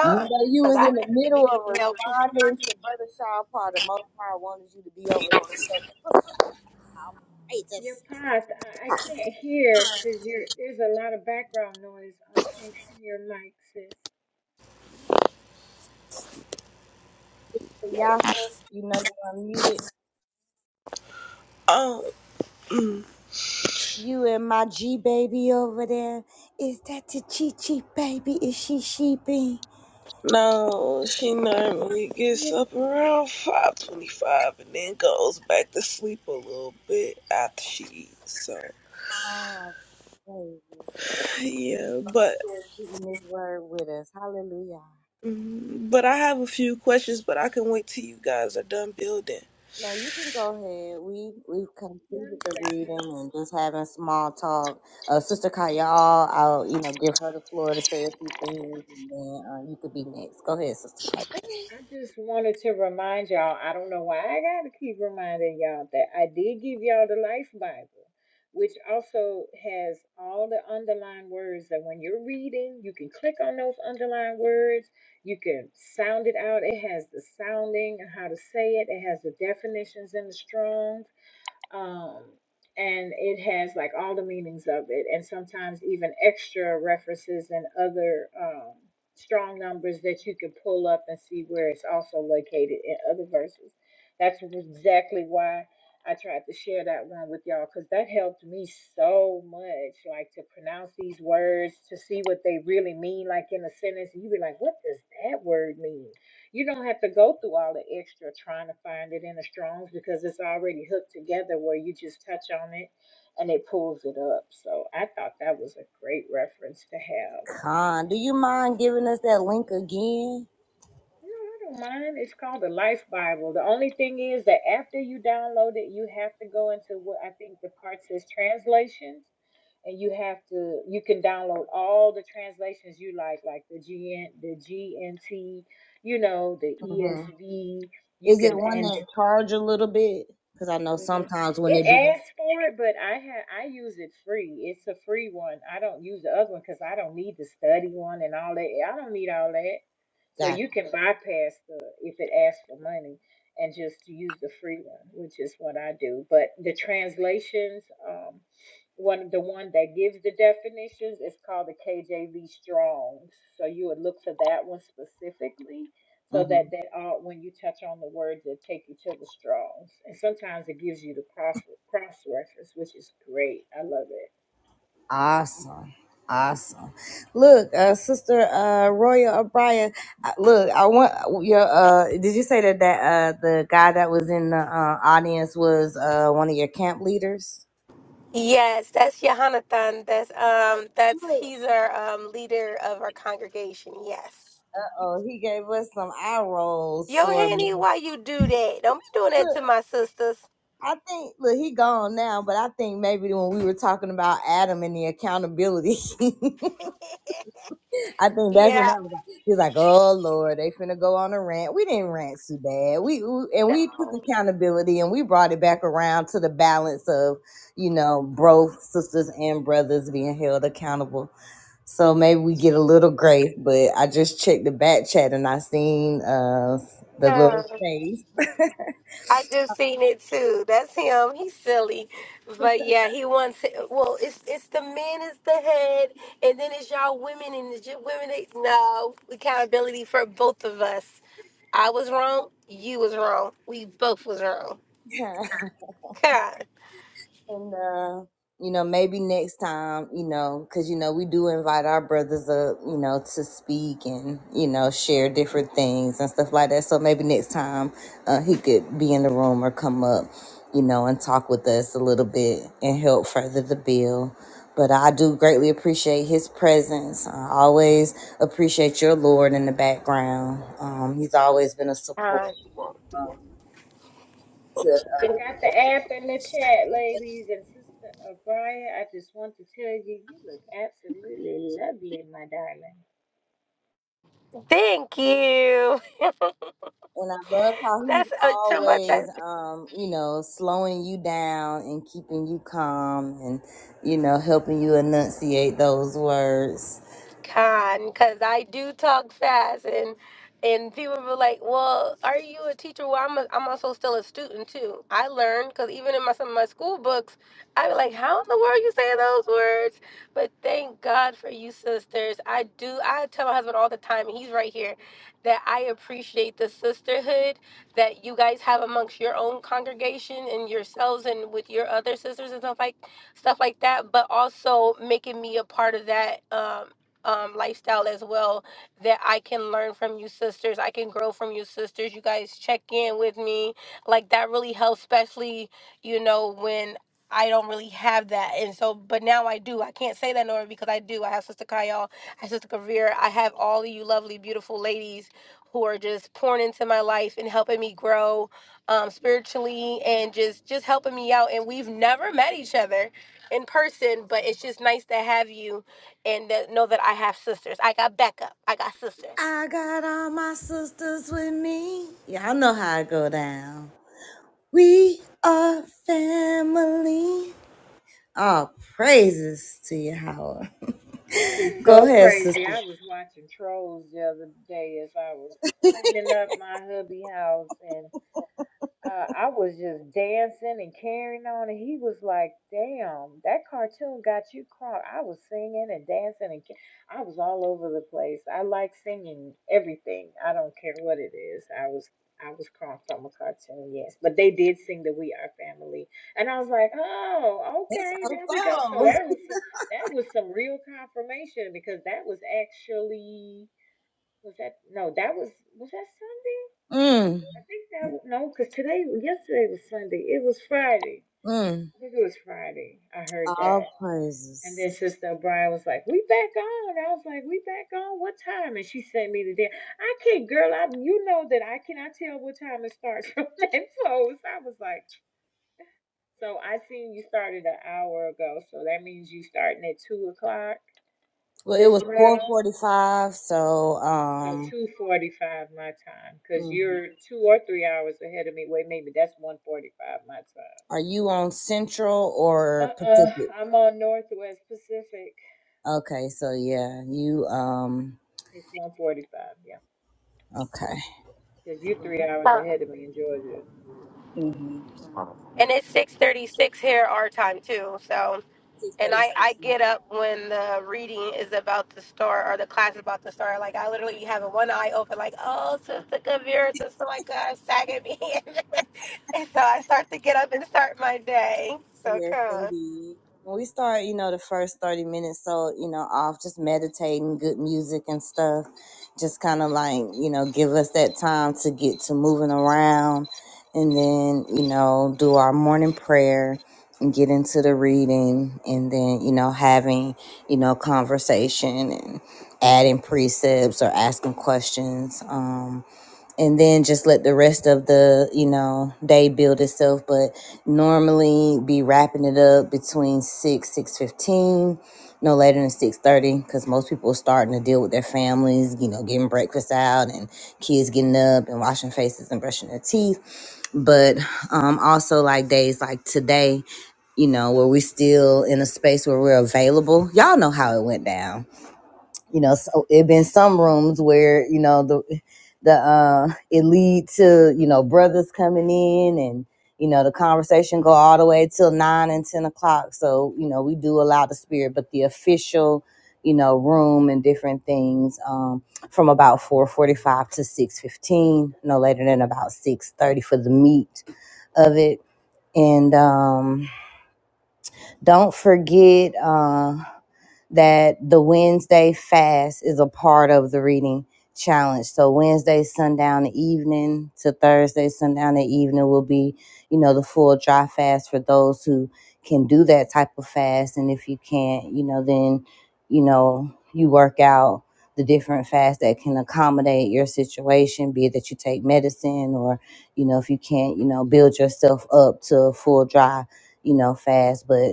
you know, you
But
was
I
in the middle
definitely
of
need help.
responding to Brother Sean Paul. The Most High wanted you to be over there. So, Sister, I'll pray to
Your
see
path, I, I can't hear because there's a lot of background noise on- in, in your mic, sis.
y'all. Hey, just Yafa, You know, you unmuted.
um mm,
You and my G baby over there. Is that the Chi Chi baby? Is she sheeping?
no, she normally gets
Yeah.
up around five twenty-five and then goes back to sleep a little bit after she eats. So
Oh, baby.
yeah, but
Spirit keeping this word with us. Hallelujah.
mm, but I have a few questions, but I can wait till you guys are done building.
No, you can go ahead. We we've completed
One
the reading
second.
and just having small talk. Uh, Sister Kayal, I'll you know give her the floor to say a few things, and then uh, you could be next. Go ahead, Sister Kayal.
I just wanted to remind y'all, I don't know why I got to keep reminding y'all that I did give y'all the Life Bible, which also has all the underlined words that when you're reading, you can click on those underlined words, you can sound it out. It has the sounding and how to say it, it has the definitions and the Strong's um, and it has like all the meanings of it, and sometimes even extra references and other um, strong numbers that you can pull up and see where it's also located in other verses. That's exactly why I tried to share that one with y'all because that helped me so much, like to pronounce these words, to see what they really mean, like in a sentence. And you be like, what does that word mean? You don't have to go through all the extra trying to find it in the Strong's because it's already hooked together where you just touch on it and it pulls it up. So I thought that was a great reference to have.
Khan, do you mind giving us that link again?
No, I don't mind. It's called the Life Bible. The only thing is that after you download it, you have to go into what I think the part says translations. And you have to, you can download all the translations you like, like the GN, the GNT, you know, the
hmm
ESV, you
Is it
can
one
and.
that charge a little bit? Because I know
Mm,
sometimes when
It
it be
asks for it, but I have I use it free. It's a free one. I don't use the other one because I don't need the study one and all that. I don't need all that. So
that.
you can bypass the if it asks for money and just use the free one, which is what I do. But the translations, um, one the one that gives the definitions is called the KJV Strong. So you would look for that one specifically so
Gotcha.
that they all when you touch on the words they take each other straws and sometimes it gives you the cross cross reference which is great i love it
Awesome. Awesome. Look, uh, Sister uh, Royal O'Brien, uh, look, I want your, uh, did you say that, that uh, the guy that was in the uh, audience was uh, one of your camp leaders?
Yes, that's Yohanathan. That's um, that's
Look,
he's our um leader of our congregation. Yes.
uh-oh, he gave us some eye rolls
Yo,
for a minute.
Hanny, why you do that? Don't be doing that
Look,
to my sisters.
I think, look, he gone now, but I think maybe when we were talking about Adam and the accountability, I think that's what
Yeah.
that was like. He's like, "Oh Lord, they finna go on a rant." We didn't rant too bad. We, we and we took
No.
accountability and we brought it back around to the balance of, you know, bro sisters and brothers being held accountable. So maybe we get a little grace. But I just checked the back chat and I seen uh the
Uh,
little face.
I just seen it too. That's him. He's silly, but yeah, he wants. It. Well, it's it's the man is the head, and then it's y'all women and the j- women. They, no accountability for both of us. I was wrong. You was wrong. We both was wrong.
Yeah.
God.
And uh, you know, maybe next time, you know, because you know we do invite our brothers up, you know, to speak and you know share different things and stuff like that. So maybe next time uh, he could be in the room or come up, you know, and talk with us a little bit and help further the bill. But I do greatly appreciate his presence. I always appreciate your Lord in the background. Um, he's always been a support
Uh,
i got the app in the chat ladies and sister o'brien i just want to tell you you look absolutely lovely my darling
thank you.
And I love how he's
That's uh, to my
always, um, you know, slowing you down and keeping you calm and, you know, helping you enunciate those words.
Con, because I do talk fast, and and people were like, "Well, are you a teacher?" Well, I'm a, I'm also still a student too. I learn because even in my some of my school books, I be like, "How in the world you say those words?" But thank God for you, sisters. I do. I tell my husband all the time, and he's right here, that I appreciate the sisterhood that you guys have amongst your own congregation and yourselves, and with your other sisters and stuff like stuff like that. But also making me a part of that. Um, um, lifestyle as well that I can learn from you sisters. I can grow from you sisters. You guys check in with me. Like that really helps, especially, you know, when I don't really have that. And so, but now I do. I can't say that no more because I do. I have Sister Kyle, I have Sister Kavir. I have all of you lovely, beautiful ladies who are just pouring into my life and helping me grow um, spiritually and just just helping me out. And we've never met each other in person, but it's just nice to have you and that know that I have sisters. I got backup. I got sisters.
I got all my sisters with me. Y'all know how I go down. We are family. All praises to you, Howard.
that is
Go
so
ahead, sister.
crazy i was watching trolls the other day as i was cleaning up my hubby house and uh, I was just dancing and carrying on, and he was like, "Damn, that cartoon got you caught." I was singing and dancing, and ca- I was all over the place. I like singing everything. I don't care what it is. I was I was caught from a cartoon, yes, but they did sing the "We Are Family," and I was like, "Oh,
That's
okay,
our
there we go." So
song.
that was that was some real confirmation because that was actually was that no that was was that Sunday.
Mm,
I think that no, because today, yesterday was Sunday. It was Friday.
mm.
I think it was Friday. I heard
All
that, and
praises.
then Sister O'Brien was like, "We back on." I was like, "We back on? What time?" And she sent me the day. I can't, girl. I you know that I cannot tell what time it starts from that close. I was like, so I seen you started an hour ago, so that means you starting at two o'clock
Well, it
this
was
round.
4:45, so
So
um.
two forty-five my time, cause
Mhm.
you're two or three hours ahead of me. Wait, maybe that's one forty-five my time.
Are you on Central or
Uh-uh.
Pacific?
I'm on Northwest Pacific.
Okay, so yeah, you um
It's 1:45. Yeah,
okay.
because you three hours ahead of me in Georgia.
Mm-hmm.
And it's 6:36 here our time too. So,
Six
and
thirty
I I
six.
get up when the reading is about to start or the class is about to start. Like I literally have one eye open, like oh sister Kavira, sister like God sagging me, and so I start to get up and start my day. So
Yes,
come.
indeed. When we start, you know, the first 30 minutes, so, you know, off just meditating, good music and stuff, just kind of like, you know, give us that time to get to moving around and then, you know, do our morning prayer and get into the reading and then, you know, having, you know, conversation and adding precepts or asking questions. um and then just let the rest of the you know day build itself but normally be wrapping it up between 6 6.15 no later than 6.30 because most people are starting to deal with their families you know getting breakfast out and kids getting up and washing faces and brushing their teeth but um also like days like today you know where we still in a space where we're available y'all know how it went down you know so it been some rooms where you know the the uh it lead to you know brothers coming in and you know the conversation go all the way till nine and ten o'clock so you know we do allow the spirit but the official you know room and different things um from about 4.45 to 6.15 no later than about 6.30 for the meat of it and um don't forget uh that the Wednesday fast is a part of the reading challenge. So Wednesday sundown evening to Thursday sundown the evening will be, you know, the full dry fast for those who can do that type of fast. And if you can't, you know, then, you know, you work out the different fasts that can accommodate your situation, be it that you take medicine or, you know, if you can't, you know, build yourself up to a full dry, you know, fast. But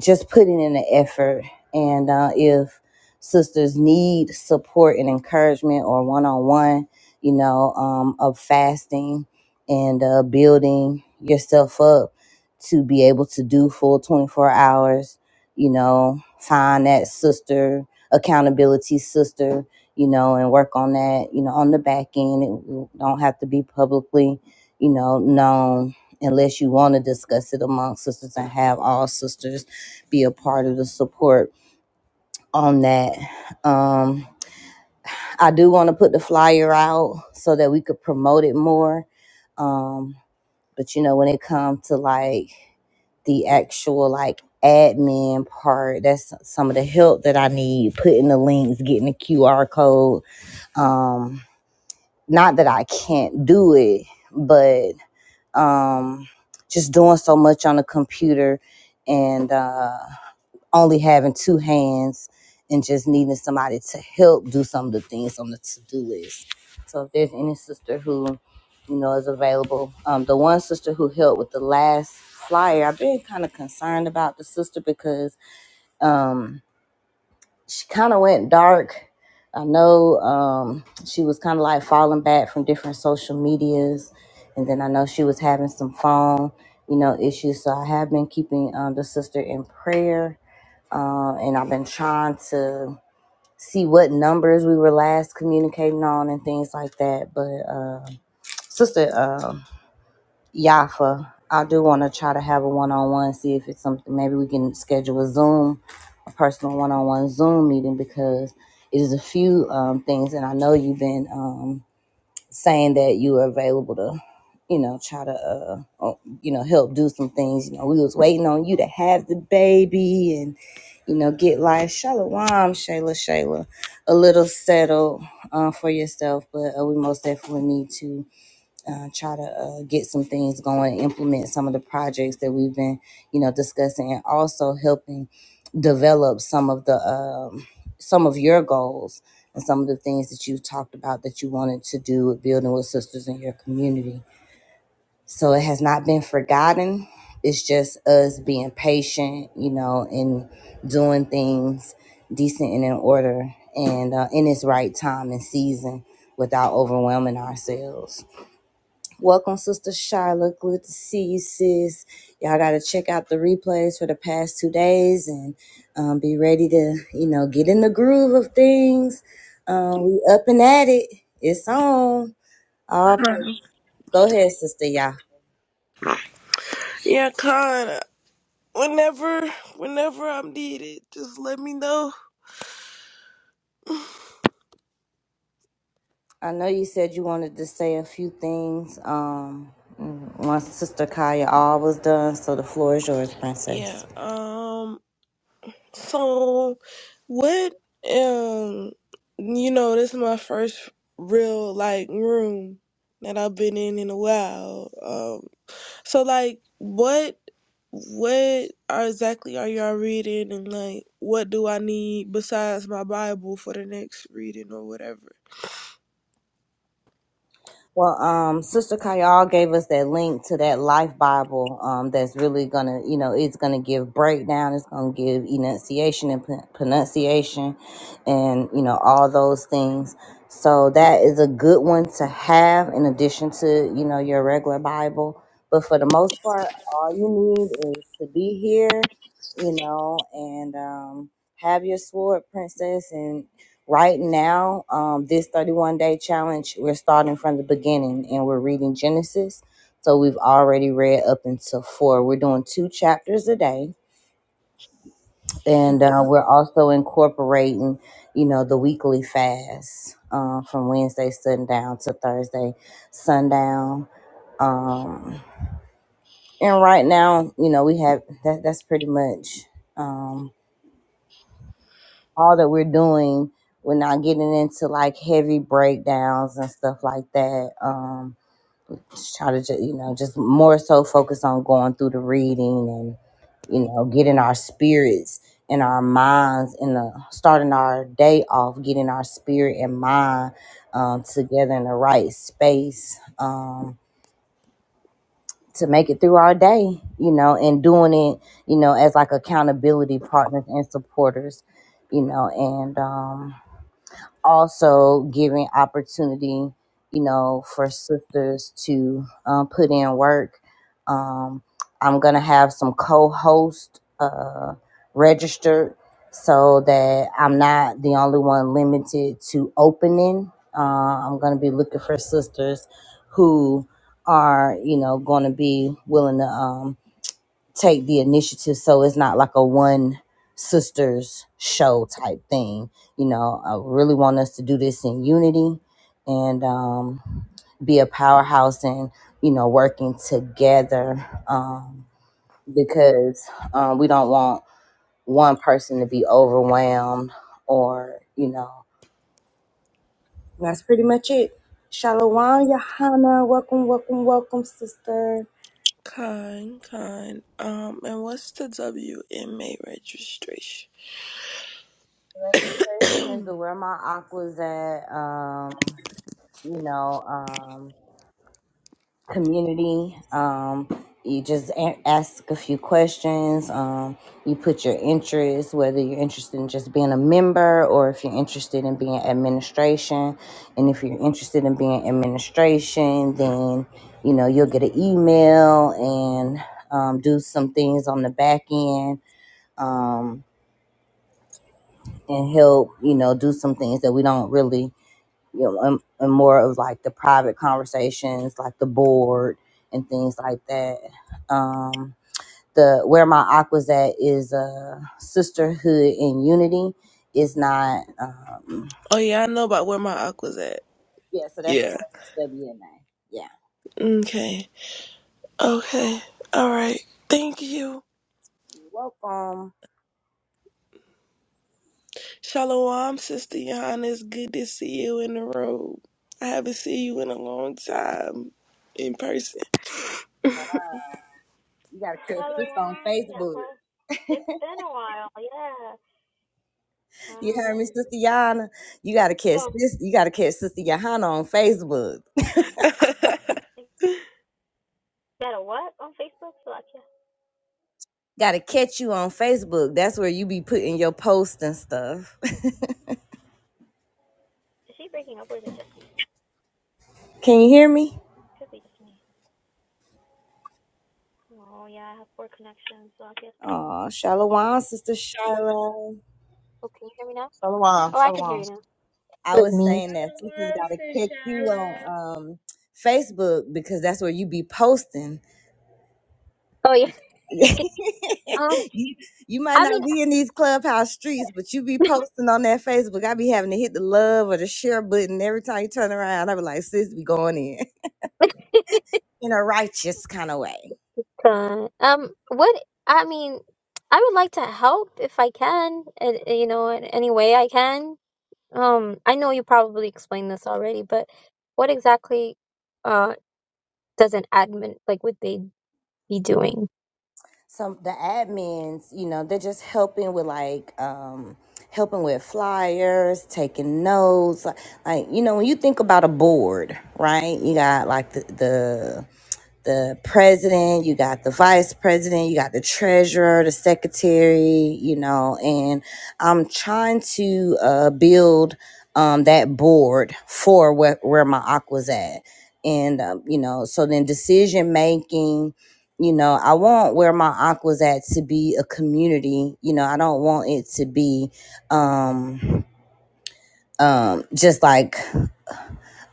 just putting in the effort. And uh, if sisters need support and encouragement or one on one, you know, um, of fasting and uh, building yourself up to be able to do full 24 hours, you know, find that sister, accountability sister, you know, and work on that, you know, on the back end. It don't have to be publicly, you know, known unless you want to discuss it among sisters and have all sisters be a part of the support on that. Um, I do want to put the flyer out so that we could promote it more. Um, but you know, when it comes to like the actual like admin part, that's some of the help that I need, putting the links, getting the QR code. Um, not that I can't do it, but um just doing so much on the computer and uh only having two hands and just needing somebody to help do some of the things on the to-do list. So if there's any sister who, you know, is available, um, the one sister who helped with the last flyer, I've been kind of concerned about the sister because um, she kind of went dark. I know um, she was kind of like falling back from different social medias, and then I know she was having some phone, you know, issues. So I have been keeping um, the sister in prayer uh, and I've been trying to see what numbers we were last communicating on and things like that. But uh, Sister uh, Yafa, I do want to try to have a one-on-one, see if it's something. Maybe we can schedule a Zoom, a personal one-on-one Zoom meeting because it is a few um, things, and I know you've been. Um, saying that you were available to, you know, try to, uh, uh, you know, help do some things. You know, we was waiting on you to have the baby and, you know, get life. Shalom, Shayla, Shayla, a little settled uh, for yourself, but uh, we most definitely need to uh, try to uh, get some things going, implement some of the projects that we've been, you know, discussing, and also helping develop some of the um, some of your goals and some of the things that you've talked about that you wanted to do with building with sisters in your community. So it has not been forgotten. It's just us being patient, you know, and doing things decent and in order and uh, in its right time and season without overwhelming ourselves. Welcome, Sister Shyla. Good to see you, sis. Y'all got to check out the replays for the past two days and um, be ready to, you know, get in the groove of things. Um, we up and at it. It's on. All pra-
Mhm.
Go ahead, Sister Y'all.
Yeah, Con. Whenever, whenever I'm needed, just let me know.
I know you said you wanted to say a few things. Um, once Sister Kaya all was done, so the floor is yours, Princess.
Yeah. Um. So. What um you know, this is my first real like room that I've been in in a while. Um so like what what are exactly are y'all reading and like what do I need besides my Bible for the next reading or whatever?
Well, um, Sister Kayal gave us that link to that Life Bible. Um, that's really gonna, you know, it's gonna give breakdown. It's gonna give enunciation and pron- pronunciation, and you know all those things. So that is a good one to have in addition to you know your regular Bible. But for the most part, all you need is to be here, you know, and um, have your sword, princess, and. Right now, um, this 31 day challenge, we're starting from the beginning and we're reading Genesis. So we've already read up until four. We're doing two chapters a day, and uh, we're also incorporating, you know, the weekly fast uh, from Wednesday sundown to Thursday sundown. Um, and right now, you know, we have that. That's pretty much. Um, all that we're doing we're not getting into like heavy breakdowns and stuff like that um just try to ju- you know just more so focus on going through the reading and you know getting our spirits and our minds and the, starting our day off getting our spirit and mind um, together in the right space um, to make it through our day you know and doing it you know as like accountability partners and supporters you know and um also giving opportunity, you know, for sisters to um, put in work. Um, I'm gonna have some co-host uh, registered so that I'm not the only one limited to opening. Uh, I'm gonna be looking for sisters who are, you know, gonna be willing to. Um, take the initiative so it's not like a one sisters show type thing you know i really want us to do this in unity and um, be a powerhouse and you know working together um, because um, we don't want one person to be overwhelmed or you know that's pretty much it shalom Johanna. welcome welcome welcome sister
Kind, kind. Um and what's the WMA registration?
Question is
oh
to where my aqua's at Um, you know, um, community. Um, you just a- ask a few questions. Um, you put your interests, whether you're interested in just being a member or if you're interested in being administration. And if you're interested in being administration, then, you know, you'll get an email and um, do some things on the back end um, and help, you know, do some things that we don't really you know, and, and more of like the private conversations, like the board and things like that. Um, the where my aqua's at is uh, sisterhood and unity. Is not, um,
yeah, I know about where my aqua's at.
yeah. So that's the
Yeah.
WNA. Yeah.
Okay. Okay. All right. Thank you.
You're welcome.
Shalom, Sister Johannes. Good to see you in the room. I haven't seen you in a long time in person.
You gotta catch
Another
this on
one? Yeah,
Facebook.
but it's been a while. Yeah,
You heard me,
time.
Sister Yana. You gotta catch
Oh,
this. You gotta catch Sister Yana on Facebook.
you got a what on Facebook? Slovakia.
Gotta catch you on Facebook. That's where you be putting your posts and stuff.
Is she breaking up or is it just me?
Can you hear me?
Could be just me. Oh, yeah, I have poor connections, Slovakia.
Oh, Shalom, Sister Shiloh.
Oh, can you hear me now?
Shalom,
Oh, I can hear
shalom.
you now.
I
With
was
me.
saying that
Shyla,
sisters
why I'm
got to
saying,
kick you
Shyla,
on um, Facebook because that's where you be posting.
Oh yeah. Um.
you, you might not be in these clubhouse streets, but you be posting on that Facebook. I be having to hit the love or the share button every time you turn around. I be like, sis, be going in in a righteous kind of way.
God. Um. What? I mean, I would like to help if I can. and- You know, in any way I can. Um. I know you probably explained this already, but what exactly, uh, does an admin like? Would they be doing.
some the admins, you know, they're just helping with like um helping with flyers, taking notes, like, like you know, when you think about a board, right? You got like the the the president, you got the vice president, you got the treasurer, the secretary, you know, and I'm trying to uh, build um, that board for where, where my aqua's at. And, um, you know, so then decision making you know i want where my aqua's at to be a community you know i don't want it to be um um just like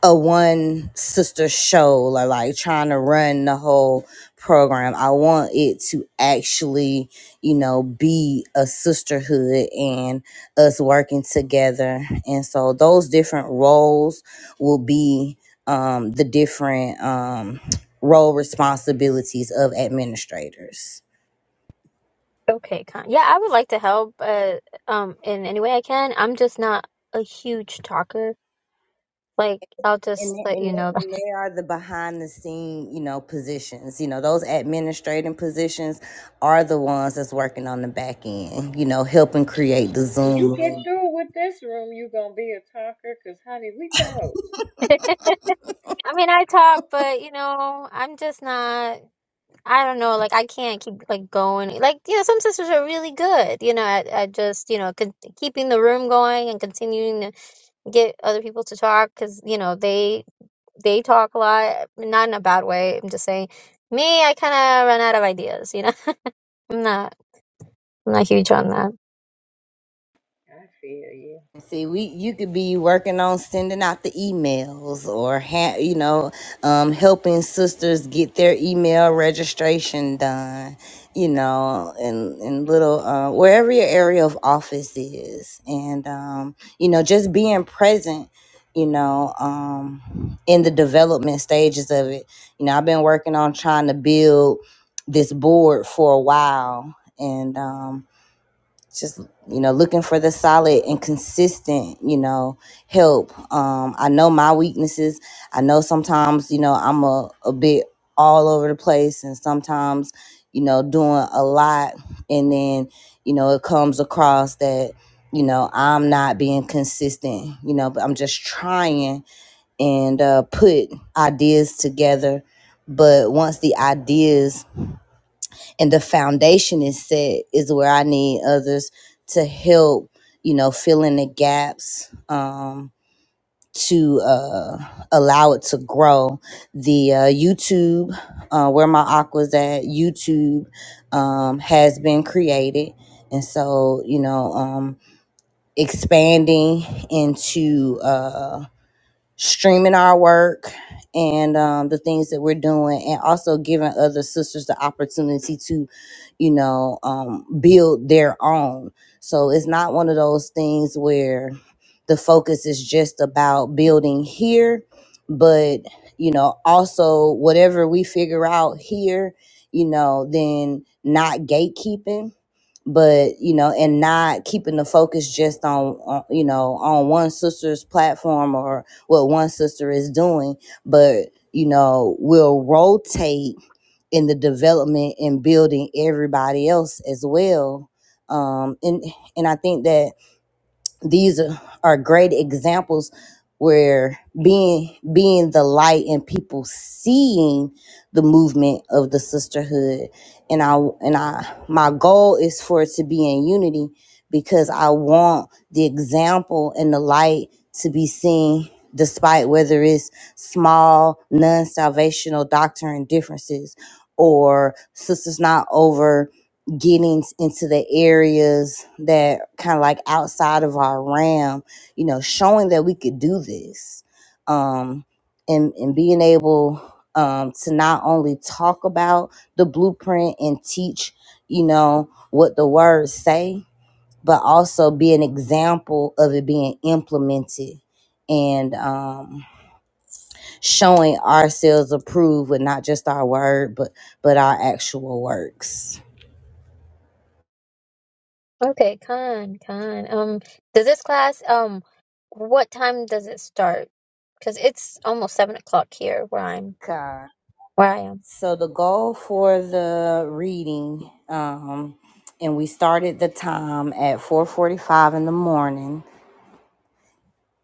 a one sister show or like trying to run the whole program i want it to actually you know be a sisterhood and us working together and so those different roles will be um the different um role responsibilities of administrators
Okay, Con. Yeah, I would like to help uh, um in any way I can. I'm just not a huge talker. Like I'll
and
just
they-
let
and
you know
they, and
that.
they are the behind the scene you know positions you know those administrating positions are the ones that's working on the back end you know helping create the
when you get
zoom
through with this room, you gonna be a talker, 'cause honey, we told.
I mean, I talk, but you know, I'm just not. I don't know. Like I can't keep like going. Like you know, some sisters are really good. You know, at, at just you know con- keeping the room going and continuing. to. get other people to talk because you know they they talk a lot not in a bad way i'm just saying me i kind of run out of ideas you know i'm not i'm not huge on that
I feel you.
See, we you could be working on sending out the emails or ha- you know, um, helping sisters get their email registration done, you know, and and little uh, wherever your area of office is, and um, you know, just being present, you know, um, in the development stages of it. You know, I've been working on trying to build this board for a while, and um, just you know looking for the solid and consistent you know help um i know my weaknesses i know sometimes you know i'm a, a bit all over the place and sometimes you know doing a lot and then you know it comes across that you know i'm not being consistent you know but i'm just trying and uh put ideas together but once the ideas and the foundation is set is where I need others to help, you know, fill in the gaps um, to uh, allow it to grow. The uh, YouTube, uh, where my aqua's at, YouTube um, has been created. And so, you know, um, expanding into uh, streaming our work and um, the things that we're doing and also giving other sisters the opportunity to you know um, build their own so it's not one of those things where the focus is just about building here but you know also whatever we figure out here you know then not gatekeeping but you know and not keeping the focus just on, on you know on one sister's platform or what one sister is doing, but you know, we'll rotate in the development and building everybody else as well. Um, and and I think that these are great examples where being being the light and people seeing the movement of the sisterhood and I and I my goal is for it to be in unity because I want the example and the light to be seen despite whether it's small non-salvational doctrine differences or sisters not over getting into the areas that kind of like outside of our realm, you know, showing that we could do this, um, and and being able um, to not only talk about the blueprint and teach, you know, what the words say, but also be an example of it being implemented and um, showing ourselves approved with not just our word, but but our actual works.
okay con con um does this class um what time does it start because it's almost seven o'clock here where i'm where i am
So the goal for the reading, um, and we started the time at 4:45 in the morning.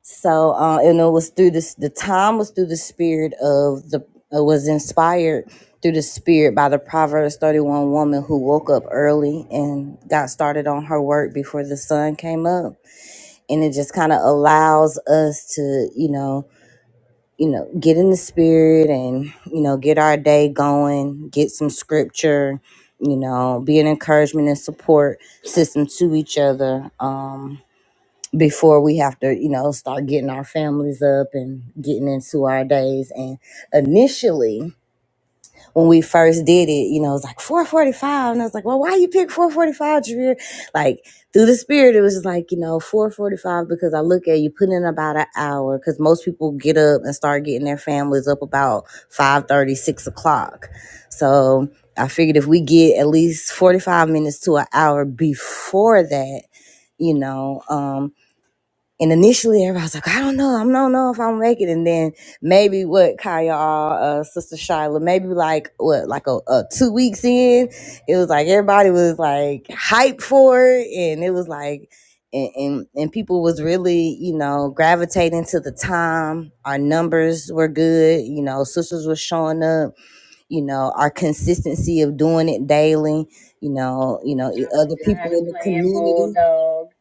So uh, and it was through this. The time was through the spirit of the. It was inspired through the spirit by the Proverbs 31 woman who woke up early and got started on her work before the sun came up, and it just kind of allows us to, you know you know, get in the spirit and, you know, get our day going, get some scripture, you know, be an encouragement and support system to each other um, before we have to, you know, start getting our families up and getting into our days. And initially, when we first did it, you know, it was like 445. And I was like, well, why you pick 445, Javier? Like through the spirit, it was just like, you know, 445 because I look at you putting in about an hour because most people get up and start getting their families up about five thirty, six o'clock. So I figured if we get at least 45 minutes to an hour before that, you know, um, and initially, everybody was like, I don't know. I don't know if I'll make it. And then maybe what Kaya, uh, Sister Shyla, maybe like what, like a, a two weeks in, it was like everybody was like hyped for it. And it was like, and, and, and people was really, you know, gravitating to the time. Our numbers were good. You know, sisters were showing up. You know, our consistency of doing it daily. You know, you know,
I was
other people
tired of
in the
playing
community
bulldog.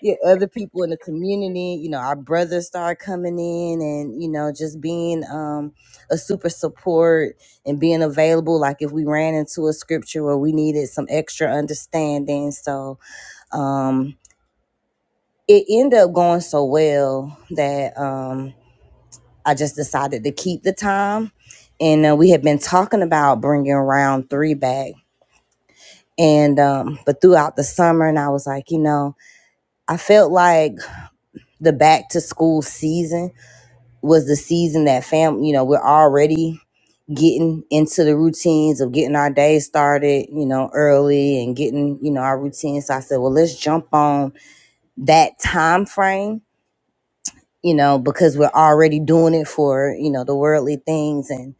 yeah, other people in the community, you know, our brothers start coming in and, you know, just being um, a super support and being available. Like if we ran into a scripture where we needed some extra understanding. So um, it ended up going so well that um, I just decided to keep the time. And uh, we had been talking about bringing round three back. And, um, but throughout the summer, and I was like, you know, I felt like the back to school season was the season that fam you know we're already getting into the routines of getting our day started you know early and getting you know our routine so i said well let's jump on that time frame you know because we're already doing it for you know the worldly things and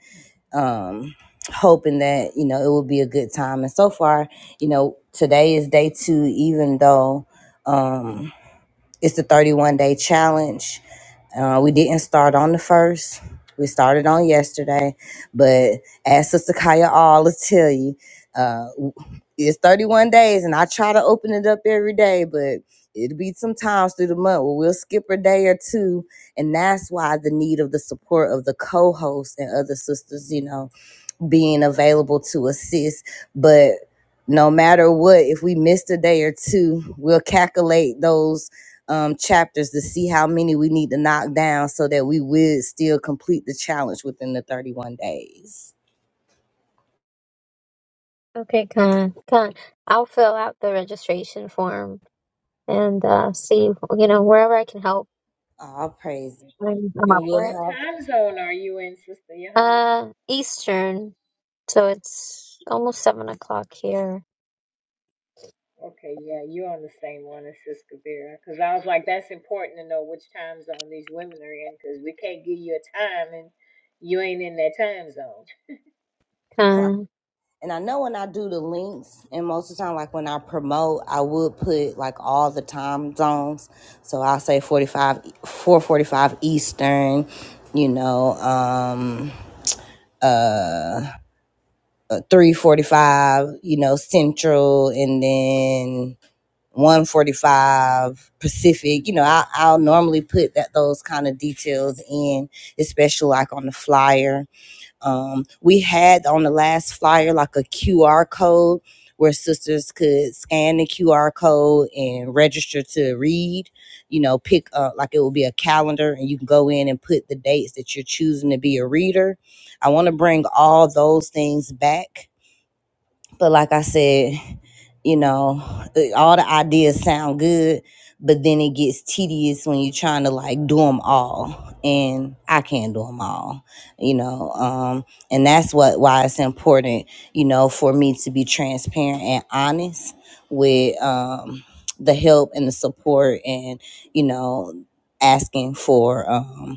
um hoping that you know it will be a good time and so far you know today is day two even though um. It's the 31 day challenge. Uh, we didn't start on the first. We started on yesterday, but as Sister Kaya always tell you, uh, it's 31 days, and I try to open it up every day, but it'll be sometimes through the month where we'll skip a day or two, and that's why the need of the support of the co-hosts and other sisters, you know, being available to assist. But no matter what, if we missed a day or two, we'll calculate those um, chapters to see how many we need to knock down so that we would still complete the challenge within the 31 days.
okay con con i'll fill out the registration form and uh see you know wherever i can help
All praise.
i I'm up
And
for it
What
we'll
time zone are you in, Sister Johanna?
uh eastern So it's almost seven o'clock here.
Okay, yeah, you're on the same one as Sister Vera. Because I was like, that's important to know which time zone these women are in because we can't give you a time and you ain't in that time zone.
have
Con.
And I know when I do the links, and most of the time, like when I promote, I would put like all the time zones. So I'll say 45, 445 Eastern, you know, um, uh, 345, you know, Central, and then 145 Pacific. You know, I, I'll normally put that those kind of details in, especially like on the flyer um, we had on the last flyer like a QR code where sisters could scan the QR code and register to read. You know, pick uh, like it will be a calendar, and you can go in and put the dates that you're choosing to be a reader. I want to bring all those things back but like I said, you know, eh, all the ideas sound good, but then it gets tedious when you're trying to like do them all. And I can't do them all, you know. Um, and that's what why it's important, you know, for me to be transparent and honest with um, the help and the support, and you know, asking for. Um,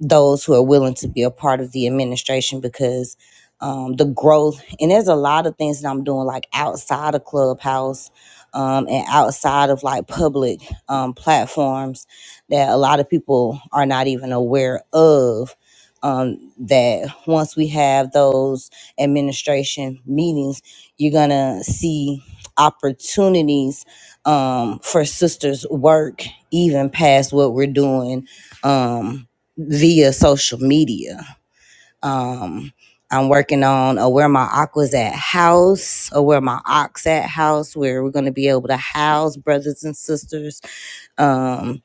those who are willing to be a part of the administration because um, the growth and there's a lot of things that I'm doing like outside of Clubhouse um, and outside of like public um, platforms that a lot of people are not even aware of. Um, that once we have those administration meetings, you're gonna see opportunities um, for sisters' work even past what we're doing. Um, via social media. Um, I'm working on a where my aquas at house, or where my ox at house, where we're going to be able to house brothers and sisters um,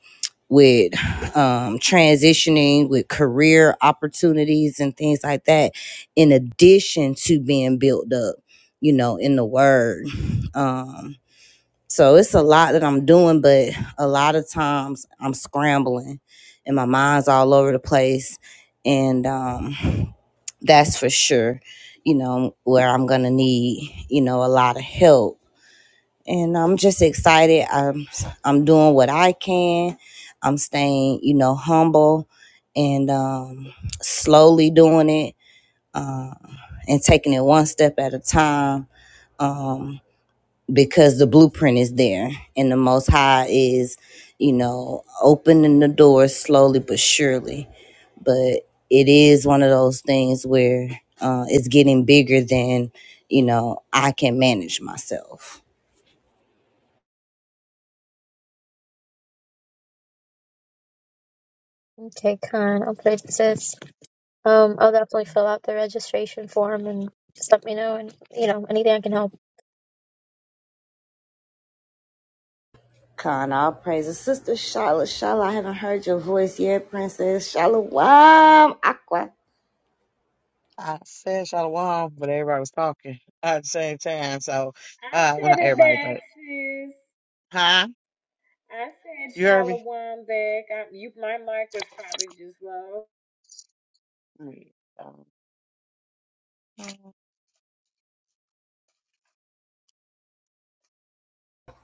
with um, transitioning, with career opportunities and things like that, in addition to being built up, you know, in the word. Um, so it's a lot that I'm doing, but a lot of times I'm scrambling and my mind's all over the place. And um, that's for sure, you know, where I'm going to need, you know, a lot of help. And I'm just excited. I'm, I'm doing what I can. I'm staying, you know, humble and um, slowly doing it uh, and taking it one step at a time Um, because the blueprint is there and the most high is you know opening the door slowly but surely but it is one of those things where uh, it's getting bigger than you know i can manage myself
Okay, Con. I'll put it says. Um, I'll definitely fill out the registration form and just let me know and you know anything I can help.
Con, all praises. Sister Shala, Shala, I haven't heard your voice yet, Princess. Shalom, Aqua.
I said shalom, but everybody was talking at the same time. So,
I
uh, well,
said
not
it
everybody,
back,
but
sis.
huh?
I said
You heard me?
Shalawam back. I, you, my mic was probably just low.
Mm, Um,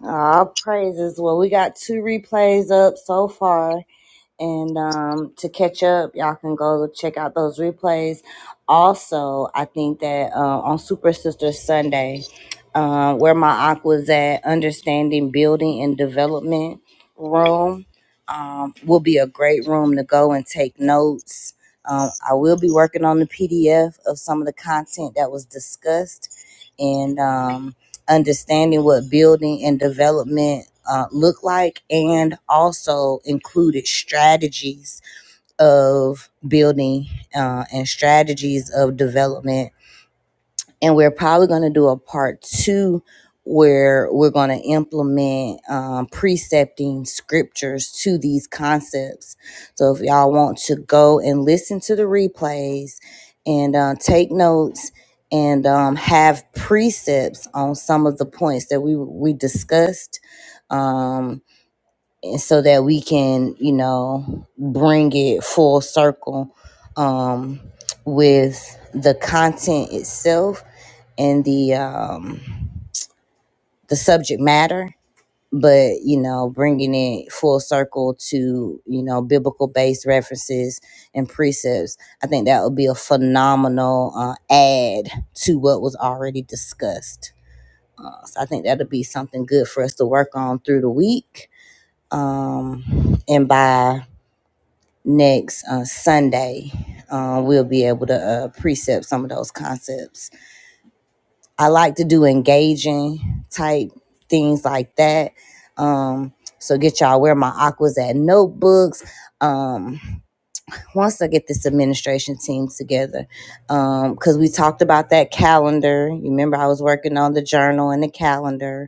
All praises. Well, we got two replays up so far. And um, to catch up, y'all can go check out those replays. Also, I think that uh, on Super Sister Sunday, uh, where my aunt was at, Understanding Building and Development Room, um, will be a great room to go and take notes. Um, I will be working on the PDF of some of the content that was discussed. And um, understanding what building and development uh, look like and also included strategies of building uh, and strategies of development and we're probably going to do a part two where we're going to implement um, precepting scriptures to these concepts. So if y'all want to go and listen to the replays and uh, take notes and um, have precepts on some of the points that we we discussed. um, and so that we can you know bring it full circle um, with the content itself and the um, the subject matter but you know bringing it full circle to you know biblical based references and precepts i think that would be a phenomenal uh, add to what was already discussed uh, so i think that'll be something good for us to work on through the week um, and by next uh, Sunday, uh, we'll be able to uh, precept some of those concepts. I like to do engaging type things like that. Um, so get y'all where my aquas at notebooks. Um, once I get this administration team together, because we talked about that calendar. You remember I was working on the journal and the calendar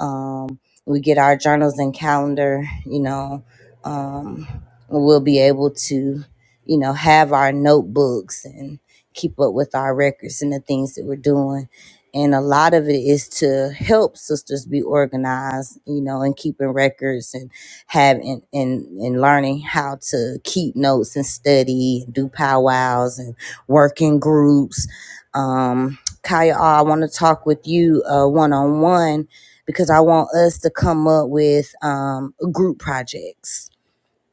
um, we get our journals and calendar, you know, um, we'll be able to, you know, have our notebooks and keep up with our records and the things that we're doing. And a lot of it is to help sisters be organized, you know, and keeping records and having and, and learning how to keep notes and study, do powwows and work in groups. Um, Kaya, I want to talk with you one on one because I want us to come up with um, group projects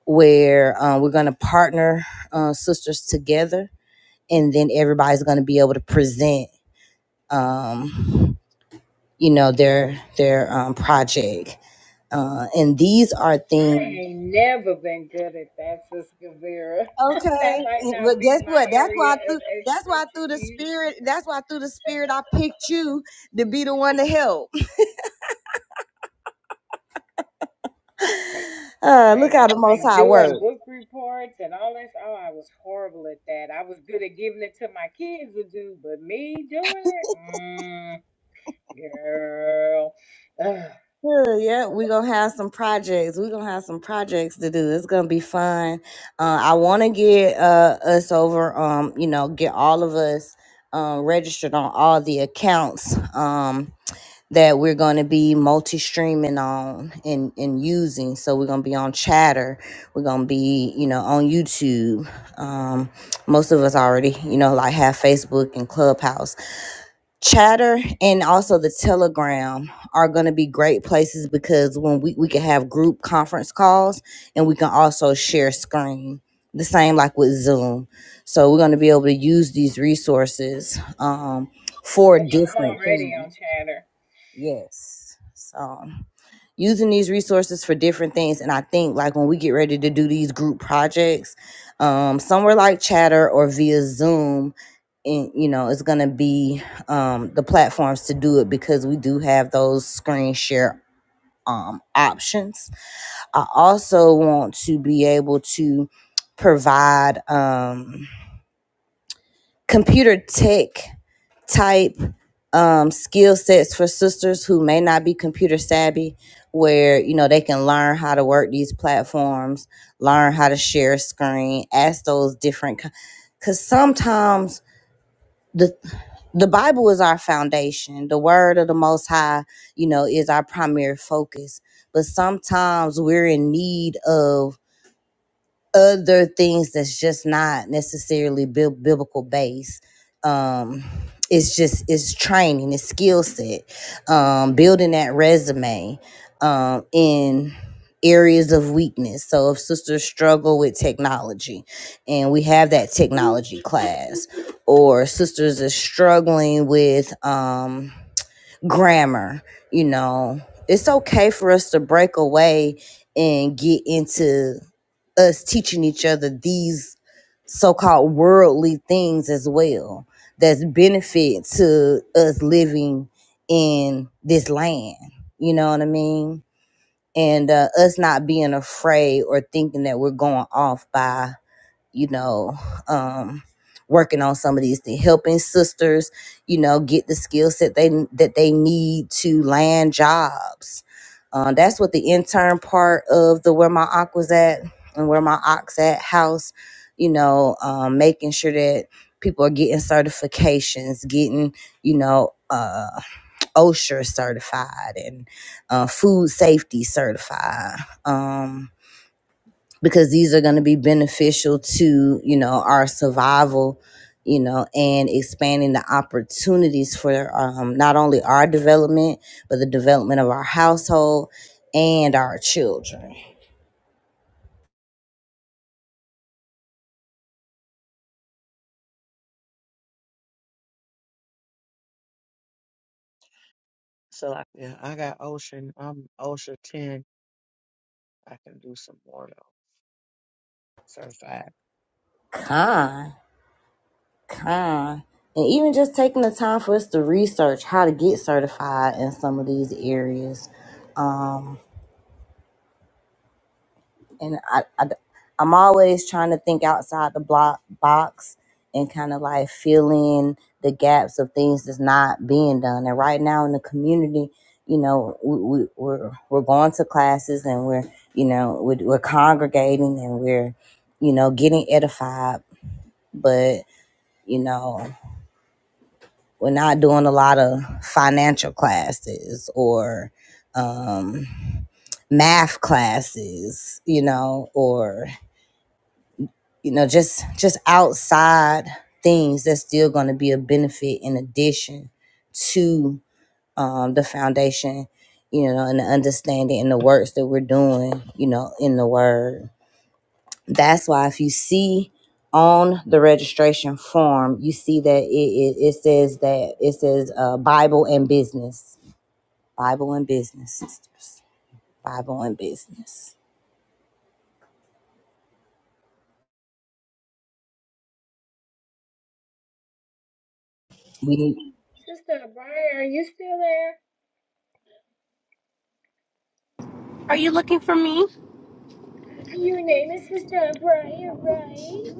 where uh, we're going to partner uh, sisters together, and then everybody's going to be able to present, um, you know, their their um, project. Uh, and these are
I
things.
ain't never been good at that, Sister Vera. that
Okay,
might
and-
not
but
be
guess
my
what? That's
area
why I
of
that's why through the
expertise.
spirit. That's why through the spirit I picked you to be the one to help. Uh, look
like
how the Most
like
High works.
doing book reports and all this. Oh, I was horrible at that. I was good at giving it to my kids to do, but me doing it, mm, girl. Ugh.
Yeah, yeah, we're gonna have some projects. We're gonna have some projects to do. It's gonna be fun. Uh, I want to get uh, us over. Um, you know, get all of us um, registered on all the accounts um, that we're gonna be multi-streaming on and and using. So we're gonna be on Chatter. We're gonna be, you know, on YouTube. Um, most of us already, you know, like have Facebook and Clubhouse Chatter and also the Telegram are going to be great places because when we, we can have group conference calls and we can also share screen, the same like with Zoom. So we're going to be able to use these resources um, for
Yep, I'm
different
already
things.
on chatter.
Yes. So using these resources for different things. And I think like when we get ready to do these group projects, um, somewhere like Chatter or via Zoom, and you know, it's gonna be um the platforms to do it because we do have those screen share um options. I also want to be able to provide um computer tech type um, skill sets for sisters who may not be computer savvy, where you know they can learn how to work these platforms, learn how to share a screen, ask those different. Because sometimes the the Bible is our foundation, the Word of the Most High, you know, is our primary focus. But sometimes we're in need of other things that's just not necessarily bi- biblical based um it's just it's training it's skill set um building that resume um in areas of weakness so if sisters struggle with technology and we have that technology class or sisters are struggling with um, grammar you know it's okay for us to break away and get into us teaching each other these so-called worldly things as well that's benefit to us living in this land you know what i mean and uh, us not being afraid or thinking that we're going off by you know, um, working on some of these things, helping sisters, you know, get the skill set they that they need to land jobs. Um, that's what the intern part of the where my ox was at and where my ox at house, you know, um, making sure that people are getting certifications, getting, you know, uh, OSHA certified and uh, food safety certified. Um, because these are going to be beneficial to you know our survival you know and expanding the opportunities for um, not only our development but the development of our household and our children
So, like, yeah, I got Ocean. I'm Ocean 10. I can do some more, though. Certified.
kind kind and even just taking the time for us to research how to get certified in some of these areas Um, and I, I am always trying to think outside the block box and kind of like fill in the gaps of things that's not being done. And right now in the community, you know, we, we we're we're going to classes and we're you know we're, we're congregating and we're you know getting edified, but you know we're not doing a lot of financial classes or um math classes you know or you know just just outside things that's still going to be a benefit in addition to um, the foundation you know and the understanding and the works that we're doing you know in the word that's why if you see on the registration form you see that it, it, it says that it says uh, bible and business bible and business sisters bible and business we need
Sister Briar, are you still there?
Are you looking for me?
Your name is Sister Briar, right?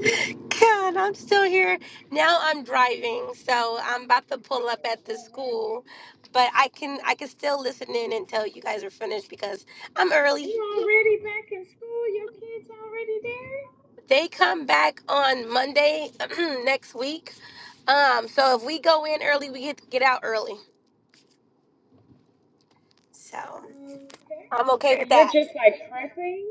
God, I'm still here. Now I'm driving, so I'm about to pull up
Oh
at the
Lord,
school, but I can I can still listen in until you guys are finished because I'm
you
early.
already back in school? Your kids already there?
They come back on Monday next week. Um, so if we go in early, we get to get out early. So
Okay.
I'm okay
So
with
you're
that.
just like prepping?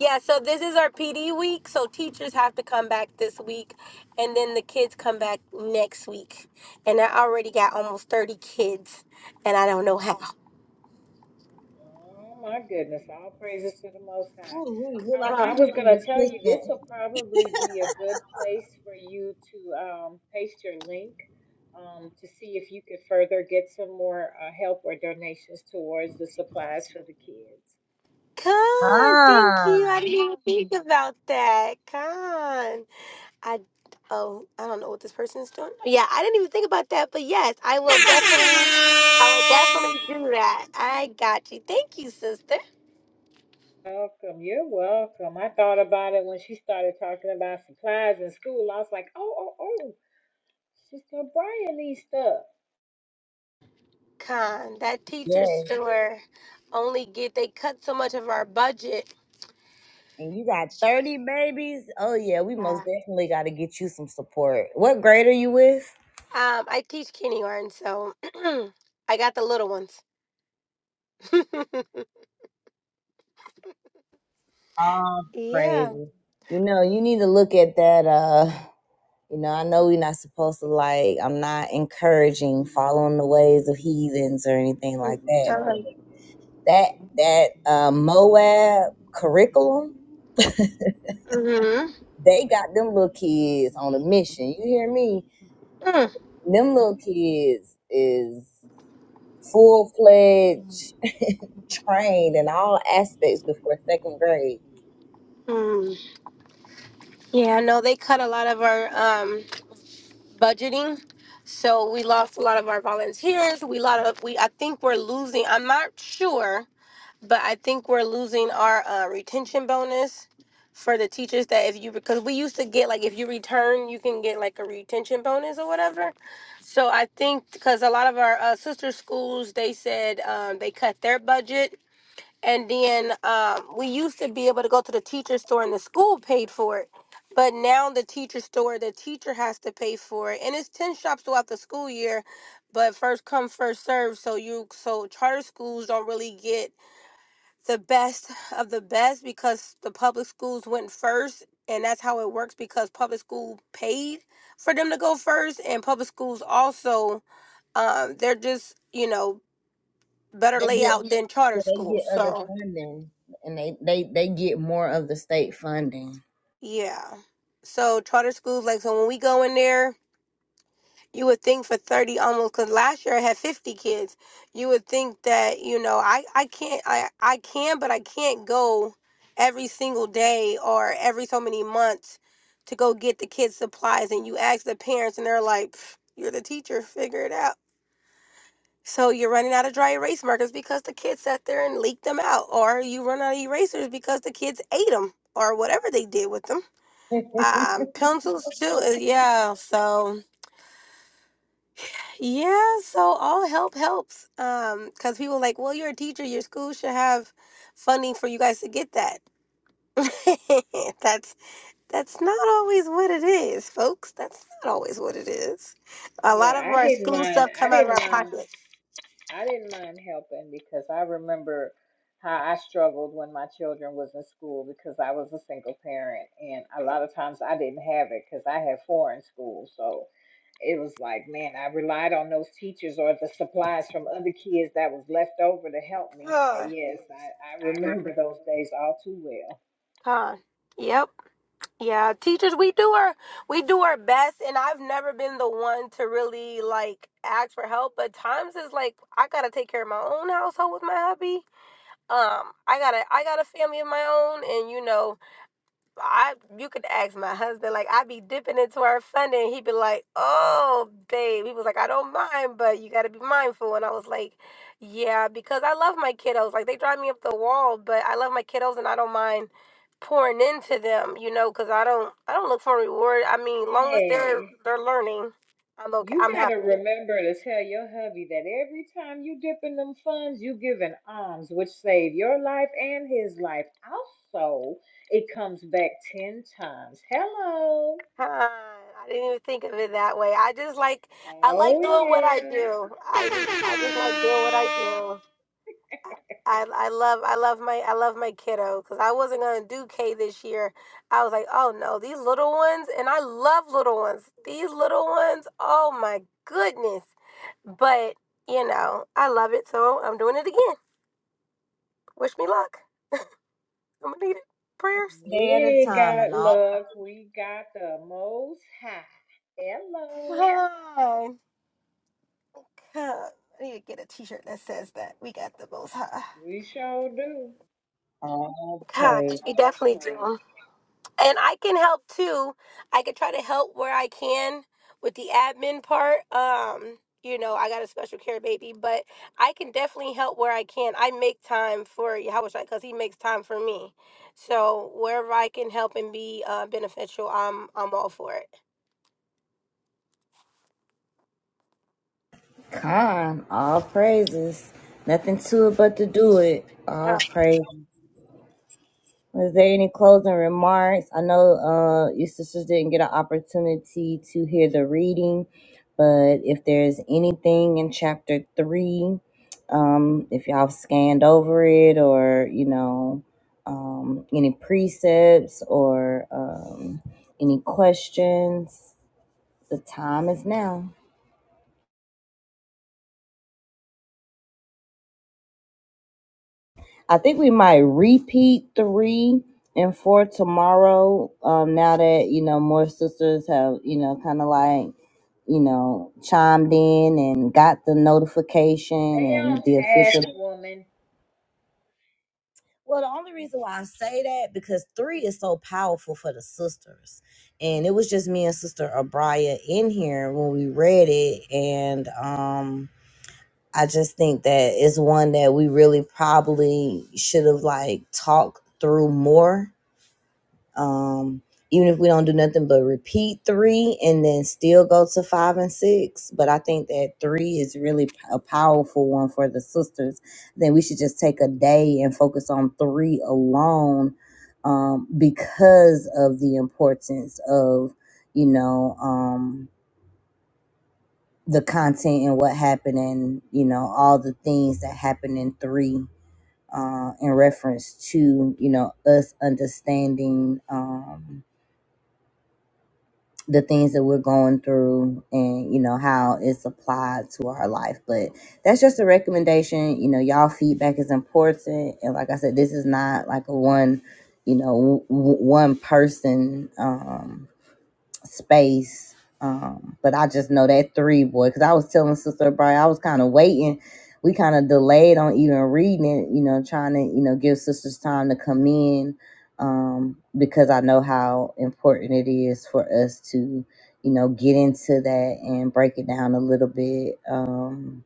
Yeah, so this is our PD week, so teachers have to come back this week and then the kids come back next week. And I already got almost 30 kids and I don't know how.
Oh my goodness! All praises to the Most High.
Ooh, we- we're
Um,
like
I
you
Oh,
was
need an
gonna tell you this
assistant.
will probably be a good place for you to um, paste your link um, to see if you could further get some more uh, help or donations towards the supplies for the kids.
Con, thank
Ah.
you. I didn't even think about that. Con, I oh, I don't know what this person's doing. Yeah, I didn't even think about that. But yes, I will definitely, I will definitely do that. I got you. Thank you, sister.
Welcome, you're welcome. I thought about it when she started talking about supplies in school. I was like, oh, oh, oh, Sister Brian needs stuff.
Con, that
Yeah,
teacher store only get they cut so much of our budget.
and you got 30 babies? Oh, yeah, we most
Yeah.
definitely got to get you some support. What grade are you with?
Um, I teach kindergarten, so I got the little ones.
Oh,
yeah.
crazy. You know, you need to look at that. Uh, you know, I know we're not supposed to like. I'm not encouraging following the ways of heathens or anything like that.
Con.
But that that uh, Moab curriculum,
Mm-hmm.
they got them little kids on a mission. You hear me? Them little kids is full fledged trained in all aspects before second grade.
Mm. Yeah, no, they cut a lot of our um, budgeting, so we lost a lot of our volunteers. We lot of we. I think we're losing. I'm not sure, but I think we're losing our uh, retention bonus for the teachers. That if you because we used to get like if you return, you can get like a retention bonus or whatever. So I think because a lot of our uh, sister schools, they said um, they cut their budget and then um, we used to be able to go to the teacher store and the school paid for it. But now the teacher store, the teacher has to pay for it. And it's 10 shops throughout the school year, but first come, first serve. So you so charter schools don't really get the best of the best because the public schools went first and that's how it works because public school paid for them to go first and public schools also um, they're just, you know, better
They get
layout than charter
well, they get
schools.
other
So
funding and they, they, they get more of the state funding.
Yeah. So charter schools, like so, when we go in there, you would think for thirty almost, because last year I had fifty kids. You would think that you know I I can't I I can, but I can't go every single day or every so many months to go get the kids supplies. And you ask the parents, and they're like, "Pff, "You're the teacher, figure it out." So you're running out of dry erase markers because the kids sat there and leaked them out, or you run out of erasers because the kids ate them, or whatever they did with them.
Day
Um, pencils too. uh, Yeah. So yeah. So all help helps. Um, because people like, well, you're a teacher. Your school should have funding for you guys to get that. that's that's not always what it is, folks. That's not always what it is. A lot of
Yeah, I
our
didn't
school
mind.
stuff
I
come out of
didn't
our
mind.
pocket.
I didn't mind helping because I remember how I struggled when my children was in school because I was a single parent and a lot of times I didn't have it because I had four in school. So it was like, man, I relied on those teachers or the supplies from other kids that was left over to help me. So
God.
yes, I, I remember those days all too well.
Huh. Yep. Yeah, teachers, we do our we do our best, and I've never been the one to really like ask for help. But times is like I gotta take care of my own household with my hubby. Um, I got a I got a family of my own, and you know I you could ask my husband, like I be dipping into our funding. He'd be like, Oh, babe. He was like, I don't mind, but you gotta be mindful. And I was like, Yeah, because I love my kiddos. Like they drive me up the wall, but I love my kiddos and I don't mind pouring into them, you know, because I don't I don't look for reward. I mean, long as they're
Hey.
they're learning, I'm okay.
You
I'm
gotta
happy.
remember to tell your hubby that every time you dip in them funds, you give an alms, which save your life and his life. Also, it comes back ten times. Hello.
Huh, I didn't even think of it that way. I just like I
Oh
like doing what I do.
yeah.
I just I just like doing what I do. I, I love I love my I love my kiddo because I wasn't gonna do K this year. I was like, oh no, these little ones, and I love little ones. These little ones, oh my goodness! But you know, I love it, so I'm doing it again. Wish me luck. I'm gonna need it. Prayers.
We
at a
ain't
time and
got
all
luck. We got the most high. Hello.
Oh, God. I need to get a T-shirt that says that we got the Most High.
We sure do.
all
God,
praise.
we definitely do. and I can help too. I could try to help where I can with the admin part. Um, you know, I got a special care baby, but I can definitely help where I can. I make time for Yahushua because he makes time for me. So wherever I can help and be uh, beneficial, I'm I'm all for it.
Con, all praises. Nothing to it but to do it. All praise. Is there any closing remarks? I know uh your sisters didn't get an opportunity to hear the reading, but if there's anything in chapter three um, if y'all scanned over it or you know um, any precepts or um, any questions the time is now i think we might repeat three and four tomorrow um, now that you know more sisters have you know kind of like you know chimed in and got the notification
Stay on
and the
task,
official
woman.
Well, the only reason why I say that because three is so powerful for the sisters, and it was just me and Sister Abraya in here when we read it, and um, I just think that it's one that we really probably should have like talked through more um, even if we don't do nothing but repeat three and then still go to five and six. But I think that three is really p- a powerful one for the sisters. Then we should just take a day and focus on three alone um, because of the importance of, you know, um, the content and what happened and, you know, all the things that happened in three uh, in reference to, you know, us understanding. Um, the things that we're going through and you know how it's applied to our life but that's just a recommendation you know y'all feedback is important and like i said this is not like a one you know w- w- one person um space. Um, but I just know that three boy, because I was telling Sister Brian, I was kind of waiting. We kind of delayed on even reading it, you know, trying to, you know, give sisters time to come in. Um, because I know how important it is for us to, you know, get into that and break it down a little bit. Um,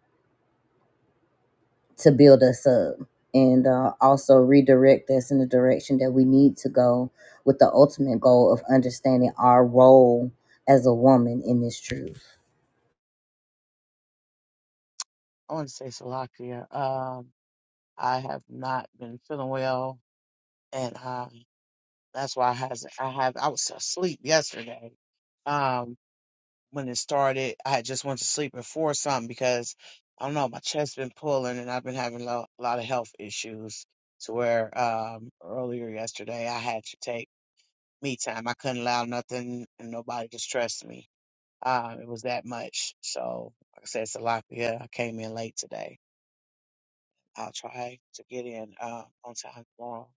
to build us up and uh, also redirect us in the direction that we need to go with the ultimate goal of understanding our role as a woman in this truth.
I want to say Salakia. Um, I have not been feeling well, and um, that's why I hasn't. I have. I was asleep yesterday. Um, when it started, I had just went to sleep at four or something because I don't know, my chest been pulling and I've been having lo- a lot of health issues to where um earlier yesterday I had to take me time. I couldn't allow nothing and nobody to stress me. Um, it was that much. So like I said, it's a lot. Yeah, I came in late today. I'll try to get in uh, on time tomorrow.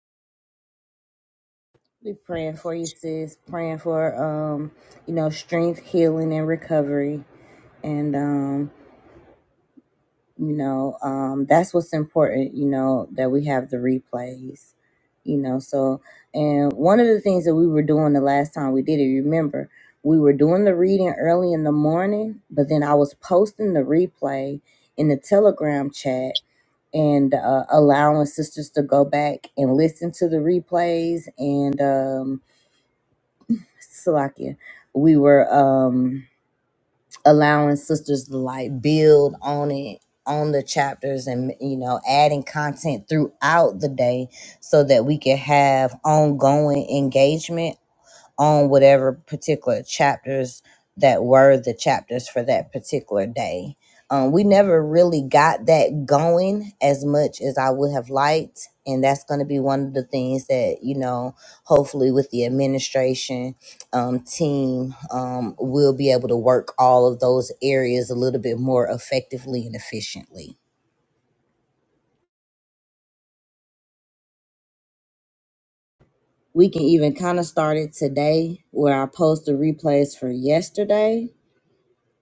We praying for you, sis. Praying for um, you know, strength, healing, and recovery. And um you know um that's what's important you know that we have the replays you know so and one of the things that we were doing the last time we did it remember we were doing the reading early in the morning but then i was posting the replay in the telegram chat and uh, allowing sisters to go back and listen to the replays and um Salakia, we were um allowing sisters to like build on it on the chapters and you know adding content throughout the day so that we can have ongoing engagement on whatever particular chapters that were the chapters for that particular day. Um, we never really got that going as much as I would have liked. And that's going to be one of the things that, you know, hopefully with the administration um, team, um, we'll be able to work all of those areas a little bit more effectively and efficiently. We can even kind of start it today where I post the replays for yesterday.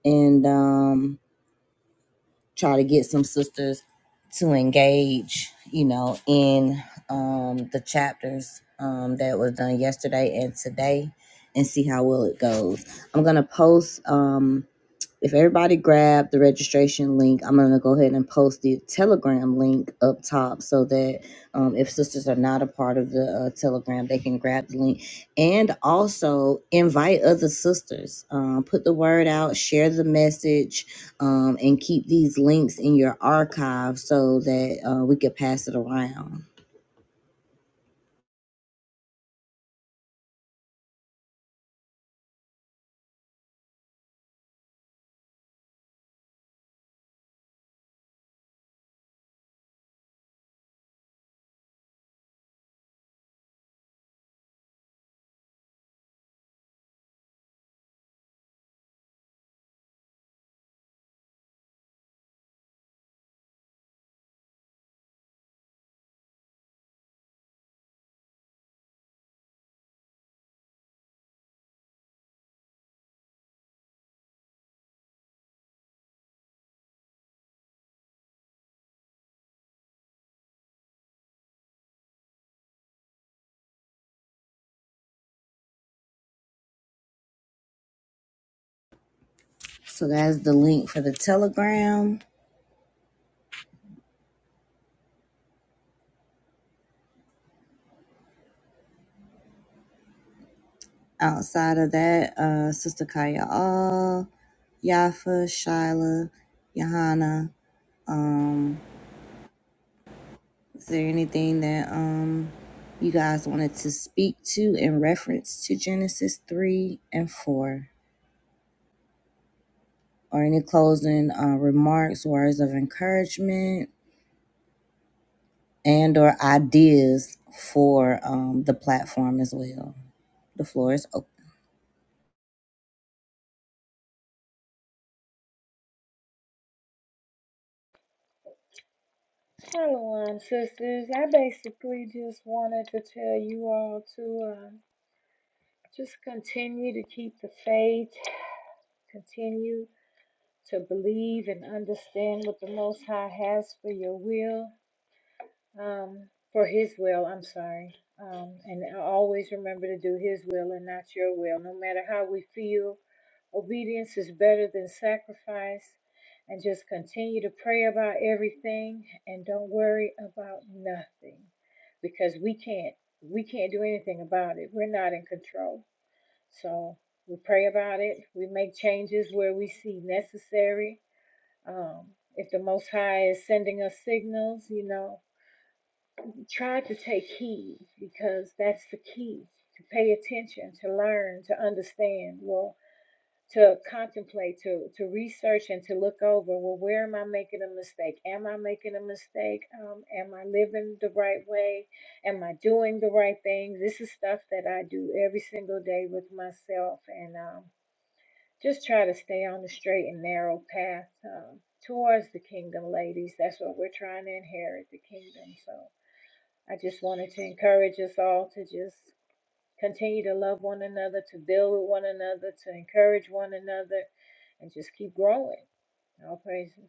And, um, try to get some sisters to engage, you know, in um, the chapters um, that was done yesterday and today and see how well it goes. I'm going to post. Um, if everybody grabbed the registration link, I'm going to go ahead and post the Telegram link up top so that um, if sisters are not a part of the uh, Telegram, they can grab the link and also invite other sisters. Um, put the word out, share the message, um, and keep these links in your archive so that uh, we could pass it around. So that's the link for the Telegram. Outside of that, uh, Sister Kaya All, Yafa, Shyla, Johanna. Um, is there anything that um you guys wanted to speak to in reference to Genesis three and four, or any closing uh, remarks, words of encouragement, and or ideas for um, the platform as well? The floor is open.
Hello, um, sisters. I basically just wanted to tell you all to um, just continue to keep the faith, continue to believe and understand what the Most High has for your will um, for His will. I'm sorry, um, and always remember to do His will and not your will, no matter how we feel. Obedience is better than sacrifice, and just continue to pray about everything and don't worry about nothing, because we can't we can't do anything about it. We're not in control, so. We pray about it. We make changes where we see necessary. Um, if the Most High is sending us signals, you know, Try to take heed because that's the key to pay attention, to learn, to understand, well, to contemplate, to, to research and to look over. Well, where am I making a mistake? Am I making a mistake? Um, am I living the right way? Am I doing the right thing? This is stuff that I do every single day with myself and um, just try to stay on the straight and narrow path um, towards the kingdom, ladies. That's what we're trying to inherit the kingdom. So. I just wanted to encourage us all to just continue to love one another, to build with one another, to encourage one another, and just keep growing. All praises.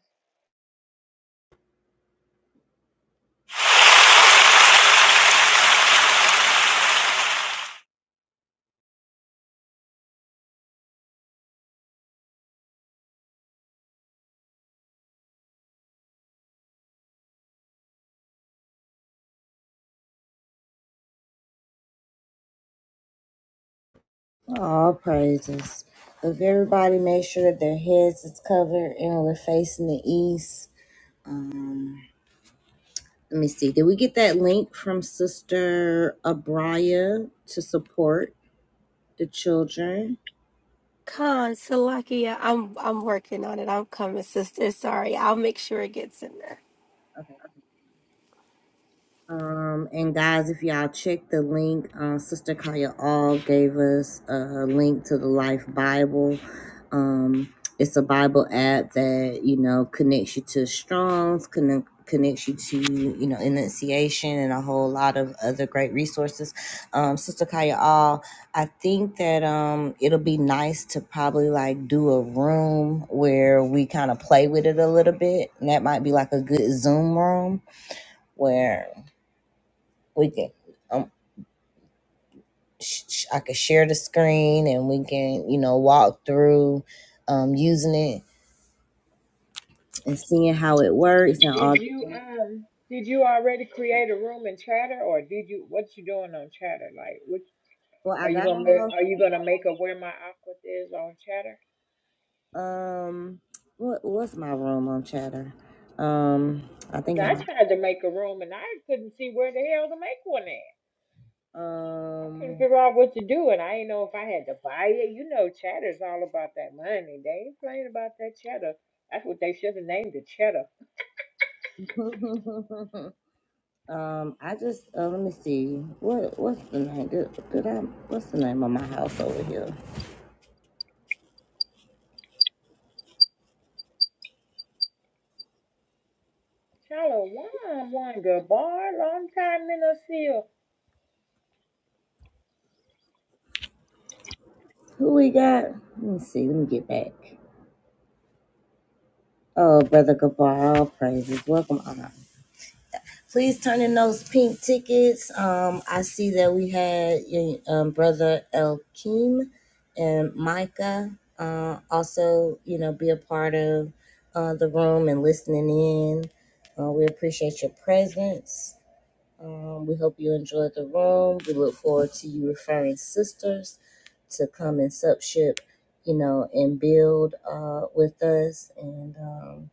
All praises. If everybody make sure that their heads is covered and we're facing the east. Um, let me see. Did we get that link from Sister Abria to support the children?
Con Salakia, I'm I'm working on it. I'm coming, sister. Sorry, I'll make sure it gets in there.
Um, and guys, if y'all check the link, uh, Sister Kaya All gave us a link to the Life Bible. Um, it's a Bible app that you know connects you to Strong's, connect, connects you to you know Enunciation, and a whole lot of other great resources. Um, Sister Kaya All, I think that um, it'll be nice to probably like do a room where we kind of play with it a little bit, and that might be like a good Zoom room where we can um sh- sh- I can share the screen and we can you know walk through um using it and seeing how it works and all.
Did you um did you already create a room in Chatter, or did you what you doing on Chatter? Like, what
Well,
are
I
you
got
gonna
a house.
ma- are you gonna make a where my aqua is on Chatter?
Um, what what's my room on Chatter? Um, I
Cause
think it
I tried to make a room and I couldn't see where the hell to make one I couldn't
um.
figure out what to do, and I didn't know if I had to buy it. You know, cheddar's all about that money. They ain't playing about that cheddar. That's what they should have named it, cheddar.
um, I just uh, let me see what what's the name? Did, did I what's the name of my house over here?
Shalom, one good bar. Long time in a seal.
Who we got? Let me see. Let me get back. Oh, Brother Gabar, all praises. Welcome on. Please turn in those pink tickets. Um, I see that we had your um, brother Elkeem and Micah uh, also, you know, be a part of uh, the room and listening in. Uh, we appreciate your presence. Um, we hope you enjoyed the room. We look forward to you referring sisters to come and subship, you know, and build uh, with us. And, um,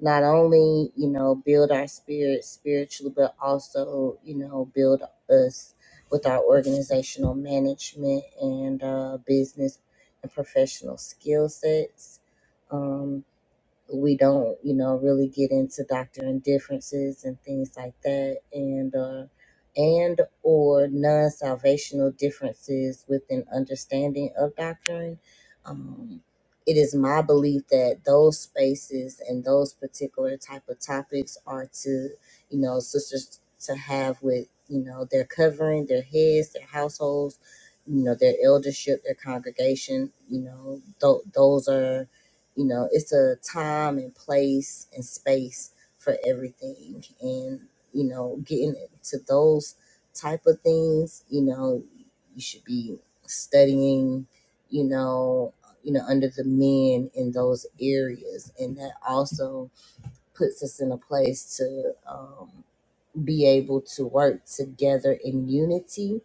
not only you know build our spirit spiritually but also you know build us with our organizational management and uh, business and professional skill sets Um, we don't, you know, really get into doctrine differences and things like that, and or and or non-salvational differences with an understanding of doctrine. Um, it is my belief that those spaces and those particular type of topics are to, you know, sisters to have with, you know, their covering, their heads, their households, you know, their eldership, their congregation. You know, th- those are you know it's a time and place and space for everything and you know getting to those type of things you know you should be studying you know you know under the men in those areas and that also puts us in a place to um, be able to work together in unity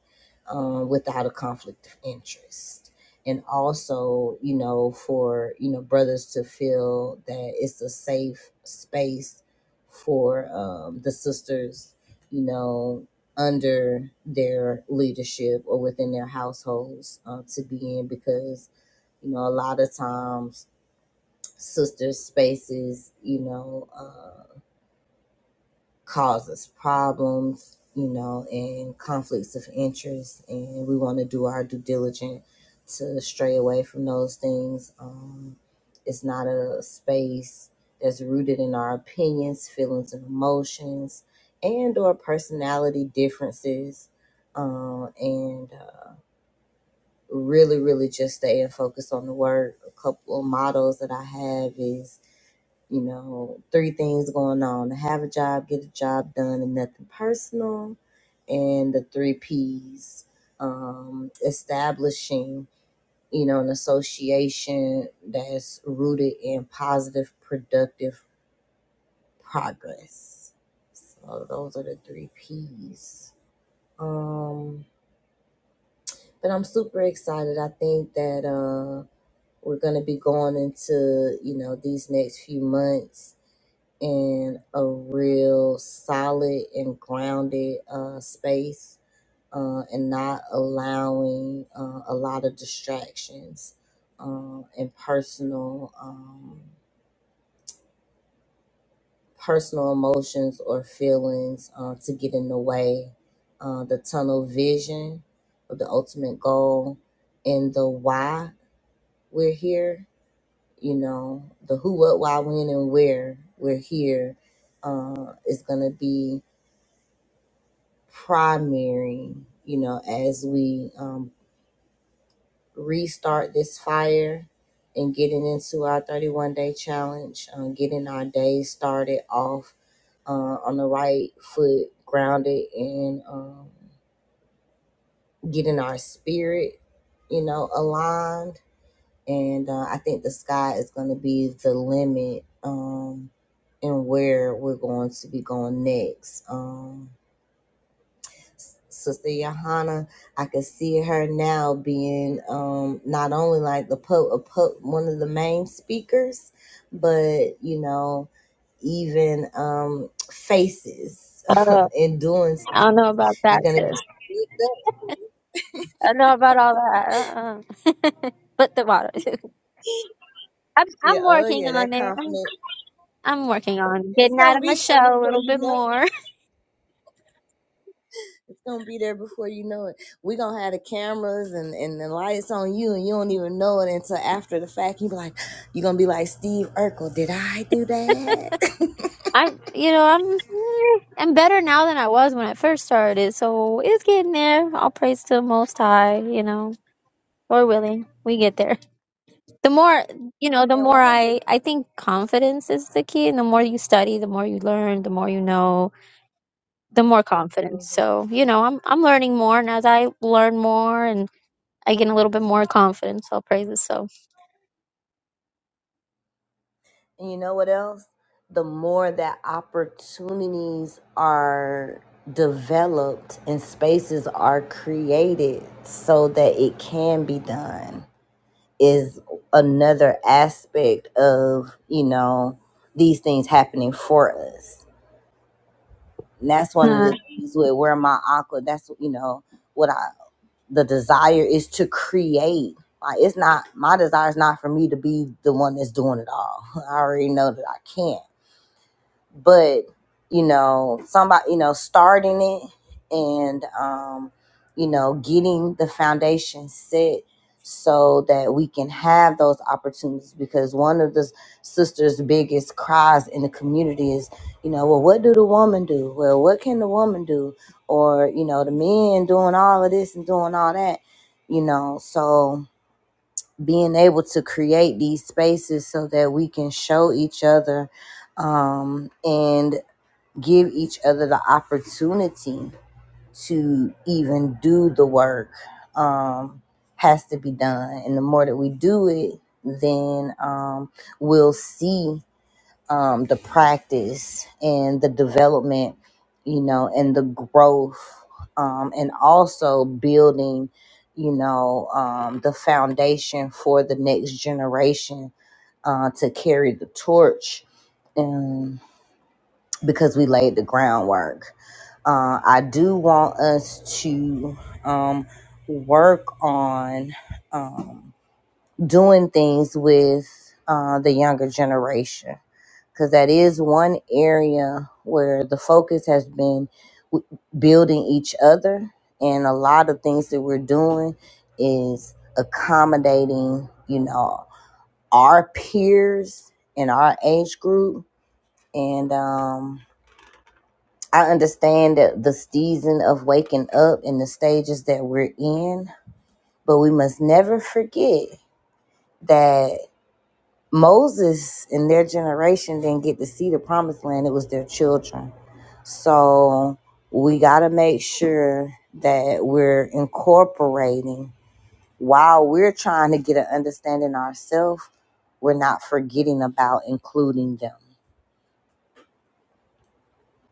um, without a conflict of interest and also you know for you know brothers to feel that it's a safe space for um, the sisters you know under their leadership or within their households uh, to be in because you know a lot of times sisters spaces you know uh, causes problems, you know, and conflicts of interest. And we want to do our due diligence to stray away from those things. Um, it's not a space that's rooted in our opinions, feelings, and emotions, and or personality differences. Um, and uh, really, really just staying focused on the word. A couple of models that I have is you know, three things going on have a job, get a job done, and nothing personal. And the three P's um, establishing, you know, an association that's rooted in positive, productive progress. So those are the three P's. Um, but I'm super excited. I think that uh, we're going to be going into, you know, these next few months in a real solid and grounded uh, space uh, and not allowing uh, a lot of distractions uh, and personal um, personal emotions or feelings uh, to get in the way uh, the tunnel vision of the ultimate goal and the why we're here you know the who what why when and where we're here uh, is going to be primary, you know, as we um, restart this fire and getting into our 31 day challenge, um, getting our day started off uh, on the right foot, grounded, and um, getting our spirit, you know, aligned. And uh, I think the sky is going to be the limit um, and where we're going to be going next. Um, Sister Johanna, I could see her now being um, not only like the po- a po- one of the main speakers, but you know, even um, faces
Uh,
in doing. So.
I don't know about
She's
that,
gonna
sis.
be
I don't know about all that. Uh-uh. but the water. I'm
yeah,
I'm
oh
working
yeah, that
on it. I'm
confidence.
I'm working on
It's
getting out
gonna
of my
be there
shell a
before
little
you
bit
know.
more.
It's gonna be there before you know it. We're gonna have the cameras and, and the lights on you and you don't even know it until after the fact. You be like, you're gonna be like Steve Urkel, did I do that?
I'm you know I'm mm, I'm better now than I was when I first started. So it's getting there. All praise to the Most High. You know. we willing. We get there. The more, you know, the
And
more
one of the
I, I think confidence is the key. And the more you study, the more you learn, the more you know, the more
hmm
confidence. So, you know, I'm, I'm learning more. And as I learn more and I get a little bit more confidence, I'll praise it. So,
And you know what else? The more that opportunities are developed and spaces are created so that it can be done is another aspect of you know these things happening for us and that's one of the
um,
things with where my aqua that's you know what i the desire is to create like it's not my desire is not for me to be the one that's doing it all i already know that i can't but you know somebody you know starting it and um you know getting the foundation set so that we can have those opportunities because one of the sisters biggest cries in the community is you know well what do the woman do well what can the woman do or you know the men doing all of this and doing all that you know so being able to create these spaces so that we can show each other um, and give each other the opportunity to even do the work um, has to be done. And the more that we do it, then um, we'll see um, the practice and the development, you know, and the growth, um, and also building, you know, um, the foundation for the next generation uh, to carry the torch and because we laid the groundwork uh, I do want us to um, work on um, doing things with uh, the younger generation because that is an area where the focus has been w- building each other, and a lot of things that we're doing is accommodating, you know, our peers in our age group, and um, I understand that the season of waking up and the stages that we're in, but we must never forget that Moses and their generation didn't get to see the promised land, it was their children. So we got to make sure that we're incorporating while we're trying to get an understanding ourselves, we're not forgetting about including them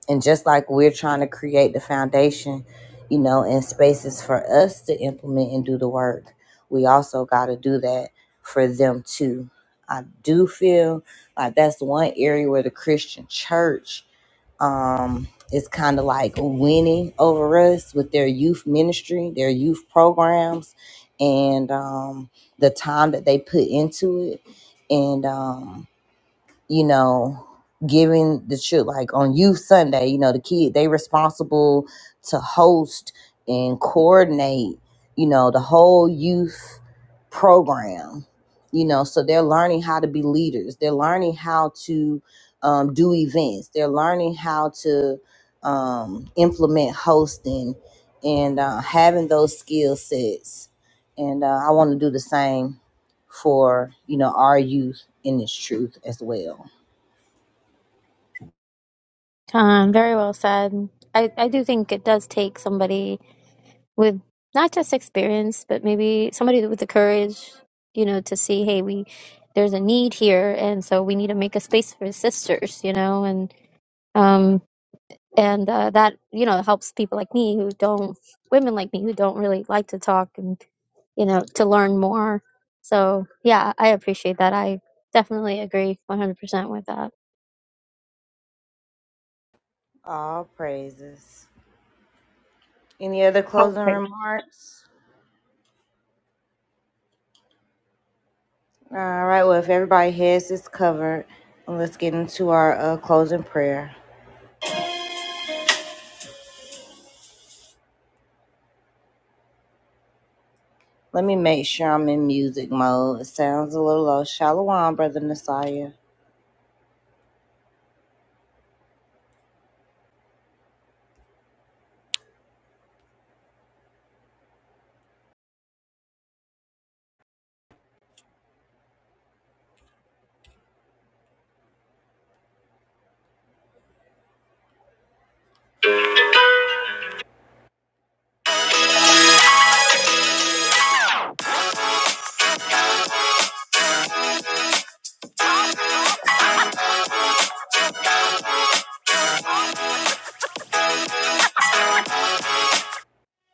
And just like we're trying to create the foundation, you know, and spaces for us to implement and do the work, we also got to do that for them too. I do feel like that's one area where the Christian church um, is kind of like winning over us with their youth ministry, their youth programs, and um, the time that they put into it. And, um, you know, giving the children like on Youth Sunday, you know, the kid they responsible to host and coordinate, you know, the whole youth program. You know, so they're learning how to be leaders. They're learning how to um, do events. They're learning how to um, implement hosting and uh, having those skill sets. And uh, I want to do the same for you know our youth in this truth as well.
um, very well said. I, I do think it does take somebody with not just experience, but maybe somebody with the courage, you know, to see, hey, we, there's a need here. And so we need to make a space for sisters, you know, and, um, and uh, that you know helps people like me who don't women like me who don't really like to talk and you know to learn more so yeah i appreciate that i definitely agree 100% with that
All praises. Any other closing remarks? All right. Well, if everybody' heads is covered, let's get into our uh, closing prayer. Let me make sure I'm in music mode. It sounds a little low. Shalom, brother Messiah.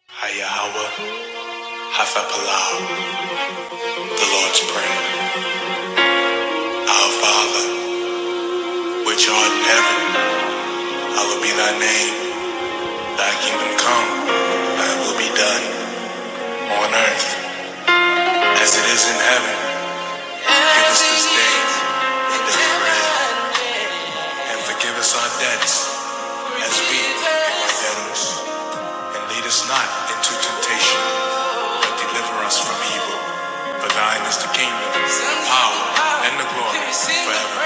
Hayahawa, Hafapalah, the Lord's Prayer. Our Father, which art in heaven, hallowed be thy name. Thy kingdom come, thy will be done, on earth as it is in heaven. us this day our daily bread, and forgive us our debts as we forgive our debtors. And lead us not into temptation, but deliver us from evil. For thine is the kingdom, the power, and the glory forever.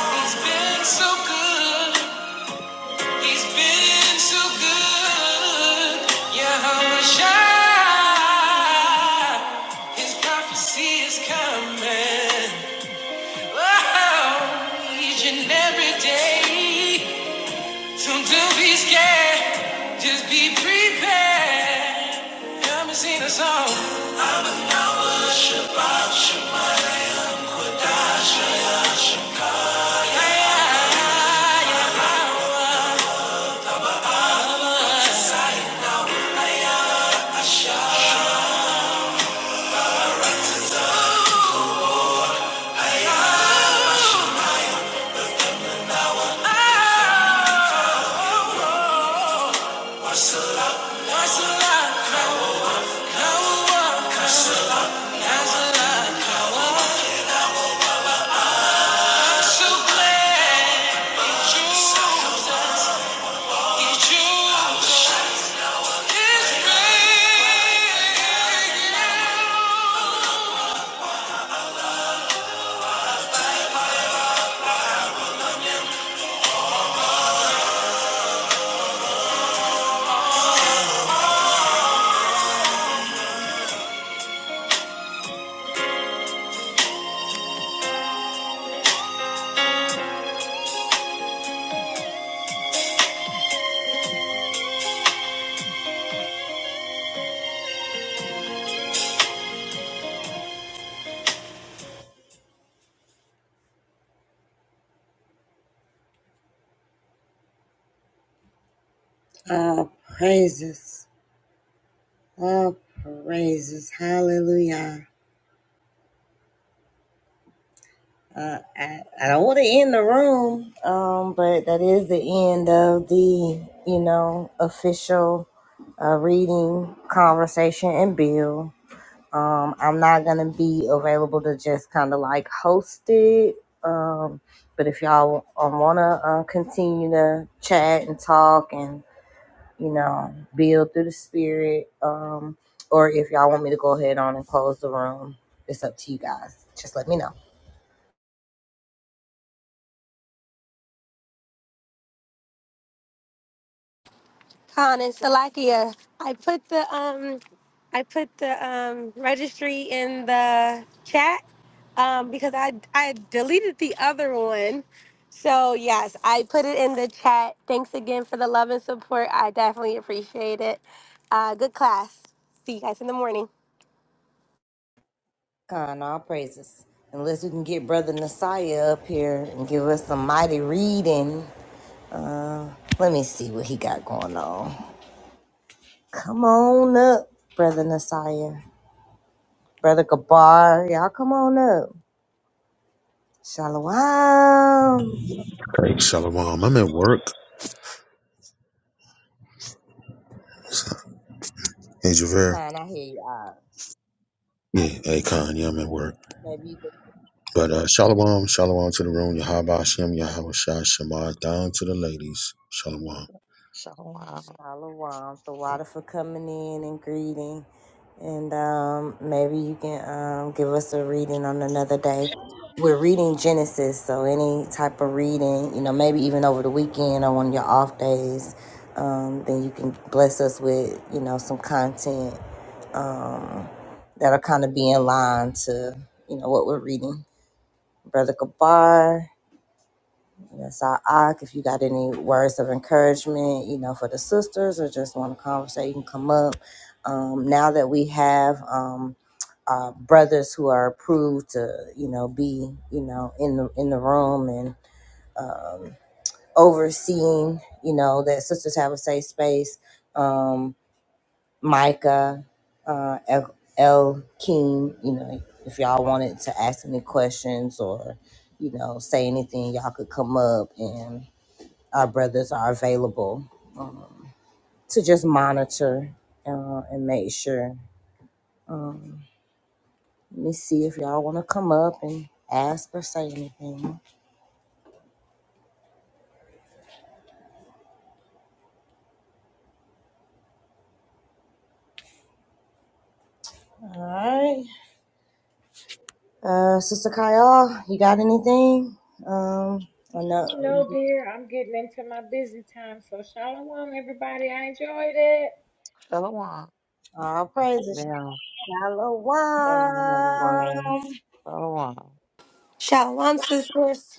He's been so good. He's been so good. Yahweh Shai. His prophecy is coming. Oh, each and every day. So don't be scared, just be prepared. Come and sing the song. I'm a power, Shabbat, Shabbat, Kodash, Shabbat, Shabbat. Yeah, yeah, yeah. Oh, so that's a lot. Power, power, power, that's a lot. So Oh, praises. Oh, praises. Hallelujah. Uh, I, I don't want to end the room, um, but that is the end of the, you know, official uh, reading, conversation, and bill. Um, I'm not gonna be available to just kind of like host it. Um, but if y'all um, wanna uh, continue to chat and talk and you know build through the spirit, um, or if y'all want me to go ahead on and close the room, it's up to you guys. Just let me know.
Khan and Salakia. I put the um I put the um registry in the chat um because I I deleted the other one. So yes, I put it in the chat. Thanks again for the love and support. I definitely appreciate it. Uh good class. See you guys in the morning.
God, in all praises. Unless we can get Brother Nasiah up here and give us some mighty reading. Let me see what he got going on. Come on up, Brother Nasiah. Brother Gabar, y'all come on up. Shalom.
Hey, Shalom. I'm at work. Hey, Javert.
Kind I hear y'all.
Yeah, hey, Khan. Yeah, I'm at work.
Maybe you can
But uh, Shalom, Shalom to the room. Yahaba Hashem, Yahweh Shah, Shema, down to the ladies. Shalom.
Shalom.
shalom. The water for coming in and greeting. And um, maybe you can um, give us a reading on another day.
Shalom.
We're reading Genesis, so any type of reading, you know, maybe even over the weekend or one of your off days, um, then you can bless us with, you know, some content um, that'll kind of be in line to, you know, what we're reading. Brother Kabar, that's our Ak. If you got any words of encouragement, you know, for the sisters or just want to conversate, you can come up. Um, now that we have um, uh, brothers who are approved to, you know, be, you know, in the in the room and um, overseeing, you know, that sisters have a safe space. Um, Micah, uh, El, El King. You know, if y'all wanted to ask any questions or, you know, say anything, y'all could come up, and our brothers are available um, to just monitor uh, and make sure. Um, let me see if y'all want to come up and ask or say anything. All right, uh, Sister Kyle, you got anything? Um, I know.
Oh no, dear. I'm getting into my busy time, so shalom, everybody. I enjoyed it.
Shalom.
All praises.
Down. Shalom, everyone.
Shalom.
Shalom.
Shalom sisters.